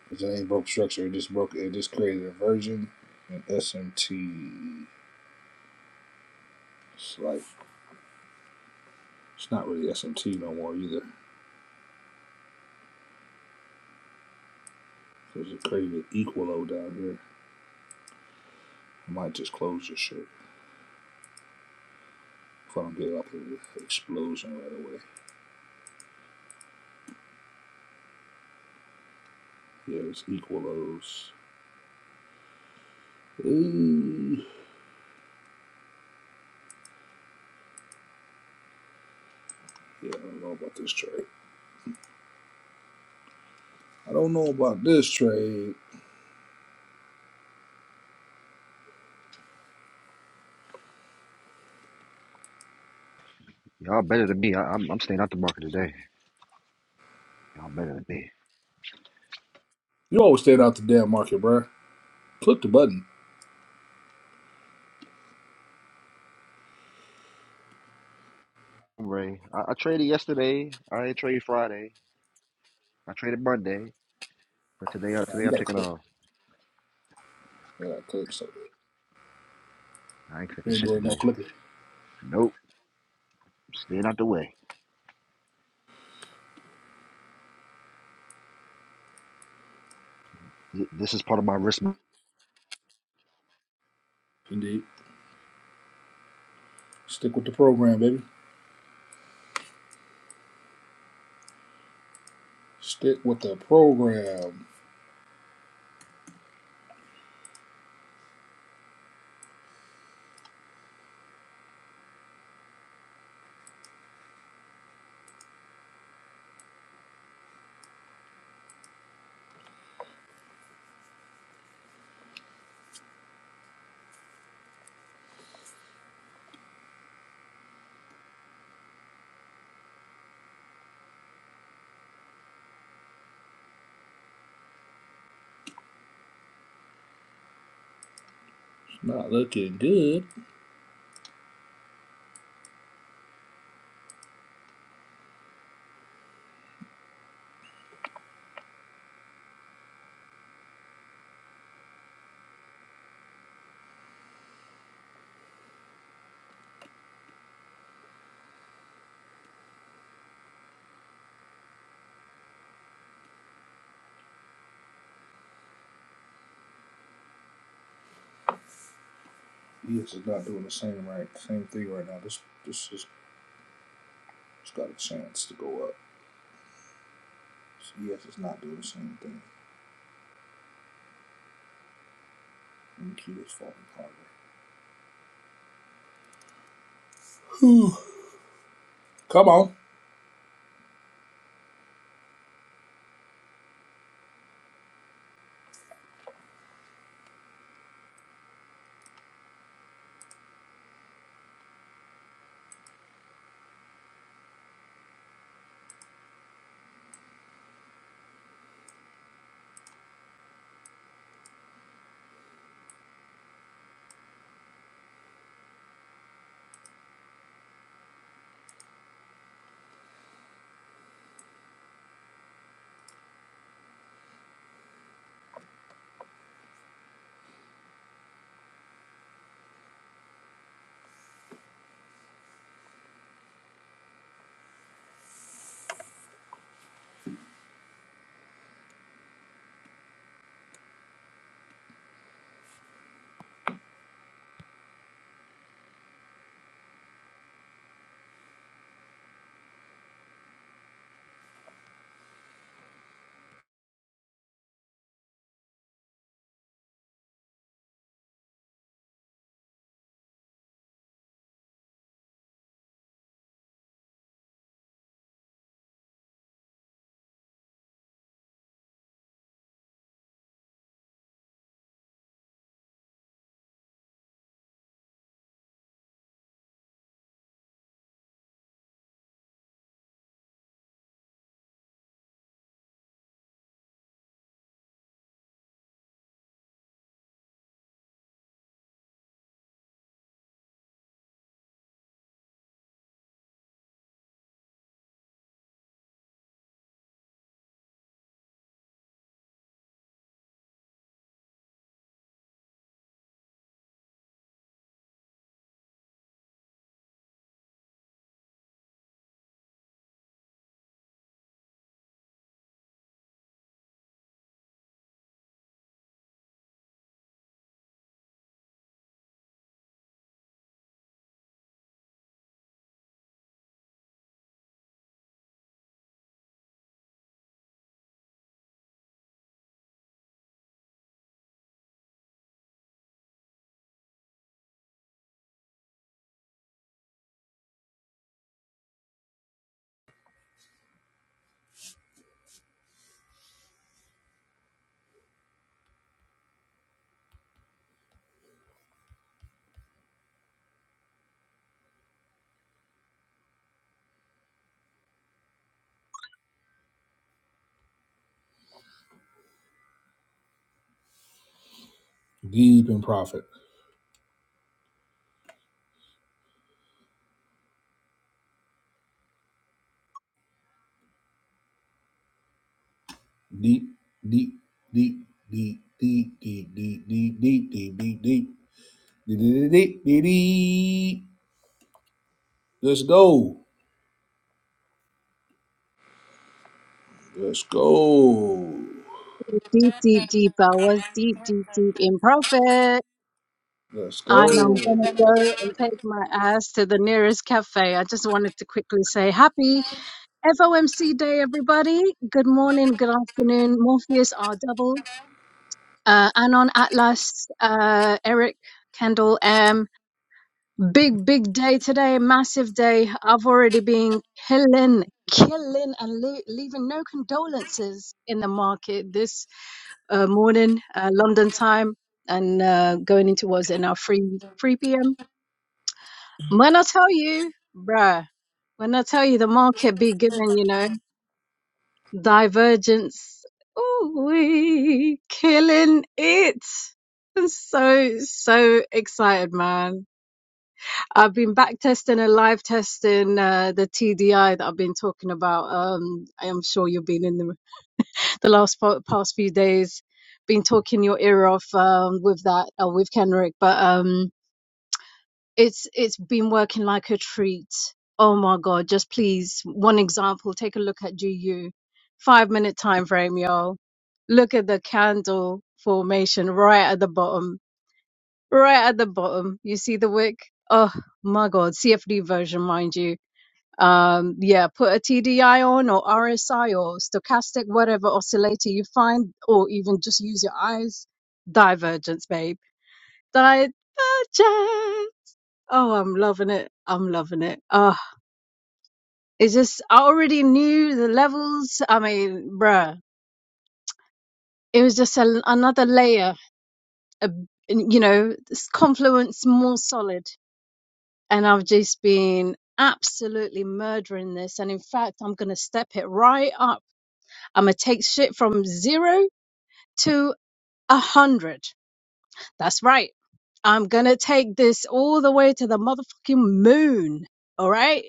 Because it ain't broke structure. It just broke it just created a version and SMT. It's like it's not really SMT no more either. There's a crazy equalo down here. I might just close this shit if I don't get like an explosion right away. Yeah, it's equalos. Ooh. Yeah, I don't know about this trade. I don't know about this trade.
y'all better than me. I, I'm I'm staying out the market today. Y'all better than me.
You always stayed out the damn market, bruh. Click the button.
Ray, I, I traded yesterday. I ain't trade Friday. I traded Monday, but today uh,
Uh,
today
you
I'm
gotta
taking
click.
off.
You gotta click something.
I ain't taking
You ain't
shit
doing no
today.
clicking.
Nope, staying out the way. Th- This is part of my risk
Indeed. Stick with the program, baby. Stick with the program. It's not looking good. Yes, it's not doing the same right, same thing right now. This, this is, it's got a chance to go up. CS is not doing the same thing. MQ is falling harder. (sighs) Come on. Deep in profit. deep, deep, deep, deep, deep, deep, deep, deep, deep, deep. Deep, deep, deep, deep, deep, deep. Let's go. Let's go.
deep, deep, deep. I was deep, deep, deep in profit.
Let's go.
And I'm gonna go and take my ass to the nearest cafe. I just wanted to quickly say happy FOMC day, everybody. Good morning, good afternoon. Morpheus R double, uh, Anon Atlas, uh, Eric, Kendall M. Big, big day today, massive day. I've already been killing, killing and le- leaving no condolences in the market. This uh, morning uh, London time and uh, going into what's it now 3 3 p.m. When I tell you, bruh, when I tell you the market be giving, you know, divergence, ooh, we killing it. I'm so so excited, man. I've been back testing and live testing uh, the TDI that I've been talking about. Um, I am sure you've been in the the last fo- past few days been talking your ear off um, with that uh, with Kenrick, but um, it's it's been working like a treat. Oh my God! Just please, one example. Take a look at GU, five minute time frame, y'all. Look at the candle formation right at the bottom, right at the bottom. You see the wick? Oh my God! CFD version, mind you um, yeah, put a TDI on or RSI or stochastic, whatever oscillator you find, or even just use your eyes. Divergence, babe. Divergence. Oh, I'm loving it. I'm loving it. Oh, it's just, I already knew the levels. I mean, bruh, it was just a, another layer, a, you know, this confluence more solid. And I've just been absolutely murdering this. And in fact, I'm going to step it right up I'm gonna take shit from zero to a hundred. That's right. I'm gonna take this all the way to the motherfucking moon. All right.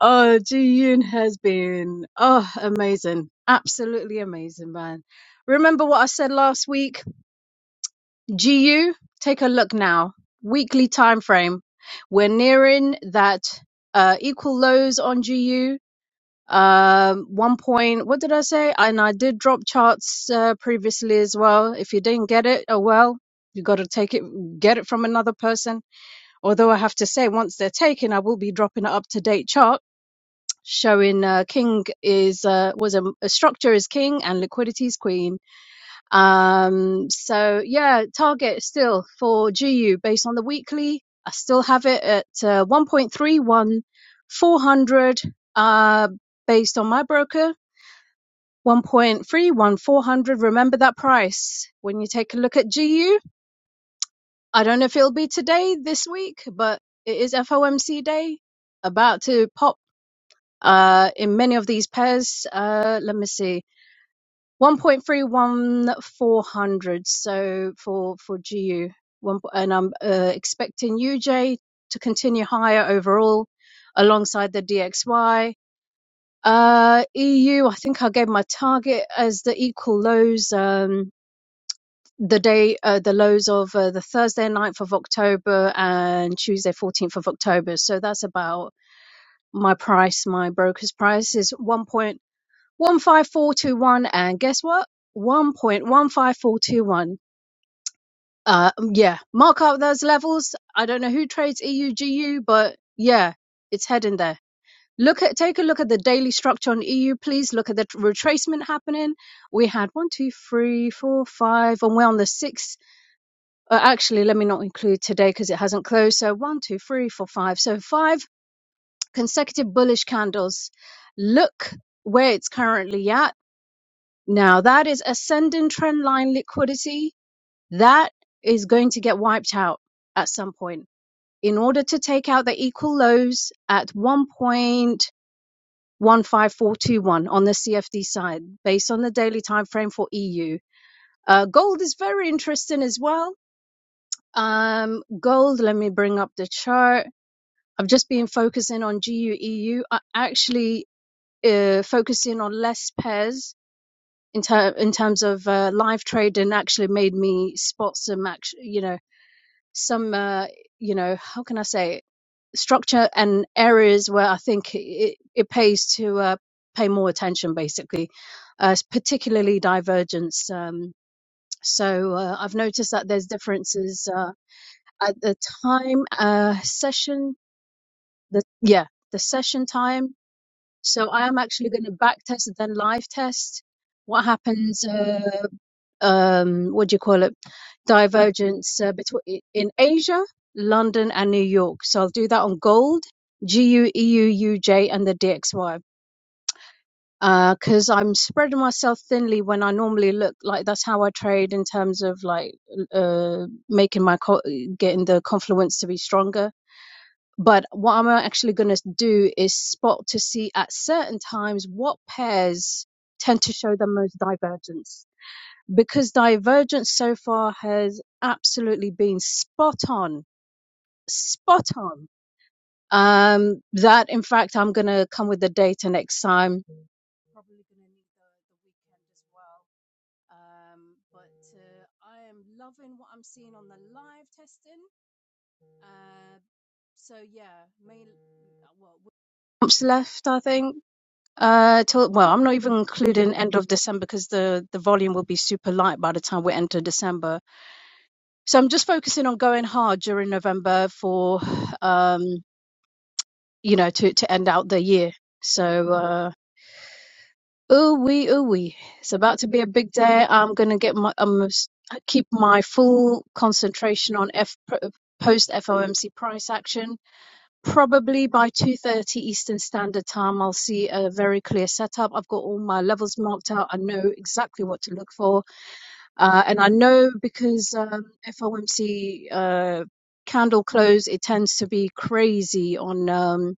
Oh, Ji Yoon has been oh amazing, absolutely amazing, man. Remember what I said last week? GU, take a look now. Weekly time frame. We're nearing that uh, equal lows on GU. Um, one point, what did I say? And I did drop charts uh, previously as well. If you didn't get it, oh well, you got to take it, get it from another person. Although I have to say, once they're taken, I will be dropping an up to date chart showing uh, king is uh, was a, a structure is king and liquidity is queen. Um, so yeah, target still for GU based on the weekly. I still have it at uh, 1.31, 400. Uh, based on my broker one point three, one four hundred. Remember that price when you take a look at GU. I don't know if it'll be today, this week, but it is FOMC day, about to pop uh, in many of these pairs. Uh, let me see, one point three, one four hundred. So for for GU, one, and I'm uh, expecting UJ to continue higher overall, alongside the DXY. Uh, EU, I think I gave my target as the equal lows. Um, the day uh, the lows of uh, the Thursday 9th of October and Tuesday 14th of October. So that's about my price. My broker's price is 1.15421. And guess what? 1.15421. Uh, um, yeah, mark up those levels. I don't know who trades EUGU, but yeah, it's heading there. Look at take a look at the daily structure on EU, please. Look at the retracement happening. We had one, two, three, four, five, and we're on the sixth Uh, actually, let me not include today because it hasn't closed. So one, two, three, four, five. So five consecutive bullish candles. Look where it's currently at. Now that is ascending trend line liquidity. That is going to get wiped out at some point in order to take out the equal lows at 1.15421 on the CFD side based on the daily time frame for EU. Uh, gold is very interesting as well. Um, gold, let me bring up the chart I've just been focusing on GUEU. uh, actually uh, focusing on less pairs in, ter- in terms of uh, live trading. Actually, made me spot some, act- you know, some, uh, you know, how can I say, it? structure and areas where I think it, it pays to uh, pay more attention, basically, uh, particularly divergence. Um, so uh, I've noticed that there's differences uh, at the time uh, session. The yeah, the session time So I am actually going to back test and then live test what happens. Uh, um, what do you call it? Divergence uh, between in Asia, London, and New York. So I'll do that on gold, G U E U U J, and the DXY. Because uh, I'm spreading myself thinly when I normally look like that's how I trade in terms of like uh, making my co- getting the confluence to be stronger but what I'm actually going to do is spot to see at certain times what pairs tend to show the most divergence. Because divergence so far has absolutely been spot on, spot on. Um, that in fact, I'm going to come with the data next time. Probably going to need the, the weekend as well. Um, but uh, I am loving what I'm seeing on the live testing. Uh, so yeah, main, well, months left, I think. Uh, till well, I'm not even including end of December because the the volume will be super light by the time we enter December. So I'm just focusing on going hard during November for, um, you know, to to end out the year. So uh, ooh wee ooh wee, it's about to be a big day. I'm gonna get my um keep my full concentration on F post FOMC price action probably by 2.30 eastern standard time i'll see a very clear setup i've got all my levels marked out i know exactly what to look for uh, and i know because um, fomc uh, candle close it tends to be crazy on um,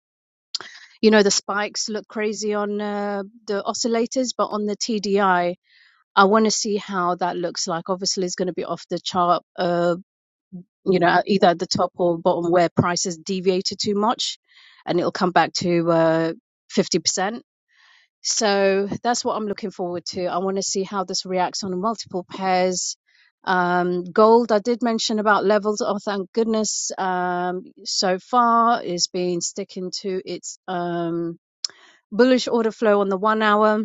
you know the spikes look crazy on uh, the oscillators but on the tdi i I want to see how that looks like obviously it's going to be off the chart uh, you know, either at the top or bottom where prices deviated too much, and it'll come back to uh, 50%. So that's what I'm looking forward to. I want to see how this reacts on multiple pairs. Um, gold, I did mention about levels. Oh, thank goodness. Um, so far, it's been sticking to its um, bullish order flow on the one hour.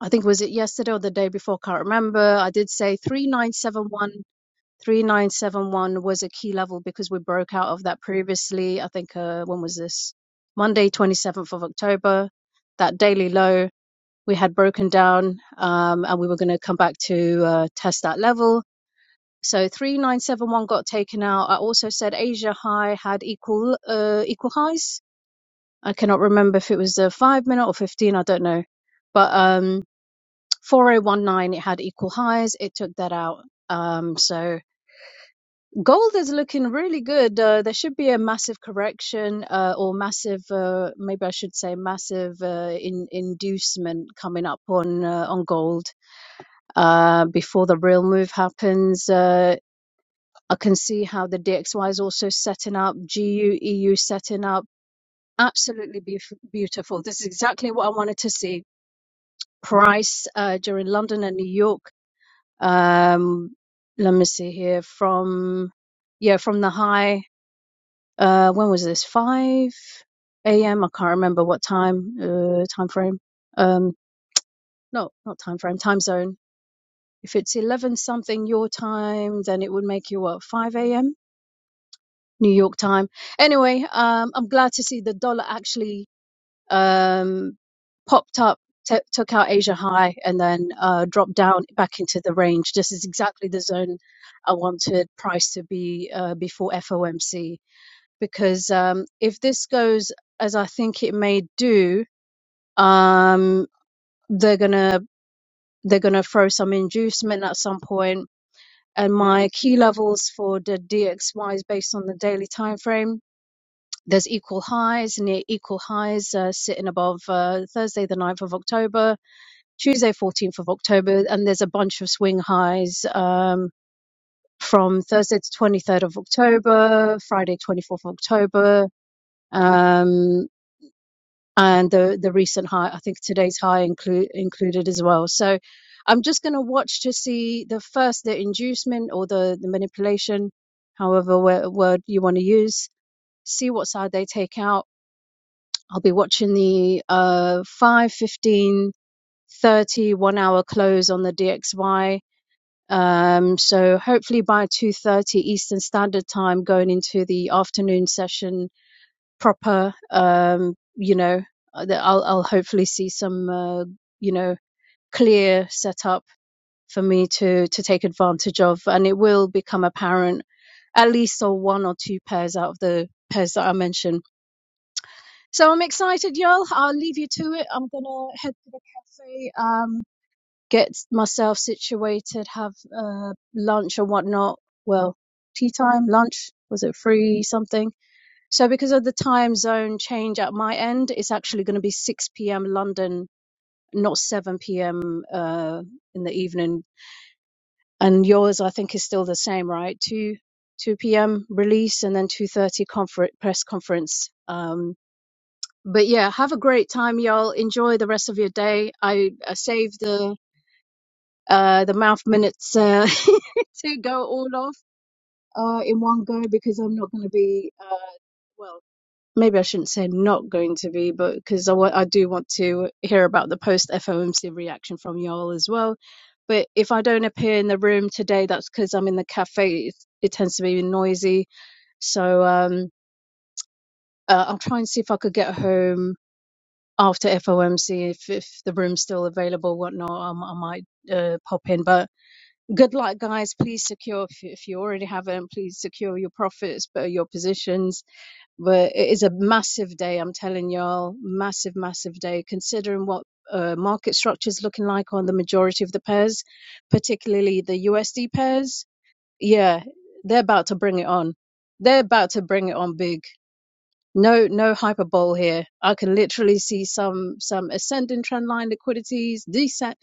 I think was it yesterday or the day before? Can't remember. I did say 3971 3971 was a key level because we broke out of that previously. I think, uh, when was this? Monday, 27th of October, that daily low we had broken down, um, and we were going to come back to uh, test that level. So 3971 got taken out. I also said Asia high had equal uh, equal highs. I cannot remember if it was the 5 minute or 15, I don't know. But um 4019 it had equal highs. It took that out. Um so Gold is looking really good. Uh, there should be a massive correction, uh, or massive, uh, maybe I should say, massive uh, in, inducement coming up on uh, on gold uh, before the real move happens. Uh, I can see how the DXY is also setting up, GU EU setting up. Absolutely beauf- beautiful. This is exactly what I wanted to see. Price uh, during London and New York. Um, let me see here from yeah from the high. Uh, when was this? 5 a.m. I can't remember what time, uh, time frame. Um, no, not time frame, time zone. If it's 11 something your time, then it would make you what, 5 a.m. New York time. Anyway, um, I'm glad to see the dollar actually, um, popped up. T- took out Asia high and then uh, dropped down back into the range. This is exactly the zone I wanted price to be uh, before FOMC because um, if this goes as I think it may do, um, they're gonna they're gonna throw some inducement at some point. And my key levels for the DXY is based on the daily time frame. There's equal highs, near equal highs, uh, sitting above uh, Thursday, the ninth of October, Tuesday, 14th of October, and there's a bunch of swing highs um, from Thursday to 23rd of October, Friday, 24th of October, um, and the the recent high i think today's high include included as well so i'm just going to watch to see the first the inducement or the the manipulation however wo- word you want to use see what side they take out i'll be watching the uh 5 fifteen, 30 one hour close on the dxy um so hopefully by 2:30 eastern standard time going into the afternoon session proper um you know uh, i'll i'll hopefully see some uh, you know clear setup for me to to take advantage of and it will become apparent at least on one or two pairs out of the pairs that i mentioned so i'm excited y'all i'll leave you to it i'm gonna head to the cafe um get myself situated have uh lunch or whatnot well tea time lunch was it free something so because of the time zone change at my end, it's actually going to be 6 p.m. London, not 7 p.m. Uh, in the evening. And yours, I think, is still the same, right? 2 2 p.m. release and then 2:30 confer- press conference. Um, but yeah, have a great time, y'all. Enjoy the rest of your day. I, I saved the uh, the mouth minutes uh, (laughs) to go all off uh, in one go because I'm not going to be uh, well. maybe I shouldn't say not going to be, but because I wa- I do want to hear about the post FOMC reaction from y'all as well. But if I don't appear in the room today, that's because I'm in the cafe. It, it tends to be noisy. So um, uh, I'll try and see if I could get home after FOMC. If, if the room's still available, whatnot, I, m- I might uh, pop in. But good luck, guys. Please secure, if, you- if you already haven't, please secure your profits, but your positions but it is a massive day. I'm telling y'all, massive, massive day. Considering what uh, market structure is looking like on the majority of the pairs, particularly the USD pairs, yeah, they're about to bring it on. They're about to bring it on big. No, no hyperbole here. I can literally see some some ascending trend line liquidities, descend,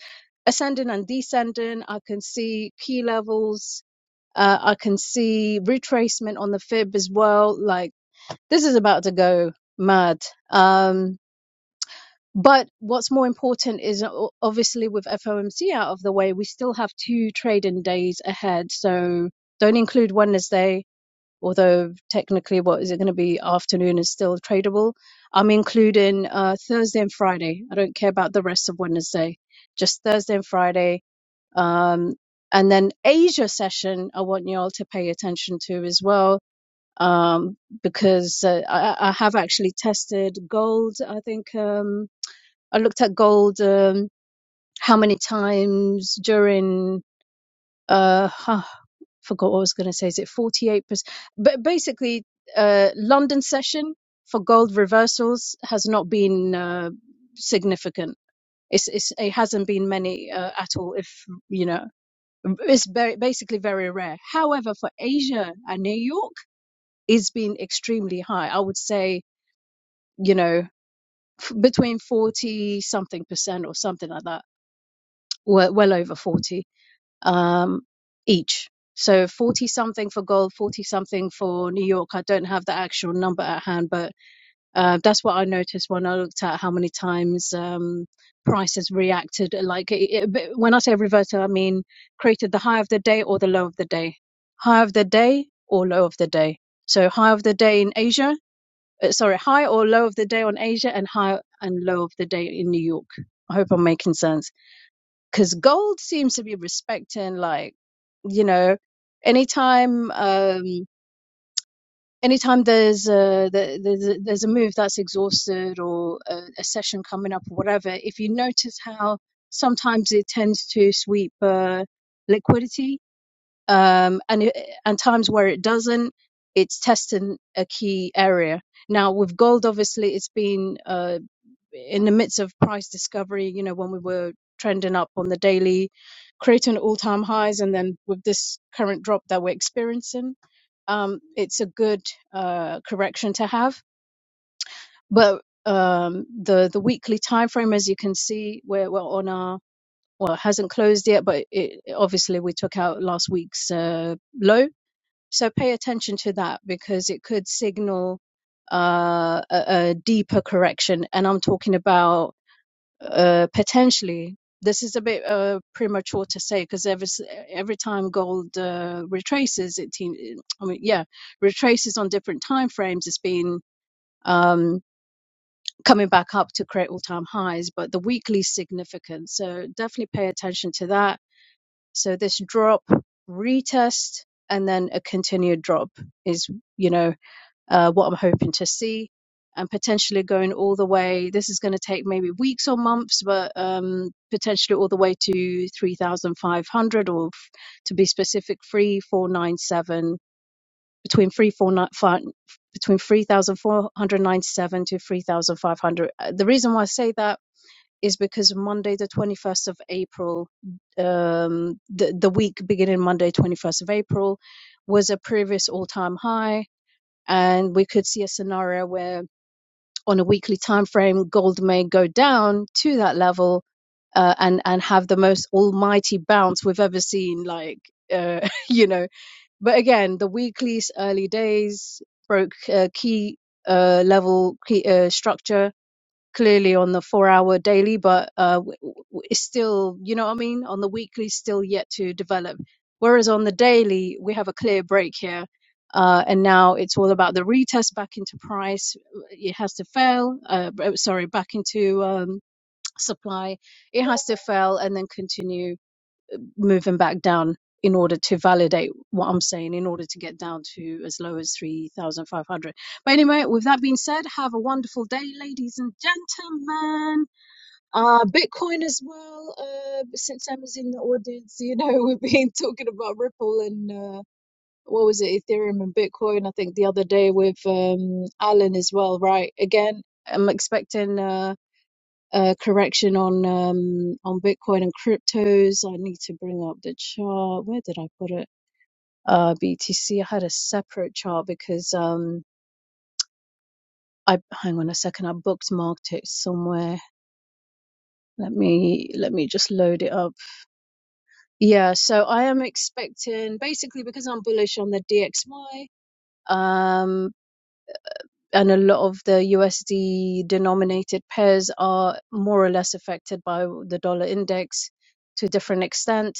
ascending and descending. I can see key levels. Uh, I can see retracement on the fib as well. Like this is about to go mad. Um, but what's more important is o- obviously with FOMC out of the way, we still have two trading days ahead. So don't include Wednesday, although technically, what is it going to be? Afternoon is still tradable. I'm including uh, Thursday and Friday. I don't care about the rest of Wednesday, just Thursday and Friday. Um, and then Asia session, I want you all to pay attention to as well um, because uh, I, I have actually tested gold. I think um, I looked at gold um, how many times during uh, huh, forgot what I was going to say. Is it forty eight percent? But basically, uh, London session for gold reversals has not been uh, significant. It's, it's it hasn't been many uh, at all. If you know. It's very, basically very rare. However, for Asia and New York, it's been extremely high. I would say you know, f- between 40 something percent or something like that, well, well over 40 um, each. So 40 something for gold, 40 something for New York. I don't have the actual number at hand, but uh, that's what I noticed when I looked at how many times um, prices reacted. Like it, it, when I say reverted, I mean created the high of the day or the low of the day. High of the day or low of the day. So high of the day in Asia uh, sorry, high or low of the day on Asia and high and low of the day in New York. I hope I'm making sense because gold seems to be respecting like you know anytime um anytime there's a the- there's there's a move that's exhausted or a, a session coming up or whatever if you notice how sometimes it tends to sweep uh, liquidity um, and it, and times where it doesn't, it's testing a key area. Now with gold, obviously, it's been uh, in the midst of price discovery. You know, when we were trending up on the daily, creating all-time highs, and then with this current drop that we're experiencing, um, it's a good uh, correction to have. But um, the the weekly time frame, as you can see, we're, we're on our well, it hasn't closed yet, but it, obviously we took out last week's uh, low so pay attention to that because it could signal uh, a, a deeper correction. And I'm talking about uh, potentially. This is a bit uh, premature to say because every every time gold uh, retraces, it team. I mean, yeah, retraces on different time frames. It's been um, coming back up to create all time highs, but the weekly significance. So definitely pay attention to that. So this drop retest and then a continued drop is you know uh, what I'm hoping to see, and potentially going all the way. This is going to take maybe weeks or months, but um, potentially all the way to 3,500 or f- to be specific, 3,497 between 3,497 between 3,497 to 3,500. Uh, The reason why I say that is because Monday, the 21st of April, um, the, the week beginning Monday, 21st of April, was a previous all time high and we could see a scenario where on a weekly time frame gold may go down to that level uh, and and have the most almighty bounce we've ever seen like uh, (laughs) you know but again the weekly's early days broke uh, key uh, level key, uh, structure clearly on the four hour daily, but uh, it's still, you know what I mean? On the weekly, still yet to develop. Whereas on the daily, we have a clear break here. Uh, and now it's all about the retest back into price. It has to fail. Uh, sorry, back into um, supply. It has to fail and then continue moving back down in order to validate what I'm saying, in order to get down to as low as 3,500. But anyway, with that being said, have a wonderful day, ladies and gentlemen. Uh, Bitcoin as well, uh, since Emma's in the audience, you know, (laughs) we've been talking about Ripple and uh, what was it, Ethereum and Bitcoin, I think the other day with um, Alan as well, right? Again, I'm expecting. Uh, uh, correction on um, on Bitcoin and cryptos. I need to bring up the chart. Where did I put it? Uh, BTC. I had a separate chart because um, I hang on a second. I bookmarked it somewhere. Let me let me just load it up. Yeah, so I am expecting basically because I'm bullish on the DXY. and a lot of the USD denominated pairs are more or less affected by the dollar index to a different extent.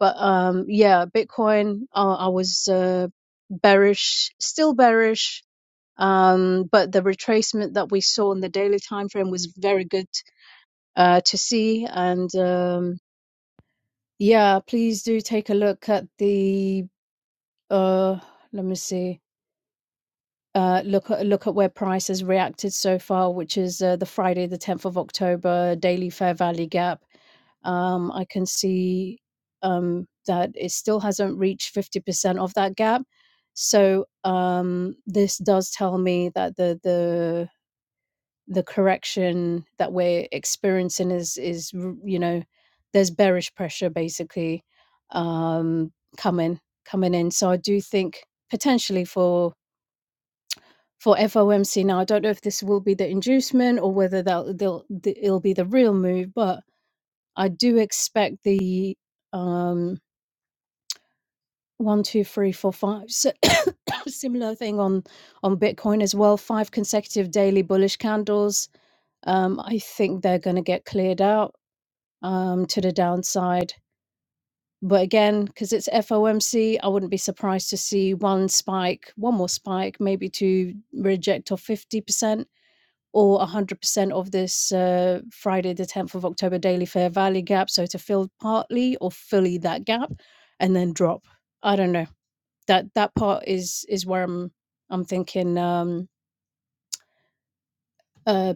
But um, yeah, Bitcoin, uh, I was uh, bearish, still bearish. Um, but the retracement that we saw in the daily time frame was very good uh, to see. And um, yeah, please do take a look at the. Uh, let me see uh, look at look at where price has reacted so far, which is uh, the Friday, the 10th of October daily fair value gap. Um, I can see um, that it still hasn't reached 50% of that gap. So um, this does tell me that the the the correction that we're experiencing is is you know there's bearish pressure basically um, coming coming in. So I do think potentially for for FOMC. Now, I don't know if this will be the inducement or whether they'll, they'll the, it'll be the real move, but I do expect the um, one, two, three, four, five si- (coughs) similar thing on on Bitcoin as well. Five consecutive daily bullish candles. Um, I think they're going to get cleared out um, to the downside. But again, because it's FOMC, I wouldn't be surprised to see one spike, one more spike, maybe to reject off 50%. or 100% of this uh, Friday, the 10th of October daily fair value gap. So to fill partly or fully that gap and then drop. I don't know. That that part is is where I'm I'm thinking um uh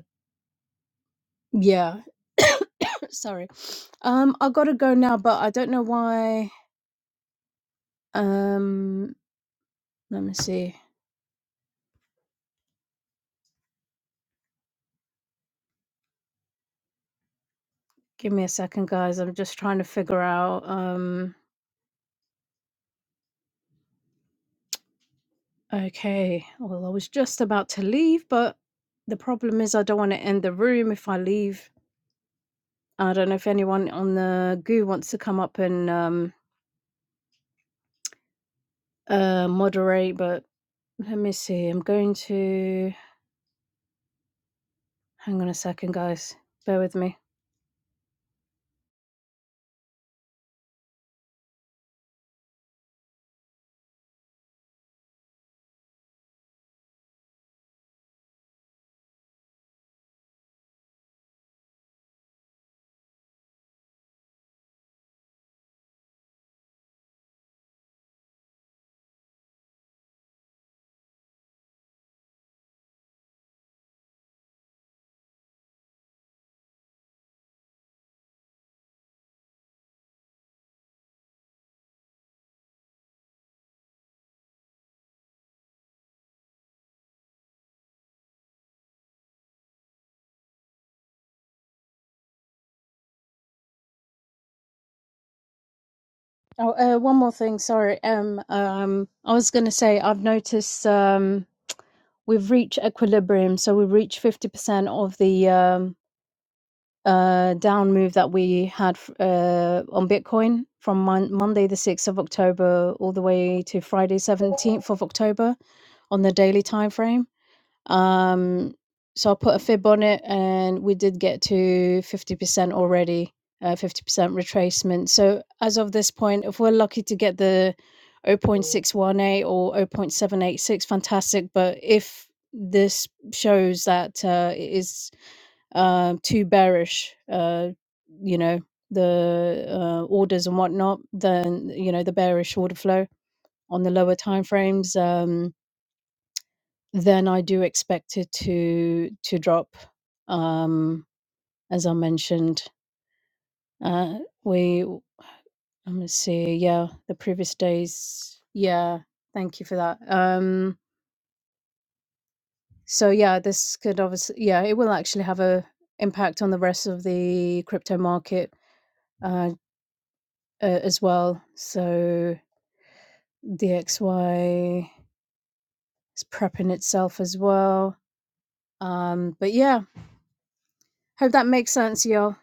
yeah, (clears throat) (coughs) sorry. Um I got to go now, but I don't know why um let me see. Give me a second guys. I'm just trying to figure out um okay. Well, I was just about to leave, but the problem is I don't want to end the room if I leave I don't know if anyone on the goo wants to come up and um, uh, moderate, but let me see. I'm going to hang on a second, guys. Bear with me. Oh, uh, one more thing. Sorry. Um, um, I was going to say I've noticed um, we've reached equilibrium, so we've reached fifty percent of the um, uh, down move that we had f- uh, on Bitcoin from mon- Monday the sixth of October all the way to Friday seventeenth of October on the daily time frame Um, so I put a fib on it, and we did get to 50% already, uh, 50% retracement. So as of this point, if we're lucky to get the 0.618 or 0.786, fantastic. But if this shows that uh, it is um, too bearish, uh, you know, the uh, orders and whatnot, then you know the bearish order flow on the lower timeframes. Um, then I do expect it to to drop. Um, as I mentioned, uh, we let me see. Yeah, the previous days. Yeah, thank you for that. Um, so yeah, this could obviously yeah, it will actually have a impact on the rest of the crypto market uh, uh, as well. So DXY is prepping itself as well. Um, but yeah, hope that makes sense, y'all.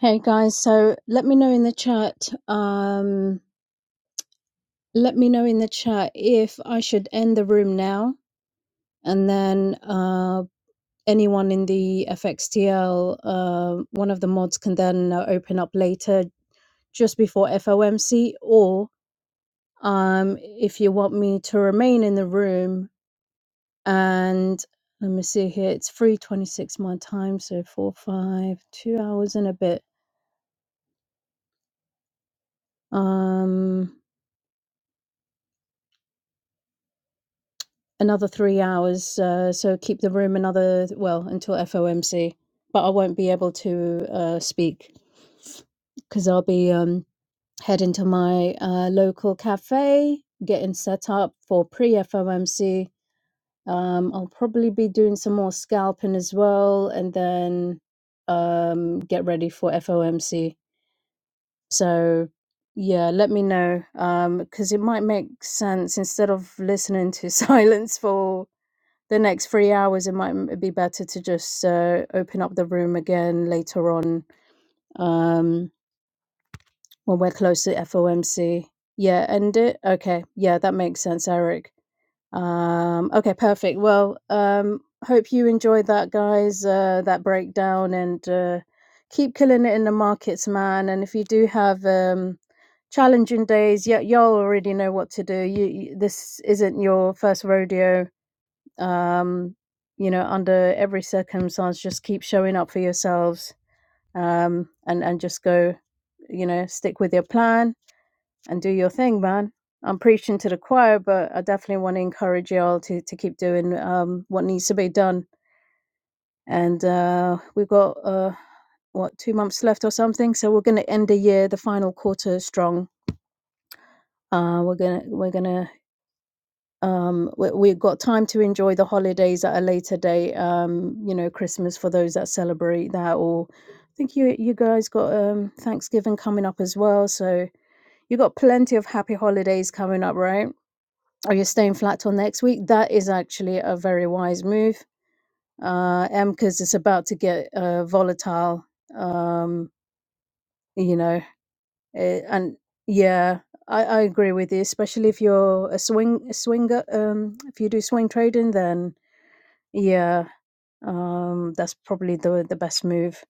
Hey guys, so let me know in the chat. Um, let me know in the chat if I should end the room now, and then uh, anyone in the FXTL, uh, one of the mods can then uh, open up later, just before FOMC, or um, if you want me to remain in the room. And let me see here, it's three twenty-six my time, so four, five, two hours and a bit. Um. another three hours. Uh, so keep the room another, well, until FOMC. But I won't be able to uh, speak because I'll be um, heading to my uh, local cafe, getting set up for pre FOMC. Um, I'll probably be doing some more scalping as well and then um, get ready for FOMC. So, yeah, let me know because it might make sense instead of listening to (laughs) silence for the next three hours, it might be better to just uh, open up the room again later on um, when we're close to FOMC. Yeah, end it. Okay. Yeah, that makes sense, Eric. Um, okay, perfect. Well, um, hope you enjoyed that, guys, uh, that breakdown, and uh, keep killing it in the markets, man. And if you do have um, challenging days, y- y'all already know what to do. You, you, this isn't your first rodeo um, you know, under every circumstance, just keep showing up for yourselves um, and and just go, you know, stick with your plan and do your thing, man. I'm preaching to the choir, but I definitely want to encourage y'all to to keep doing um, what needs to be done. And uh, we've got uh, what two months left or something, so we're going to end the year, the final quarter strong. Uh, we're gonna we're gonna um we, we've got time to enjoy the holidays at a later date um you know christmas for those that celebrate that or i think you you guys got um thanksgiving coming up as well so you got plenty of happy holidays coming up right are you staying flat till next week that is actually a very wise move uh m because it's about to get uh volatile um you know eh, and yeah I, I agree with you especially if you're a swing a swinger um if you do swing trading then Yeah, um, that's probably the the best move.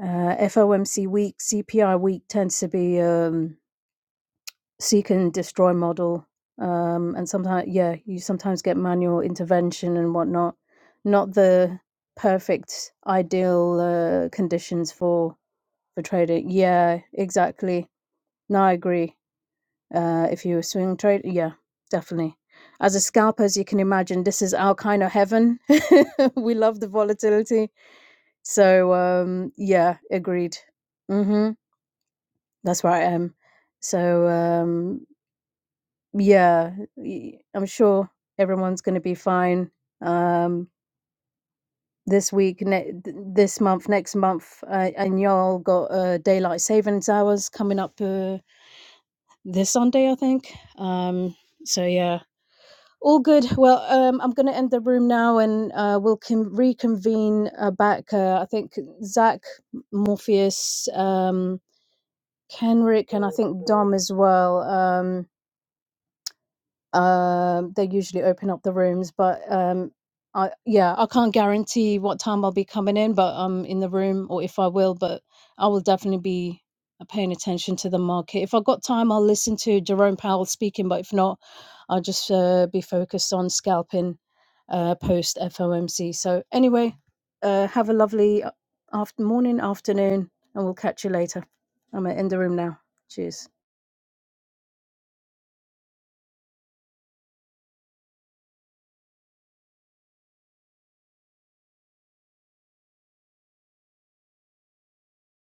Uh, FOMC week, CPI week tends to be um, seek and destroy model, um, and sometimes yeah, you sometimes get manual intervention and whatnot. Not the perfect ideal uh, conditions for for trading. Yeah, exactly. No, I agree. Uh, if you're a swing trade, yeah, definitely. As a scalper, as you can imagine, this is our kind of heaven. (laughs) we love the volatility So, um, yeah, agreed. Mhm. That's where I am. So, um, yeah, y- I'm sure everyone's going to be fine. Um, this week, ne- th- this month, next month, uh, and y'all got uh, daylight savings hours coming up uh, this Sunday, I think. Um, so yeah, all good. Well, um, I'm going to end the room now, and uh, we'll con- reconvene uh, back. Uh, I think Zach Morpheus. Um, Kenrick and I think Dom as well. Um, um, they usually open up the rooms, but um, I yeah, I can't guarantee what time I'll be coming in, but I'm in the room or if I will, but I will definitely be uh, paying attention to the market. If I've got time, I'll listen to Jerome Powell speaking, but if not, I'll just uh, be focused on scalping uh, post FOMC. So anyway, uh, have a lovely after morning, afternoon, and we'll catch you later. I'm gonna end the room now. Cheers.